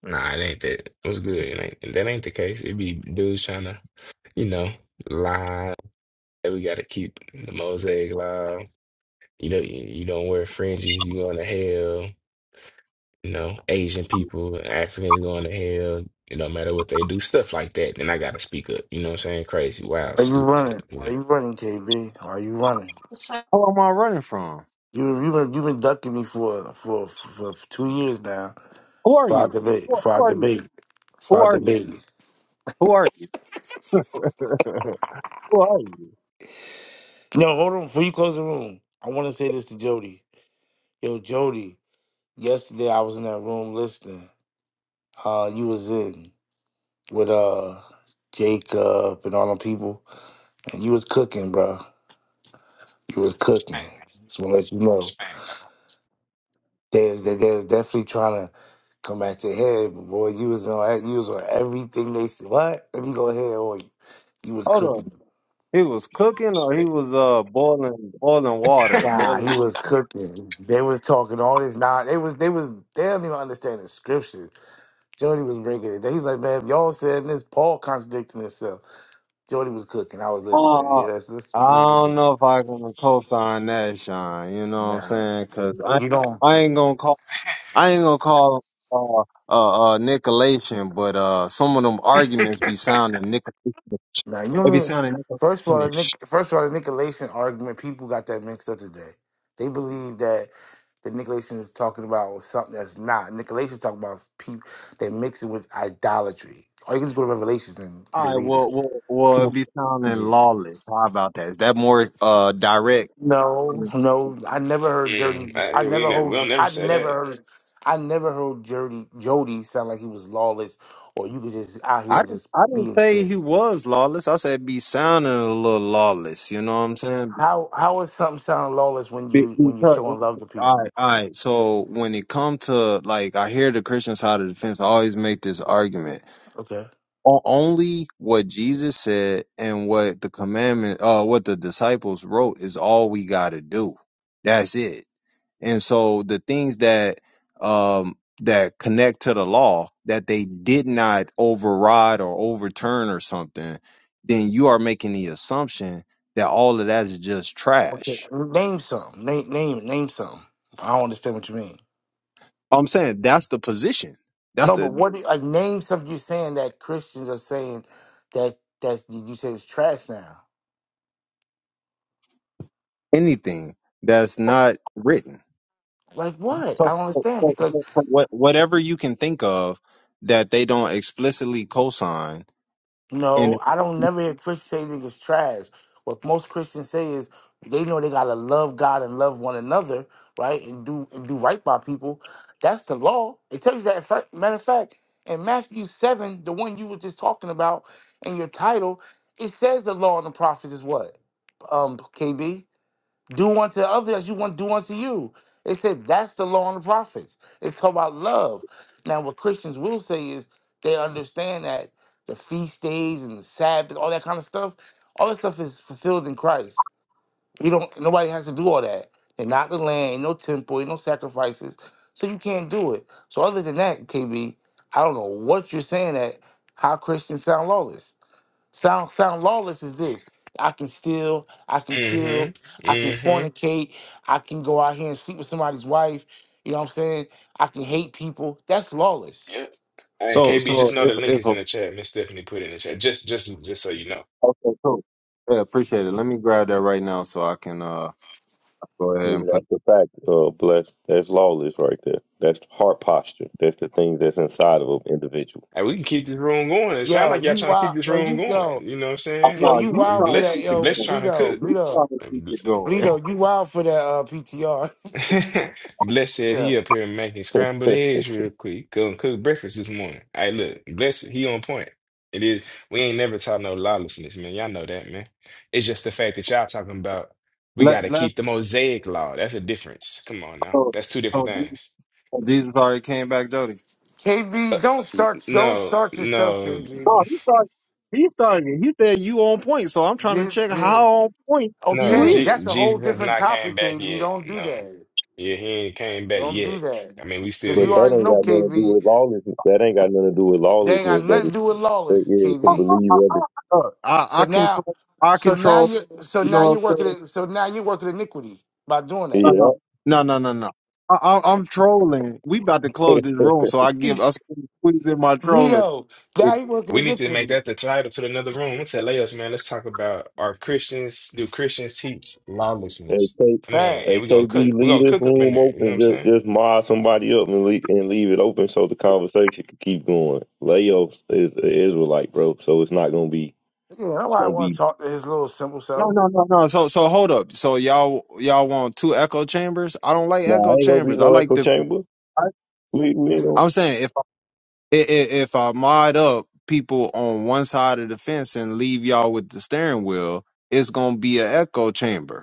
[SPEAKER 13] Nah, it ain't that. What's good? It ain't if that ain't the case. It be dudes trying to, you know, lie. That we gotta keep the mosaic live. You know, you, you don't wear fringes. You going to hell. You know, Asian people, Africans going to hell. It don't matter what they do, stuff like that. Then I gotta speak up. You know what I'm saying? Crazy, wild,
[SPEAKER 14] Are you
[SPEAKER 13] stupid stuff.
[SPEAKER 14] running?
[SPEAKER 13] You
[SPEAKER 14] Are
[SPEAKER 13] know.
[SPEAKER 14] you running, KB? Are you running?
[SPEAKER 1] Who am I running from?
[SPEAKER 14] You you been you been ducking me for for for two years now.
[SPEAKER 1] Who are
[SPEAKER 14] For our
[SPEAKER 1] you?
[SPEAKER 14] debate.
[SPEAKER 1] Who,
[SPEAKER 14] For our
[SPEAKER 1] who are you?
[SPEAKER 14] debate. For
[SPEAKER 1] Who
[SPEAKER 14] our
[SPEAKER 1] are you?
[SPEAKER 14] debate.
[SPEAKER 1] Who are you? Who are you?
[SPEAKER 14] No, hold on. Before you close the room, I want to say this to Jody. Yo, Jody. Yesterday I was in that room listening. Uh, you was in with uh Jacob and all them people, and you was cooking, bro. You was cooking.
[SPEAKER 13] Spank,
[SPEAKER 14] Just want to let you know.
[SPEAKER 13] spank, dog.
[SPEAKER 14] They was, they, they was definitely trying to come at your head, but boy, you was on you was on everything they said. What? Let me go ahead on you. You was
[SPEAKER 1] Hold on.
[SPEAKER 14] cooking.
[SPEAKER 1] He was cooking or he
[SPEAKER 13] Spank.
[SPEAKER 1] was uh boiling boiling water.
[SPEAKER 14] Nah,
[SPEAKER 1] Boiling
[SPEAKER 14] he was cooking. They was talking all this. Nah, they was they was they don't even understand the scriptures. Jody was breaking it. down. He's like, man, if y'all saying this, Paul contradicting himself. Jody was cooking. I was listening. Like,
[SPEAKER 1] uh,
[SPEAKER 14] yeah, that's this. This.
[SPEAKER 1] I don't know if I can co-sign that, Sean. You know what I'm
[SPEAKER 14] Nah,
[SPEAKER 1] saying? Cause I
[SPEAKER 14] you don't.
[SPEAKER 1] I ain't gonna call I ain't gonna call uh uh, uh Nicolation, but uh some of them arguments be sounding Nicol
[SPEAKER 14] Now you don't
[SPEAKER 1] it be
[SPEAKER 14] mean.
[SPEAKER 1] sounding
[SPEAKER 14] First of all,
[SPEAKER 1] Nicolation
[SPEAKER 14] the Nic- first of all, the Nicolaitan argument. People got that mixed up today. They believe that the Nicolaitan is talking about something that's not. Nicolaitan talking about people. They mix it with idolatry. Or you can just go to Revelations and you
[SPEAKER 1] All
[SPEAKER 14] can
[SPEAKER 1] right,
[SPEAKER 14] read it.
[SPEAKER 1] well, well, well, it'd
[SPEAKER 14] People.
[SPEAKER 1] be sounding
[SPEAKER 14] Yeah.
[SPEAKER 1] lawless. How about that? Is that more uh direct?
[SPEAKER 14] No, no, I never heard Jody.
[SPEAKER 13] Mm,
[SPEAKER 14] I
[SPEAKER 13] I, we
[SPEAKER 14] never
[SPEAKER 13] never,
[SPEAKER 14] heard.
[SPEAKER 13] we'll never
[SPEAKER 14] I
[SPEAKER 13] say
[SPEAKER 14] never
[SPEAKER 13] that.
[SPEAKER 14] heard. I never heard Jody. Jody sound like he was lawless, or you could just out here
[SPEAKER 1] I
[SPEAKER 14] and
[SPEAKER 1] didn't,
[SPEAKER 14] just
[SPEAKER 1] I
[SPEAKER 14] be
[SPEAKER 1] didn't
[SPEAKER 14] in
[SPEAKER 1] say
[SPEAKER 14] sin.
[SPEAKER 1] he was lawless. I said be sounding a little lawless. You know what I'm saying?
[SPEAKER 14] How how is something sound lawless when
[SPEAKER 1] Be-
[SPEAKER 14] you when you
[SPEAKER 1] Because,
[SPEAKER 14] showing love to
[SPEAKER 1] all right,
[SPEAKER 14] people?
[SPEAKER 1] all right. So when it comes to like, I hear the Christian side of the fence always make this argument.
[SPEAKER 14] Okay.
[SPEAKER 1] O- Only what Jesus said and what the commandment, uh, what the disciples wrote is all we got to do. That's it. and so the things that um that connect to the law that they did not override or overturn or something then you are making the assumption that all of that is just
[SPEAKER 14] Okay.
[SPEAKER 1] trash
[SPEAKER 14] Name some. Name name name some. I don't understand what you mean.
[SPEAKER 1] i'm saying that's the position that's
[SPEAKER 14] No, but
[SPEAKER 1] the
[SPEAKER 14] what do you, like name something you're saying that Christians are saying that that you say is trash now.
[SPEAKER 1] anything that's not written
[SPEAKER 14] Like what? I
[SPEAKER 1] so,
[SPEAKER 14] don't
[SPEAKER 1] so-
[SPEAKER 14] understand
[SPEAKER 1] so-
[SPEAKER 14] because.
[SPEAKER 1] so what, whatever you can think of that they don't explicitly cosign
[SPEAKER 14] No,
[SPEAKER 1] and
[SPEAKER 14] I don't never hear Christians say niggas trash. What most Christians say is they know they gotta love God and love one another, right? And do and do right by people. That's the law. It tells you that. In fact- Matter of fact, in Matthew seven, the one you were just talking about in your title, it says the law and the prophets is what, um, KB. Do unto others as you want to do unto you. It said that's the law and the prophets. It's all about love. Now, what Christians will say is they understand that the feast days and the Sabbath, all that kind of stuff, all that stuff is fulfilled in Christ. We don't. Nobody has to do all that. They're not the land, ain't no temple, ain't no sacrifices, so you can't do it. So other than that, KB, I don't know what you're saying. That how Christians sound lawless. Sound sound lawless is this. I can steal, I can kill, I can
[SPEAKER 13] Mm-hmm.
[SPEAKER 14] fornicate, I can go out here and sleep with somebody's wife. You know what I'm saying? I can hate people. That's lawless.
[SPEAKER 13] Yeah. Hey,
[SPEAKER 1] so
[SPEAKER 13] KB, just
[SPEAKER 1] so
[SPEAKER 13] know the
[SPEAKER 1] if
[SPEAKER 13] link
[SPEAKER 1] if
[SPEAKER 13] is in
[SPEAKER 1] a
[SPEAKER 13] the chat. Miss Stephanie put it in the chat. Just, just, just so you know.
[SPEAKER 1] okay cool yeah appreciate it let me grab that right now so i can uh Go ahead
[SPEAKER 5] Yeah,
[SPEAKER 1] and put.
[SPEAKER 5] that's the fact, uh, bless. That's lawless right there. That's heart posture. That's the thing that's inside of an individual.
[SPEAKER 13] Hey, we can keep this room going. It sounds
[SPEAKER 14] Yo,
[SPEAKER 13] like y'all
[SPEAKER 14] you
[SPEAKER 13] trying to keep
[SPEAKER 14] wild
[SPEAKER 13] this
[SPEAKER 14] yo,
[SPEAKER 13] room
[SPEAKER 14] you
[SPEAKER 13] going.
[SPEAKER 14] yo,
[SPEAKER 13] You know what I'm
[SPEAKER 1] Oh,
[SPEAKER 13] saying?
[SPEAKER 14] yo,
[SPEAKER 1] no,
[SPEAKER 14] you
[SPEAKER 1] you
[SPEAKER 13] And
[SPEAKER 14] wild
[SPEAKER 1] try
[SPEAKER 14] for
[SPEAKER 1] to
[SPEAKER 13] Bless,
[SPEAKER 14] that,
[SPEAKER 1] keep it
[SPEAKER 13] and
[SPEAKER 14] yo,
[SPEAKER 13] Bless
[SPEAKER 1] going.
[SPEAKER 13] trying to
[SPEAKER 14] Bleedo,
[SPEAKER 13] cook.
[SPEAKER 1] You try
[SPEAKER 14] Bleedo,
[SPEAKER 1] to keep it going.
[SPEAKER 14] Bleedo, you wild for that uh PTR.
[SPEAKER 13] Bless said
[SPEAKER 14] yeah.
[SPEAKER 13] he up here making scrambled eggs real quick. Couldn't cook breakfast this morning. Hey, look, Bless, he on point. It is. We ain't never taught no lawlessness, man. Y'all know that, man. It's just the fact that y'all talking about we got
[SPEAKER 1] Let
[SPEAKER 13] to
[SPEAKER 1] let.
[SPEAKER 13] keep the Mosaic law. That's a difference. Come on now.
[SPEAKER 1] Oh,
[SPEAKER 13] That's two different
[SPEAKER 1] oh, Jesus
[SPEAKER 13] things.
[SPEAKER 1] oh, Jesus already came back, Jody.
[SPEAKER 14] KB, don't
[SPEAKER 13] N-
[SPEAKER 14] start don't
[SPEAKER 13] No,
[SPEAKER 14] start your stuff,
[SPEAKER 13] no,
[SPEAKER 14] KB.
[SPEAKER 1] No, he started. He started. He said you on point. So I'm trying to
[SPEAKER 14] Did,
[SPEAKER 1] check
[SPEAKER 14] did.
[SPEAKER 1] how on point
[SPEAKER 13] no.
[SPEAKER 1] you
[SPEAKER 14] Okay,
[SPEAKER 13] Je
[SPEAKER 1] is.
[SPEAKER 14] that's a whole
[SPEAKER 13] Jesus has
[SPEAKER 14] different
[SPEAKER 13] not came
[SPEAKER 14] topic,
[SPEAKER 13] back
[SPEAKER 14] KB.
[SPEAKER 13] yet.
[SPEAKER 14] Don't do
[SPEAKER 13] No,
[SPEAKER 14] that.
[SPEAKER 13] yeah, he ain't came back
[SPEAKER 14] Don't do
[SPEAKER 13] yet.
[SPEAKER 14] that.
[SPEAKER 13] I mean, we still
[SPEAKER 14] Cause
[SPEAKER 5] But
[SPEAKER 14] you
[SPEAKER 13] here.
[SPEAKER 5] that
[SPEAKER 14] already
[SPEAKER 5] ain't
[SPEAKER 14] know,
[SPEAKER 5] got nothing to do
[SPEAKER 14] KB.
[SPEAKER 5] with lawlessness. That ain't got nothing to do with
[SPEAKER 14] They ain't got
[SPEAKER 5] lawlessness,
[SPEAKER 14] nothing
[SPEAKER 5] though.
[SPEAKER 14] to do with
[SPEAKER 5] But
[SPEAKER 14] lawless,
[SPEAKER 5] yeah, to
[SPEAKER 14] KB.
[SPEAKER 5] believe whether.
[SPEAKER 1] Uh, I,
[SPEAKER 14] So
[SPEAKER 1] I
[SPEAKER 14] now,
[SPEAKER 1] control. I
[SPEAKER 14] so now
[SPEAKER 1] control.
[SPEAKER 14] you're, so
[SPEAKER 1] You
[SPEAKER 14] now
[SPEAKER 1] know
[SPEAKER 14] you're
[SPEAKER 1] what I'm
[SPEAKER 14] working,
[SPEAKER 1] saying?
[SPEAKER 14] it- so now you're working iniquity by doing that.
[SPEAKER 5] Yeah.
[SPEAKER 1] No, no, no, no, no. no. I, I, I'm trolling. We about to close this room, so I give us squeeze in my trolling.
[SPEAKER 14] Vito, now he working
[SPEAKER 13] We need to make
[SPEAKER 14] iniquity.
[SPEAKER 13] that the title to another room. Let's tell us, man. Let's talk about are Christians, do Christians teach
[SPEAKER 5] Hey,
[SPEAKER 13] lawlessness?
[SPEAKER 5] K,
[SPEAKER 13] Man, and
[SPEAKER 5] hey,
[SPEAKER 13] we gonna
[SPEAKER 14] Facts.
[SPEAKER 5] KB,
[SPEAKER 13] cook. We gonna
[SPEAKER 5] leave this
[SPEAKER 13] cook up in
[SPEAKER 5] room
[SPEAKER 13] there. You know what
[SPEAKER 5] open.
[SPEAKER 13] I'm
[SPEAKER 5] Just,
[SPEAKER 13] saying?
[SPEAKER 5] just mod somebody up and leave, and leave it open so the conversation can keep going. Leo is an Israelite, bro, so it's not gonna be.
[SPEAKER 14] Yeah,
[SPEAKER 5] It's
[SPEAKER 14] nobody
[SPEAKER 5] gonna
[SPEAKER 14] want to
[SPEAKER 5] be.
[SPEAKER 14] talk to his little simple
[SPEAKER 1] No,
[SPEAKER 14] self.
[SPEAKER 1] no, no, no. So, so hold up. So y'all, y'all want two echo chambers? I don't like
[SPEAKER 5] Nah,
[SPEAKER 1] echo
[SPEAKER 5] ain't gonna be
[SPEAKER 1] chambers. I
[SPEAKER 5] no
[SPEAKER 1] like
[SPEAKER 5] echo
[SPEAKER 1] the.
[SPEAKER 5] chamber.
[SPEAKER 1] I-
[SPEAKER 5] We, we ain't gonna.
[SPEAKER 1] I'm saying if I, i- i- if I mod up people on one side of the fence and leave y'all with the steering wheel, it's gonna be an echo chamber.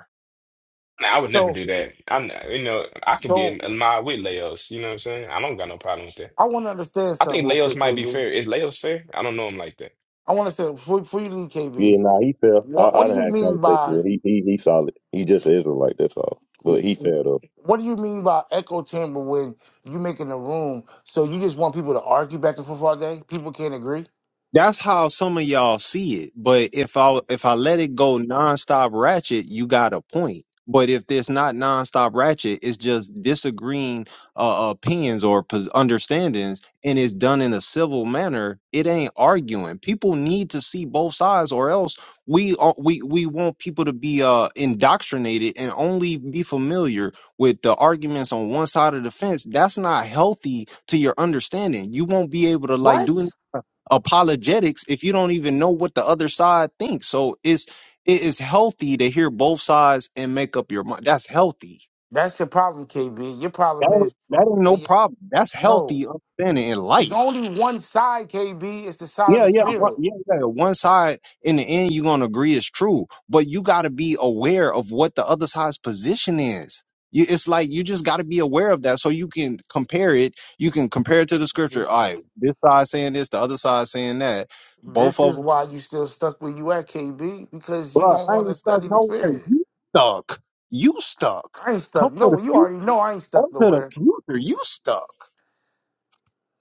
[SPEAKER 13] Nah, I would never
[SPEAKER 14] So,
[SPEAKER 13] do that. I'm, not- you know, I can be in
[SPEAKER 14] so
[SPEAKER 13] in my with Leos. You know what I'm saying? I don't got no problem with that.
[SPEAKER 14] I want to understand
[SPEAKER 13] I
[SPEAKER 14] something
[SPEAKER 13] think
[SPEAKER 14] real
[SPEAKER 13] Leos
[SPEAKER 14] quick,
[SPEAKER 13] might be fair.
[SPEAKER 14] KB.
[SPEAKER 13] Is Leos fair? I don't know him like that.
[SPEAKER 14] I want to say before, before you leave,
[SPEAKER 5] Yeah,
[SPEAKER 14] KB,
[SPEAKER 5] nah, he fell. I,
[SPEAKER 14] what what
[SPEAKER 5] I
[SPEAKER 14] do
[SPEAKER 5] done
[SPEAKER 14] you
[SPEAKER 5] had
[SPEAKER 14] mean
[SPEAKER 5] conversations
[SPEAKER 14] by
[SPEAKER 5] with him. He, he, he solid. He just an Israelite. That's all. But he fell failed
[SPEAKER 14] what do you mean by echo chamber when you making a room? So you just want people to argue back and forth all day? People can't agree.
[SPEAKER 1] That's how some of y'all see it. But if I if I let it go nonstop ratchet, you got a point. But if there's not nonstop ratchet, it's just disagreeing uh, opinions or pos- understandings, and it's done in a civil manner. It ain't arguing. People need to see both sides, or else we are, we we want people to be uh, indoctrinated and only be familiar with the arguments on one side of the fence. That's not healthy to your understanding. You won't be able to like
[SPEAKER 14] What?
[SPEAKER 1] do apologetics if you don't even know what the other side thinks. So it's it is healthy to hear both sides and make up your mind. That's healthy.
[SPEAKER 14] That's your problem, KB. Your
[SPEAKER 1] That,
[SPEAKER 14] problem
[SPEAKER 1] ain't-
[SPEAKER 14] is
[SPEAKER 1] that ain't
[SPEAKER 14] that
[SPEAKER 1] no
[SPEAKER 14] you
[SPEAKER 1] problem. That's
[SPEAKER 14] no.
[SPEAKER 1] healthy understanding in
[SPEAKER 14] It's
[SPEAKER 1] life.
[SPEAKER 14] only one side, KB. It's the side of
[SPEAKER 1] Yeah,
[SPEAKER 14] the
[SPEAKER 1] yeah, one,
[SPEAKER 14] spirit.
[SPEAKER 1] yeah, yeah. One side in the end you're gonna agree is true, but you gotta be aware of what the other side's position is. You, it's like you just got to be aware of that so you can compare it. You can compare it to the scripture.
[SPEAKER 14] This
[SPEAKER 1] All right,
[SPEAKER 14] is
[SPEAKER 1] this side saying this, the other side saying that. Both
[SPEAKER 14] this
[SPEAKER 1] of them.
[SPEAKER 14] is why you still stuck where you at, KB, because you
[SPEAKER 1] Bro,
[SPEAKER 14] don't
[SPEAKER 1] I
[SPEAKER 14] want to
[SPEAKER 1] ain't stuck
[SPEAKER 14] study the
[SPEAKER 1] nowhere.
[SPEAKER 14] spirit.
[SPEAKER 1] You stuck. You stuck.
[SPEAKER 14] I ain't
[SPEAKER 1] Come
[SPEAKER 14] stuck.
[SPEAKER 1] to
[SPEAKER 14] No,
[SPEAKER 1] the
[SPEAKER 14] you
[SPEAKER 1] future.
[SPEAKER 14] already know I ain't
[SPEAKER 1] Come
[SPEAKER 14] stuck
[SPEAKER 1] to the
[SPEAKER 14] nowhere.
[SPEAKER 1] future. You stuck.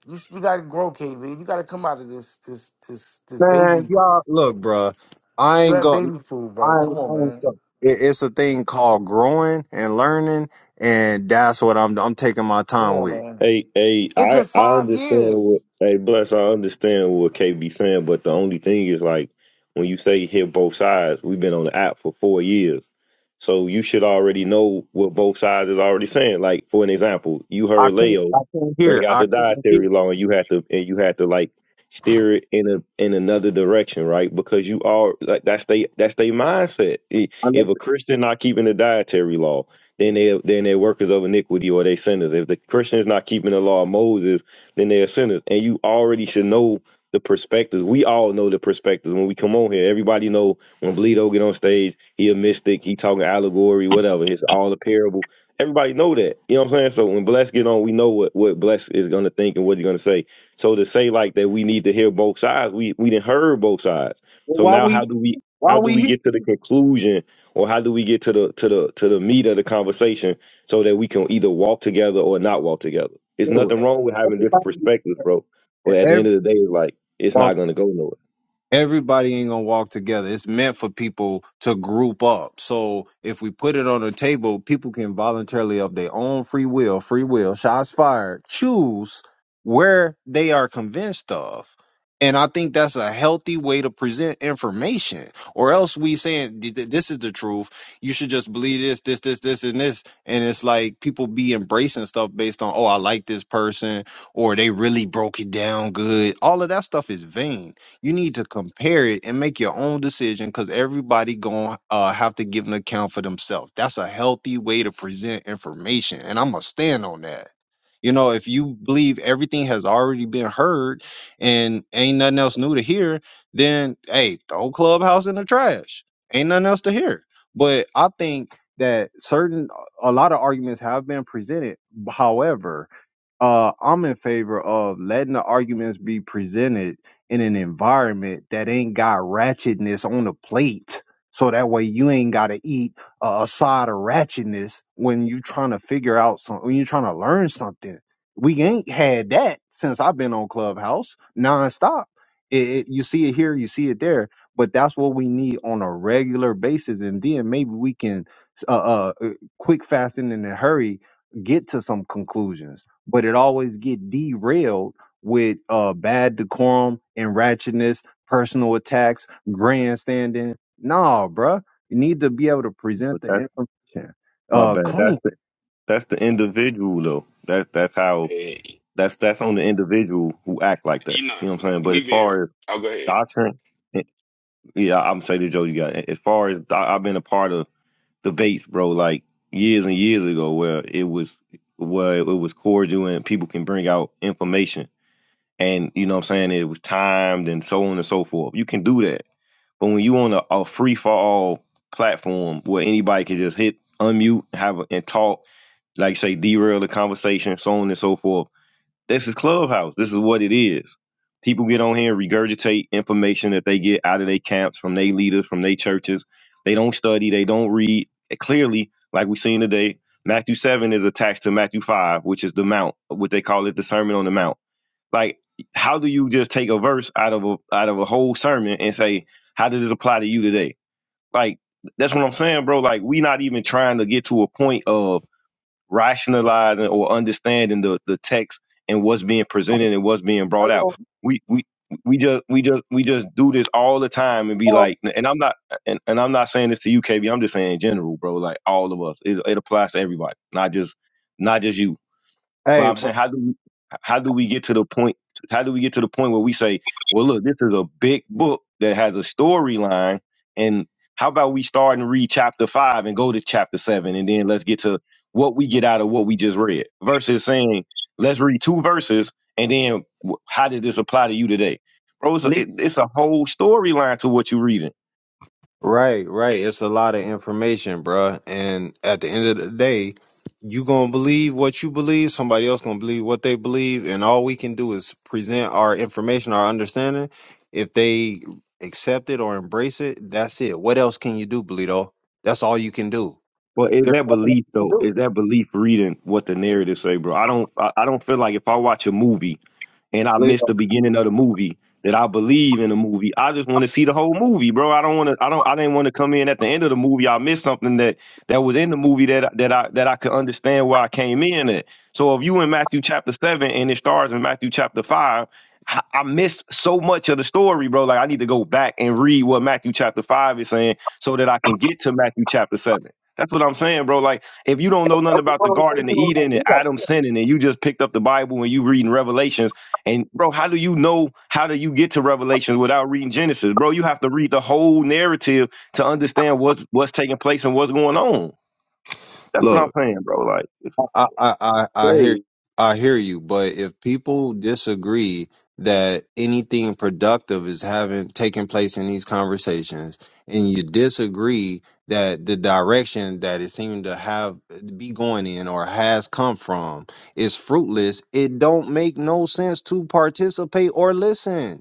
[SPEAKER 14] You you gotta grow, KB. You gotta come out of this this this this
[SPEAKER 1] Man,
[SPEAKER 14] baby.
[SPEAKER 1] y'all, look, bruh. I
[SPEAKER 14] You
[SPEAKER 1] ain't
[SPEAKER 14] have
[SPEAKER 1] going
[SPEAKER 14] baby food, brother.
[SPEAKER 1] I
[SPEAKER 14] Come
[SPEAKER 1] ain't, I
[SPEAKER 14] on,
[SPEAKER 1] ain't
[SPEAKER 14] man.
[SPEAKER 1] stuck. It, it's a thing called growing and learning, and that's what I'm. I'm taking my
[SPEAKER 14] Come
[SPEAKER 1] time
[SPEAKER 14] on,
[SPEAKER 1] with. it.
[SPEAKER 14] man.
[SPEAKER 5] Hey, hey,
[SPEAKER 14] It's
[SPEAKER 5] I,
[SPEAKER 14] been
[SPEAKER 5] I
[SPEAKER 14] five
[SPEAKER 5] understand what,
[SPEAKER 14] years.
[SPEAKER 5] hey, bless, I understand what KB saying, but the only thing is like, when you say hit both sides, we've been on the app for four years. So you should already know what both sides is already saying. Like, for an example, you
[SPEAKER 1] I
[SPEAKER 5] heard
[SPEAKER 1] can't.
[SPEAKER 5] Leo
[SPEAKER 1] I can't hear.
[SPEAKER 5] bring out
[SPEAKER 1] I
[SPEAKER 5] the
[SPEAKER 1] can't hear.
[SPEAKER 5] dietary law and you had to, and you had to like steer it in a, in another direction, right? Because you are like, that's they, that's they mindset. I-
[SPEAKER 1] I
[SPEAKER 5] If
[SPEAKER 1] listen.
[SPEAKER 5] a Christian not keeping the dietary law, then they then they're workers of iniquity or they sinners. If the Christian is not keeping the law of Moses, then they are sinners. And you already should know the perspectives. We all know the perspectives when we come on here. Everybody know when Bleedo get on stage, he a mystic, he talking allegory, whatever. It's all a parable. Everybody know that. You know what I'm saying? So when Bless get on, we know what, what Bless is gonna think and what he's gonna say. So to say like that we need to hear both sides, we we didn't heard both sides. So
[SPEAKER 1] Why
[SPEAKER 5] now
[SPEAKER 1] we?
[SPEAKER 5] how do we
[SPEAKER 1] Why
[SPEAKER 5] how do
[SPEAKER 1] we
[SPEAKER 5] we
[SPEAKER 1] here?
[SPEAKER 5] get to the conclusion or how do we get to the to the to the meat of the conversation so that we can either walk together or not walk together? It's
[SPEAKER 1] Yo,
[SPEAKER 5] nothing wrong with having different
[SPEAKER 1] everybody. e-,
[SPEAKER 5] perspectives, bro. But at the end
[SPEAKER 1] Every,
[SPEAKER 5] of the day, it's like it's not gonna go nowhere.
[SPEAKER 1] everybody ain't gonna walk together. It's meant for people to group up. So if we put it on a table, people can voluntarily of their own free will, free will, shots fired, choose where they are convinced of. And I think that's a healthy way to present information. Or else we saying "Th- th- this is the truth. You should just believe this, this, this, this, and this. And it's like people be embracing stuff based on, oh, I like this person, or they really broke it down good. All of that stuff is vain you need to compare it and make your own decision because everybody going uh have to give an account for themselves that's a healthy way to present information and i'm gonna stand on that you know if you believe everything has already been heard and ain't nothing else new to hear then hey throw clubhouse in the trash ain't nothing else to hear but i think that certain a lot of arguments have been presented however uh, I'm in favor of letting the arguments be presented in an environment that ain't got ratchetness on the plate. So that way you ain't got to eat a, a side of ratchetness when you trying to figure out something, when you're trying to learn something. We ain't had that since I've been on Clubhouse nonstop. It, it, you see it here, you see it there, but that's what we need on a regular basis. And then maybe we can uh, uh, uh, quick, fast, and in a hurry get to some conclusions, but it always get derailed with uh bad decorum and ratchetness, personal attacks, grandstanding. Nah, bruh. You need to be able to present
[SPEAKER 5] But
[SPEAKER 1] the
[SPEAKER 5] that's
[SPEAKER 1] information
[SPEAKER 5] my
[SPEAKER 1] uh
[SPEAKER 5] bad. That's
[SPEAKER 1] clean.
[SPEAKER 5] the that's the individual though. That that's how
[SPEAKER 13] Hey,
[SPEAKER 5] that's that's on the individual who act like that.
[SPEAKER 13] you know,
[SPEAKER 5] You know what I'm saying? But
[SPEAKER 13] we
[SPEAKER 5] as
[SPEAKER 13] been.
[SPEAKER 5] far as
[SPEAKER 13] Oh, go ahead.
[SPEAKER 5] doctrine, eh, yeah, I'm saying to Joe, you got it. as far as do- I've been a part of debates, bro, like years and years ago, where it was where it was cordial and people can bring out information, and you know what I'm saying it was timed and so on and so forth. You can do that, but when you on a, a free for all platform where anybody can just hit unmute, have a, and talk, like say derail the conversation, so on and so forth. This is Clubhouse. This is what it is. People get on here and regurgitate information that they get out of their camps, from their leaders, from their churches. They don't study, they don't read. And clearly, like we've seen today, Matthew 7 is attached to Matthew 5, which is the Mount, what they call it, the Sermon on the Mount. Like, how do you just take a verse out of a out of a whole sermon and say, how does this apply to you today? Like, that's what I'm saying, bro. Like, we not even trying to get to a point of rationalizing or understanding the, the text and what's being presented and what's being brought out.
[SPEAKER 15] Hello,
[SPEAKER 5] We we we just we just we just do this all the time and be
[SPEAKER 15] hello,
[SPEAKER 5] like and I'm not and, and I'm not saying this to you KB I'm just saying in general bro like all of us it, it applies to everybody not just not just you but
[SPEAKER 1] Hey,
[SPEAKER 5] I'm saying,
[SPEAKER 1] bro,
[SPEAKER 5] how do we, how do we get to the point? How do we get to the point where we say, well, look, this is a big book that has a storyline, and how about we start and read chapter five and go to chapter seven, and then let's get to what we get out of what we just read, versus saying, let's read two verses, and then wh- how does this apply to you today, bro? It's a, it, it's a whole storyline to what you're reading.
[SPEAKER 1] Right, right. It's a lot of information, bruh. And at the end of the day, you gonna believe what you believe. Somebody else gonna believe what they believe, and all we can do is present our information, our understanding. If they accept it or embrace it, that's it. What else can you do, Bleedo? That's all you can do.
[SPEAKER 5] Well, is
[SPEAKER 1] There's
[SPEAKER 5] that
[SPEAKER 1] nothing else
[SPEAKER 5] belief though?
[SPEAKER 1] you
[SPEAKER 5] Is that belief reading what the narrative say, bro? I don't. I, I don't feel like if I watch a movie and I
[SPEAKER 1] can do.
[SPEAKER 5] miss the beginning of the movie that I believe in the movie. I just want to see the whole movie, bro. I don't want to. I don't. I didn't want to come in at the end of the movie. I missed something that that was in the movie that I- that I that I could understand where I came in at. So if you in Matthew chapter seven and it starts in Matthew chapter five. I I missed so much of the story, bro. Like I need to go back and read what Matthew chapter five is saying, so that I can get to Matthew chapter seven. That's what I'm saying, bro. Like, if you don't know nothing about the Garden of Eden and
[SPEAKER 1] Bleedo.
[SPEAKER 5] Adam sinning, and you just picked up the Bible and you reading Revelations, and bro, how do you know? How do you get to Revelations without reading Genesis, bro? You have to read the whole narrative to understand what's what's taking place and what's going on. That's what
[SPEAKER 1] Look,
[SPEAKER 5] I'm saying, bro. Like, it's
[SPEAKER 1] I, I, I, I hear
[SPEAKER 5] crazy.
[SPEAKER 1] I hear you, but if people disagree that anything productive is having taking place in these conversations, and you disagree that the direction that it seemed to have be going in or has come from is fruitless, it don't make no sense to participate or listen.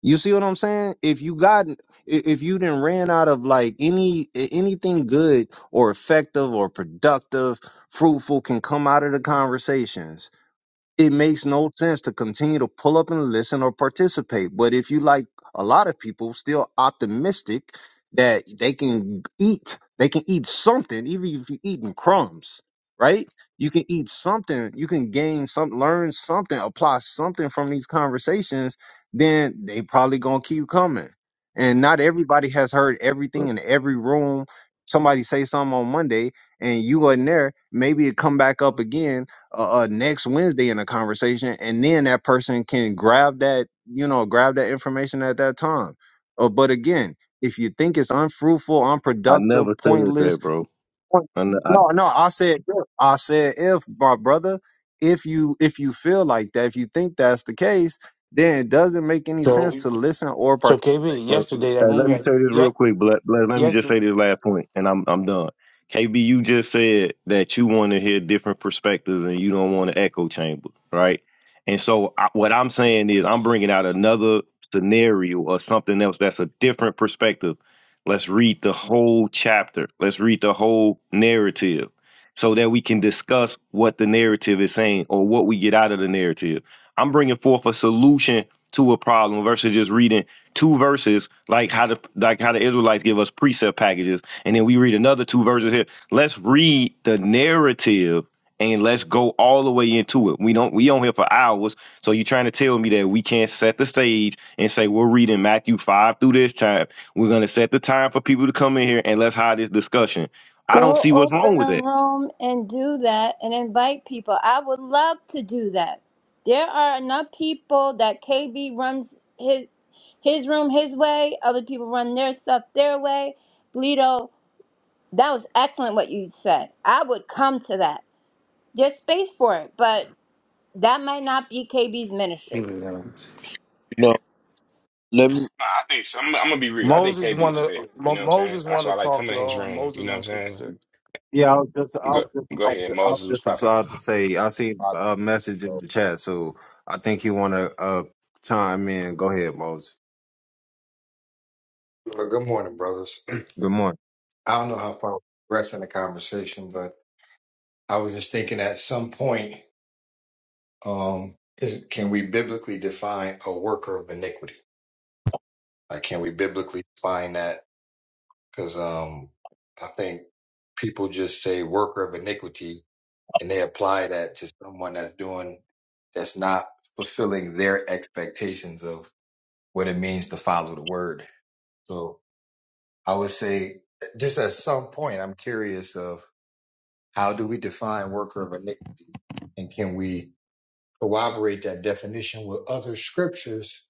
[SPEAKER 1] You see what I'm saying? If you got, i- if you didn't ran out of like any anything good or effective or productive, fruitful can come out of the conversations it makes no sense to continue to pull up and listen or participate. But if you like a lot of people still optimistic that they can eat, they can eat something, even if you're eating crumbs, right? You can eat something, you can gain some, learn something, apply something from these conversations, then they probably gonna keep coming. And not everybody has heard everything
[SPEAKER 5] But
[SPEAKER 1] in every room. Somebody say something on Monday and you wasn't there, maybe it come back up again uh, uh next Wednesday in a conversation, and then that person can grab that, you know, grab that information at that time. Uh, but again, if you think it's unfruitful,
[SPEAKER 5] I
[SPEAKER 1] unproductive,
[SPEAKER 5] never said that,
[SPEAKER 1] pointless,
[SPEAKER 5] bro.
[SPEAKER 1] point-
[SPEAKER 5] I, ne- I
[SPEAKER 1] no, no, I said, if. I said, if my brother, if you if you feel like that, if you think that's the case, then it doesn't make any
[SPEAKER 14] So
[SPEAKER 1] sense to listen or
[SPEAKER 14] so
[SPEAKER 1] participate.
[SPEAKER 14] KB,
[SPEAKER 5] But
[SPEAKER 14] yesterday
[SPEAKER 5] hey,
[SPEAKER 14] that
[SPEAKER 5] let
[SPEAKER 14] room
[SPEAKER 5] me say this
[SPEAKER 14] yeah,
[SPEAKER 5] real quick. But let, let me
[SPEAKER 14] yeah
[SPEAKER 5] just say this last point, and I'm I'm done. KB, you just said that you want to hear different perspectives and you don't want an echo chamber, right? And so I, what I'm saying is I'm bringing out another scenario or something else that's a different perspective. Let's read the whole chapter. Let's read the whole narrative so that we can discuss what the narrative is saying or what we get out of the narrative. I'm bringing forth a solution to a problem versus just reading two verses like how the like how the Israelites give us precept packages, and then we read another two verses here. Let's read the narrative and let's go all the way into it. We don't we on here for hours, so you're trying to tell me that we can't set the stage and say we're reading Matthew five through this time. We're gonna set the time for people to come in here and let's have this discussion. I don't
[SPEAKER 9] Go
[SPEAKER 5] see what's wrong
[SPEAKER 9] open
[SPEAKER 5] with
[SPEAKER 9] a
[SPEAKER 5] that.
[SPEAKER 9] room and do that and invite people. I would love to do that. There are enough people that KB runs his his room his way, other people run their stuff their way. Bleedo That was excellent what you said. I would come to that. There's space for it, but that might not be KB's
[SPEAKER 14] He
[SPEAKER 9] ministry.
[SPEAKER 14] was young.
[SPEAKER 6] No, let me.
[SPEAKER 13] Nah, I think so. I'm, I'm gonna be real. I think
[SPEAKER 14] Moses
[SPEAKER 13] KB
[SPEAKER 14] want
[SPEAKER 13] is
[SPEAKER 14] to.
[SPEAKER 13] fair. You
[SPEAKER 14] Mo-
[SPEAKER 13] know what I'm saying?
[SPEAKER 14] Moses
[SPEAKER 13] That's
[SPEAKER 14] want
[SPEAKER 13] why I
[SPEAKER 14] to
[SPEAKER 13] like
[SPEAKER 14] talk,
[SPEAKER 13] coming in his
[SPEAKER 14] y'all.
[SPEAKER 13] room. You
[SPEAKER 14] Moses
[SPEAKER 13] know what I'm
[SPEAKER 14] wants to
[SPEAKER 13] saying?
[SPEAKER 14] sit.
[SPEAKER 1] Yeah, I was just, I
[SPEAKER 13] Go
[SPEAKER 1] was just
[SPEAKER 13] go
[SPEAKER 1] about
[SPEAKER 13] ahead,
[SPEAKER 1] to, I was
[SPEAKER 13] Moses was
[SPEAKER 1] just
[SPEAKER 13] popping.
[SPEAKER 1] about to say, I see a message in the chat, so I think you want to uh, chime in. Go ahead, Moses.
[SPEAKER 16] Well, good morning, brothers.
[SPEAKER 1] Good morning.
[SPEAKER 16] I don't know how far we are in the conversation, but I was just thinking at some point, um, is can we biblically define a worker of iniquity? Like, can we biblically define that? Because um, I think people just say worker of iniquity and they apply that to someone that's doing that's not fulfilling their expectations of what it means to follow the word. So I would say, just at some point, I'm curious of. How do we define worker of iniquity? And can we corroborate that definition with other scriptures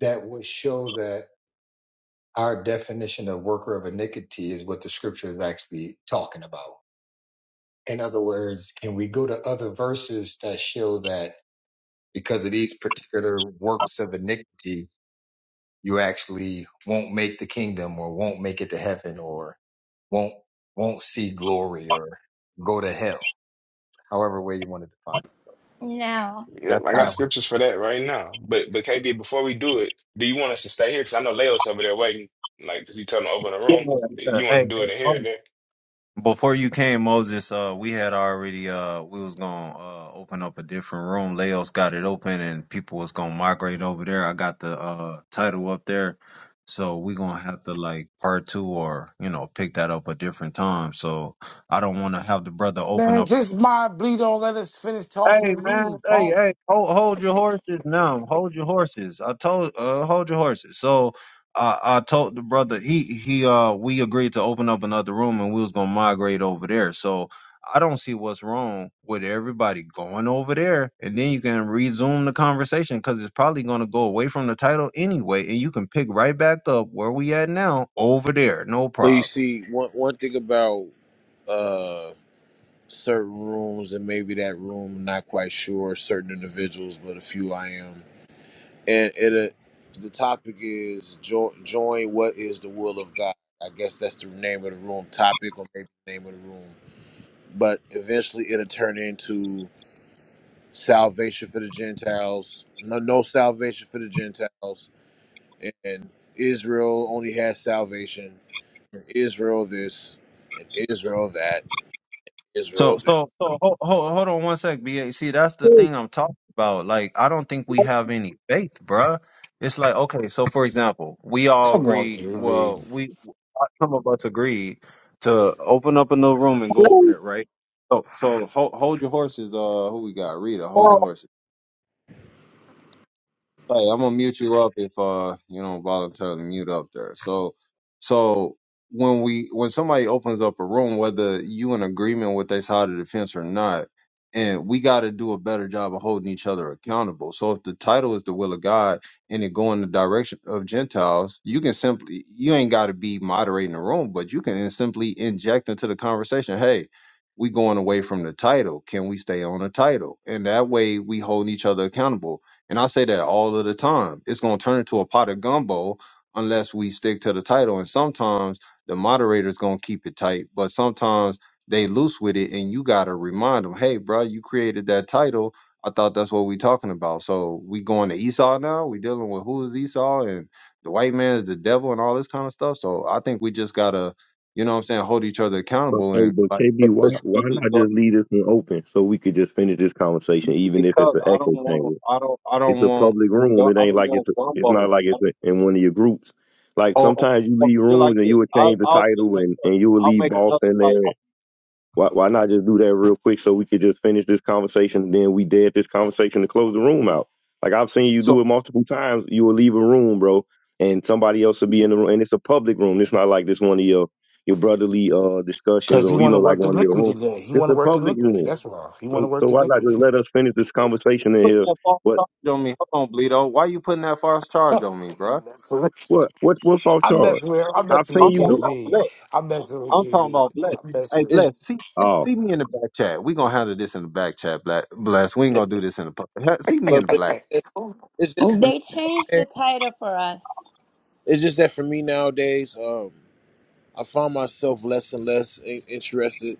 [SPEAKER 16] that would show that our definition of worker of iniquity is what the scripture is actually talking about? In other words, can we go to other verses that show that because of these particular works of iniquity, you actually won't make the kingdom or won't make it to heaven or won't won't see glory or go to hell, however way you want to define it. So
[SPEAKER 9] No.
[SPEAKER 13] Yeah,
[SPEAKER 16] that's
[SPEAKER 13] I
[SPEAKER 16] kind of
[SPEAKER 13] got
[SPEAKER 9] Oh.
[SPEAKER 13] scriptures for that right now. But but KB, before we do it, do you want us to stay here? Because I know Leo's over there waiting. Like, because he told him to open the
[SPEAKER 1] Yeah,
[SPEAKER 13] room. You want to do it in here
[SPEAKER 1] um,
[SPEAKER 13] and there?
[SPEAKER 1] Before you came, Moses, uh, we had already uh, we was gonna uh, open up a different room. Leos got it open, and people was gonna migrate over there. I got the uh, title up there, so we gonna have to like part two, or you know, pick that up a different time. So I don't want to have the brother open
[SPEAKER 14] Man,
[SPEAKER 1] up.
[SPEAKER 14] just mind bleed. Don't let us finish talking
[SPEAKER 1] Hey
[SPEAKER 14] and
[SPEAKER 1] man,
[SPEAKER 14] leave,
[SPEAKER 1] hey,
[SPEAKER 14] punk.
[SPEAKER 1] hey, hold, hold your horses now. Hold your horses. I told, uh, hold your horses. So I, I told the brother he he uh we agreed to open up another room and we was gonna migrate over there. So I don't see what's wrong with everybody going over there and then you can resume the conversation because it's probably gonna go away from the title anyway and you can pick right back up where we at now over there. No
[SPEAKER 6] But you
[SPEAKER 1] problem.
[SPEAKER 6] see, one one thing about uh certain rooms and maybe that room, not quite sure certain individuals, but a few I am. and it uh, the topic is jo- join what is the will of god i guess that's the name of the room topic or maybe the name of the room but eventually it'll turn into salvation for the gentiles no, no salvation for the gentiles and israel only has salvation and israel this and israel that
[SPEAKER 1] So
[SPEAKER 6] israel this
[SPEAKER 1] so so hold, hold, hold on one sec, BA. See, that's the thing I'm talking about. Like, I don't think we have any faith, bruh. It's like, okay, so for example, we all
[SPEAKER 14] Come on,
[SPEAKER 1] agree. Well,
[SPEAKER 14] QB.
[SPEAKER 1] we some of us agreed to open up a new room and go over
[SPEAKER 15] Hello,
[SPEAKER 1] there, right? So so hold, hold your horses. Uh, who we got? Rita,
[SPEAKER 15] hello.
[SPEAKER 1] hold your horses. Hey, I'm gonna mute you up if uh you don't voluntarily mute up there. So so when we when somebody opens up a room, whether you in agreement with their side of the fence or not, and we gotta do a better job of holding each other accountable. So if the title is the will of God and it go in the direction of Gentiles, you can simply you ain't gotta be moderating the room, but you can simply inject into the conversation, hey, we going away from the title. Can we stay on the title? And that way we hold each other accountable and I say that all of the time. It's going to turn into a pot of gumbo unless we stick to the title. And sometimes the moderator's going to keep it tight, but sometimes they loose with it and you got to remind them, hey, bro, you created that title. I thought that's what we talking about. So we going to Esau now. We dealing with who is Esau and the white man is the devil and all this kind of stuff. So I think we just got to, you know what I'm saying, hold each other
[SPEAKER 5] But
[SPEAKER 1] accountable
[SPEAKER 5] hey,
[SPEAKER 1] and
[SPEAKER 5] but
[SPEAKER 1] like
[SPEAKER 5] KB,
[SPEAKER 6] but,
[SPEAKER 5] why
[SPEAKER 6] but
[SPEAKER 5] why
[SPEAKER 1] it just
[SPEAKER 5] not
[SPEAKER 1] goes-
[SPEAKER 5] just leave this one open so we could just finish this conversation, even if it's
[SPEAKER 1] because
[SPEAKER 5] an
[SPEAKER 1] I don't
[SPEAKER 5] echo chamber?
[SPEAKER 1] want I don't I
[SPEAKER 5] It's
[SPEAKER 1] don't
[SPEAKER 5] a
[SPEAKER 1] want
[SPEAKER 5] public room. It
[SPEAKER 1] I
[SPEAKER 5] ain't
[SPEAKER 1] don't
[SPEAKER 5] like
[SPEAKER 1] want
[SPEAKER 5] it's a, it's not
[SPEAKER 1] gumbo.
[SPEAKER 5] like it's a, in one of your groups. Like
[SPEAKER 1] or, or
[SPEAKER 5] sometimes you
[SPEAKER 1] or
[SPEAKER 5] leave
[SPEAKER 1] feel like
[SPEAKER 5] rooms and
[SPEAKER 1] this.
[SPEAKER 5] you would
[SPEAKER 1] I'll,
[SPEAKER 5] change the
[SPEAKER 1] I'll just
[SPEAKER 5] title
[SPEAKER 1] make
[SPEAKER 5] and
[SPEAKER 1] a,
[SPEAKER 5] and you would
[SPEAKER 1] I'll
[SPEAKER 5] leave
[SPEAKER 1] make
[SPEAKER 5] boss
[SPEAKER 1] another
[SPEAKER 5] in there.
[SPEAKER 1] type.
[SPEAKER 5] Why why not just do that real quick so we could just finish this conversation? And then we dead this conversation to close the room out. Like I've seen you
[SPEAKER 1] So
[SPEAKER 5] do it multiple times. You will leave a room, bro, and somebody else will be in the room, and it's a public room. It's not like this one of your your brotherly uh discussions
[SPEAKER 14] Because he
[SPEAKER 5] or you
[SPEAKER 14] want
[SPEAKER 5] know
[SPEAKER 14] to
[SPEAKER 5] like
[SPEAKER 14] work
[SPEAKER 5] one of your
[SPEAKER 14] iniquity
[SPEAKER 5] rooms.
[SPEAKER 14] today. He
[SPEAKER 5] It's
[SPEAKER 14] want to
[SPEAKER 5] a
[SPEAKER 14] work
[SPEAKER 5] public
[SPEAKER 14] iniquity.
[SPEAKER 5] room.
[SPEAKER 14] That's why. He want
[SPEAKER 5] So
[SPEAKER 14] to
[SPEAKER 5] so
[SPEAKER 14] work
[SPEAKER 5] why not
[SPEAKER 14] iniquity.
[SPEAKER 5] just let us finish this conversation in
[SPEAKER 1] put
[SPEAKER 5] here?
[SPEAKER 1] that false charge on me. Hold on, Bleedo. Why you putting that false charge
[SPEAKER 14] I'm
[SPEAKER 1] on me, bruh?
[SPEAKER 5] What? What? What false charge?
[SPEAKER 14] messing with I'm
[SPEAKER 5] I've
[SPEAKER 14] messing
[SPEAKER 5] seen
[SPEAKER 14] with
[SPEAKER 1] I'm
[SPEAKER 5] you
[SPEAKER 1] talking
[SPEAKER 5] do.
[SPEAKER 1] about
[SPEAKER 14] KB.
[SPEAKER 1] bless.
[SPEAKER 14] I'm messing with
[SPEAKER 1] I'm talking
[SPEAKER 14] KB.
[SPEAKER 1] about bless.
[SPEAKER 14] I'm messing
[SPEAKER 1] Hey,
[SPEAKER 14] with KB.
[SPEAKER 6] it's
[SPEAKER 1] bless. See, see
[SPEAKER 5] Oh,
[SPEAKER 1] see me in the back chat. We gonna handle this in the back chat, black bless. We ain't gonna do this in the pub. He- See me
[SPEAKER 6] but,
[SPEAKER 1] in the
[SPEAKER 6] but
[SPEAKER 1] black.
[SPEAKER 6] it's, just, it's just
[SPEAKER 9] They changed the
[SPEAKER 6] that-
[SPEAKER 9] title for us.
[SPEAKER 6] it's just that for me nowadays um I find myself less and less in- interested.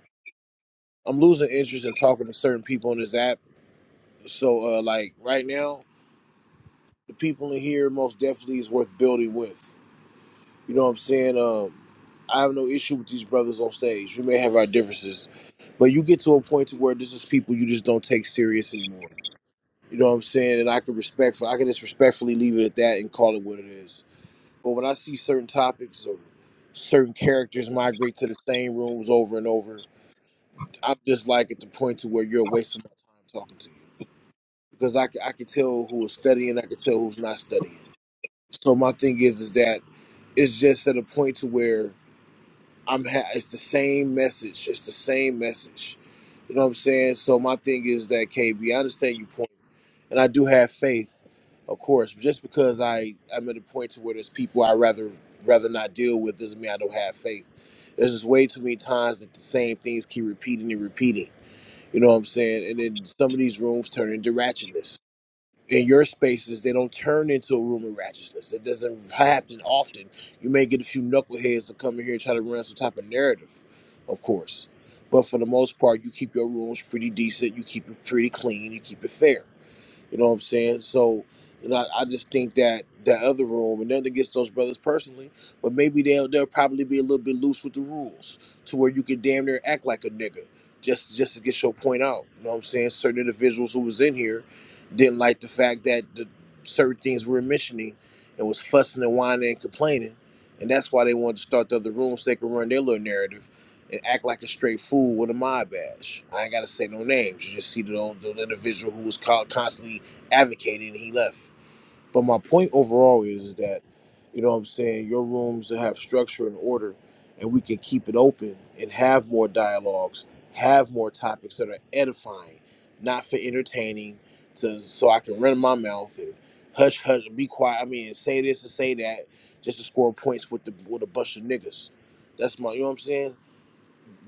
[SPEAKER 6] I'm losing interest in talking to certain people on this app. So, uh, like right now, the people in here most definitely is worth building with. You know what I'm saying? Um, I have no issue with these brothers on stage. We may have our differences, but you get to a point to where this is people you just don't take serious anymore. You know what I'm saying? And I can respect I can just respectfully leave it at that and call it what it is. But when I see certain topics or certain characters migrate to the same rooms over and over, I'm just like at the point to where you're wasting my time talking to you because I, c- I can tell who is studying, I can tell who's not studying. So my thing is is that it's just at a point to where I'm ha- it's the same message, it's the same message. You know what I'm saying? So my thing is that KB, I understand your point, and I do have faith, of course. But just because I I'm at a point to where there's people I rather rather not deal with doesn't mean I don't have faith. There's just way too many times that the same things keep repeating and repeating you know what I'm saying? And then some of these rooms turn into ratchetness. In your spaces, they don't turn into a room of ratchetness. It doesn't happen often. You may get a few knuckleheads to come in here and try to run some type of narrative, of course. But for the most part, you keep your rooms pretty decent. You keep it pretty clean. You keep it fair. You know what I'm saying? So, you know, I, I just think that that other room, and nothing against those brothers personally, but maybe they'll they'll probably be a little bit loose with the rules to where you could damn near act like a nigga just just to get your point out. You know what I'm saying? Certain individuals who was in here didn't like the fact that the certain things we were mentioning and was fussing and whining and complaining. And that's why they wanted to start the other room so they could run their little narrative and act like a straight fool with a mob badge. I ain't gotta say no names. You just see the, old, the individual who was called constantly advocated and he left. But my point overall is, is that, you know what I'm saying, your rooms that have structure and order and we can keep it open and have more dialogues, have more topics that are edifying, not for entertaining, to so I can run my mouth and hush hush be quiet. I mean say this and say that just to score points with the with a bunch of niggas. That's my you know what I'm saying?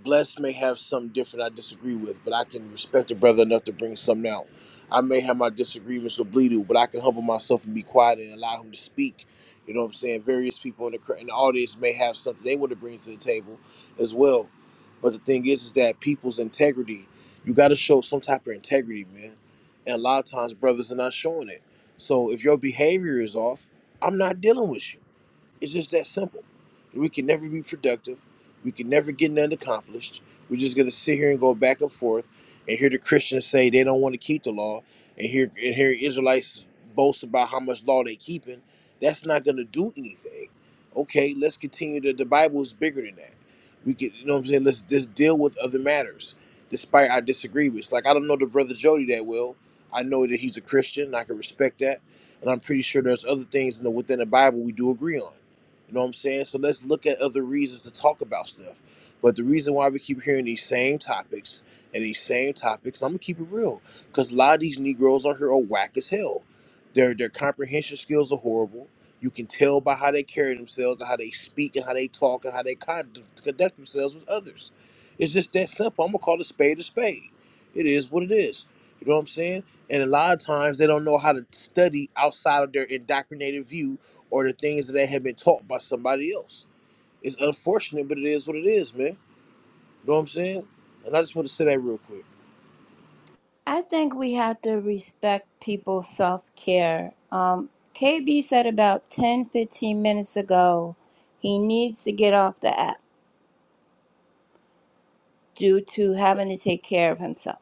[SPEAKER 6] Bless may have something different I disagree with, but I can respect a brother enough to bring something out. I may have my disagreements with Bleedu, but I can humble myself and be quiet and allow him to speak. You know what I'm saying? Various people in the, cr- in the audience may have something they want to bring to the table as well. But the thing is, is that people's integrity, you got to show some type of integrity, man. And a lot of times, brothers are not showing it. So if your behavior is off, I'm not dealing with you. It's just that simple. We can never be productive. We can never get nothing accomplished. We're just gonna sit here and go back and forth and hear the Christians say they don't want to keep the law and hear and hear Israelites boast about how much law they keeping. That's not gonna do anything. Okay, let's continue to the Bible is bigger than that. We can you know what I'm saying, let's just deal with other matters. Despite I disagree with It's like I don't know the brother Jody that well. I know that he's a Christian, and I can respect that. And I'm pretty sure there's other things in the, within the Bible we do agree on you know what I'm saying? So let's look at other reasons to talk about stuff. But the reason why we keep hearing these same topics and these same topics, I'm gonna keep it real, because a lot of these Negroes on here are whack as hell. Their their comprehension skills are horrible. You can tell by how they carry themselves, and how they speak, and how they talk, and how they con- conduct themselves with others. It's just that simple. I'm gonna call a spade a spade. It is what it is. You know what I'm saying? And a lot of times they don't know how to study outside of their indoctrinated view or the things that have been taught by somebody else. It's unfortunate, but it is what it is, man. You know what I'm saying? And I just want to say that real quick.
[SPEAKER 9] I think we have to respect people's self care. Um, KB said about 10 15 minutes ago he needs to get off the app due to having to take care of himself.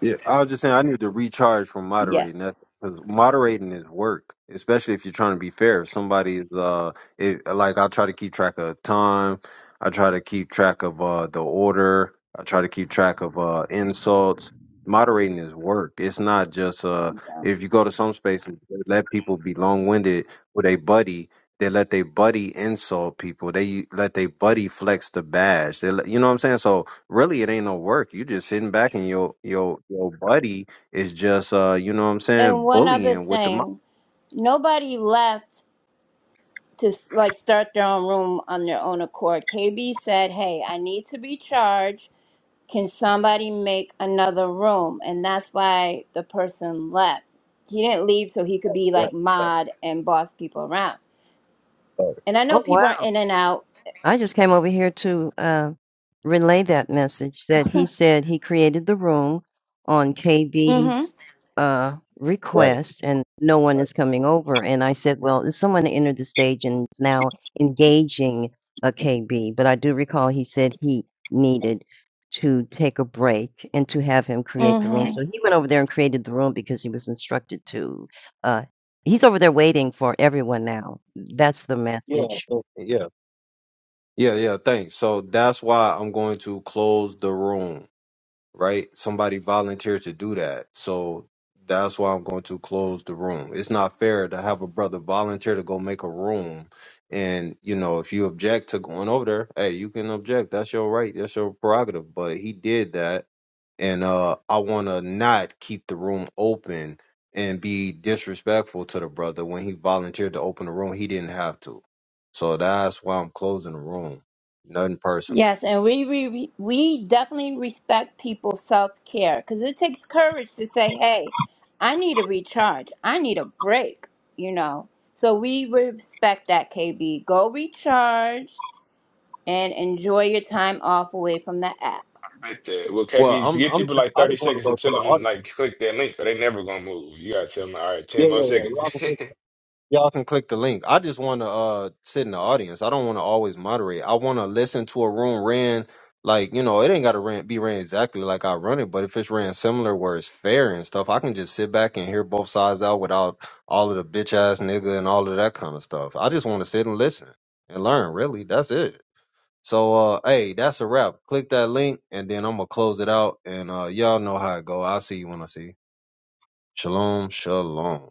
[SPEAKER 1] Yeah, I was just saying I need to recharge from
[SPEAKER 9] Yes.
[SPEAKER 1] moderating that because moderating is work, especially if you're trying to be fair. If somebody's uh, it, like I try to keep track of time, I try to keep track of uh the order, I try to keep track of uh insults. Moderating is work. It's not just uh if you go to some spaces they let people be long winded with a buddy. They let their buddy insult people. They let their buddy flex the badge. They let, you know what I'm saying? So really it ain't no work. You just sitting back and your your your buddy is just uh you know what I'm
[SPEAKER 9] And
[SPEAKER 1] saying
[SPEAKER 9] one other
[SPEAKER 1] bullying with the mic.
[SPEAKER 9] thing nobody left to like start their own room on their own accord. KB said, "Hey, I need to be charged. Can somebody make another room?" And that's why the person left. He didn't leave so he could be
[SPEAKER 1] Right,
[SPEAKER 9] like
[SPEAKER 1] right,
[SPEAKER 9] mod and boss people around.
[SPEAKER 1] right,
[SPEAKER 9] And I know
[SPEAKER 12] Oh,
[SPEAKER 9] people
[SPEAKER 12] wow.
[SPEAKER 9] are in and out.
[SPEAKER 12] I just came over here to uh, relay that message that he said he created the room on KB's uh,
[SPEAKER 1] right.
[SPEAKER 12] request and no one is coming over. And I said, well, is someone entered the stage and is now engaging a KB? But I do recall he said he needed to take a break and to have him create the room.
[SPEAKER 9] Mhm.
[SPEAKER 12] So he went over there and created the room because he was instructed to. Uh, he's over there waiting for everyone now. That's the
[SPEAKER 1] Yeah,
[SPEAKER 12] message.
[SPEAKER 1] okay, yeah, yeah, yeah. Thanks. So that's why I'm going to close the room. right? Somebody volunteered to do that. So that's why I'm going to close the room. It's not fair to have a brother volunteer to go make a room. And, you know, if you object to going over there, hey, you can object. That's your right. That's your prerogative. But he did that. And uh, I want to not keep the room open and be disrespectful to the brother when he volunteered to open the room. He didn't have to. So that's why I'm closing the room. Nothing personal.
[SPEAKER 9] Yes, and we we, we definitely respect people's self care because it takes courage to say, "Hey, I need a recharge. I need a break." You know, so we respect that. KB, go recharge and enjoy your time off away from the app.
[SPEAKER 13] But uh, well,
[SPEAKER 1] Well,
[SPEAKER 13] KB,
[SPEAKER 1] I'm,
[SPEAKER 13] give
[SPEAKER 1] I'm
[SPEAKER 13] people
[SPEAKER 1] just,
[SPEAKER 13] like
[SPEAKER 1] I
[SPEAKER 13] 30
[SPEAKER 1] just want to
[SPEAKER 13] seconds
[SPEAKER 1] go
[SPEAKER 13] to
[SPEAKER 1] to the
[SPEAKER 13] tell them
[SPEAKER 1] audience.
[SPEAKER 13] like click that link, but they never gonna move. You gotta tell them all right, 10
[SPEAKER 1] Yeah,
[SPEAKER 13] more
[SPEAKER 1] yeah, yeah.
[SPEAKER 13] seconds.
[SPEAKER 1] Y'all can, click- y'all can click the link. I just want to uh sit in the audience. I don't want to always moderate. I want to listen to a room ran like you know it ain't got to ran, be ran exactly like I run it, but if it's ran similar where it's fair and stuff, I can just sit back and hear both sides out without all of the bitch ass nigga and all of that kind of stuff. I just want to sit and listen and learn. Really, that's it. So uh hey, that's a wrap. Click that link and then I'm gonna close it out and uh y'all know how it go. I'll see you when I see you. Shalom, shalom.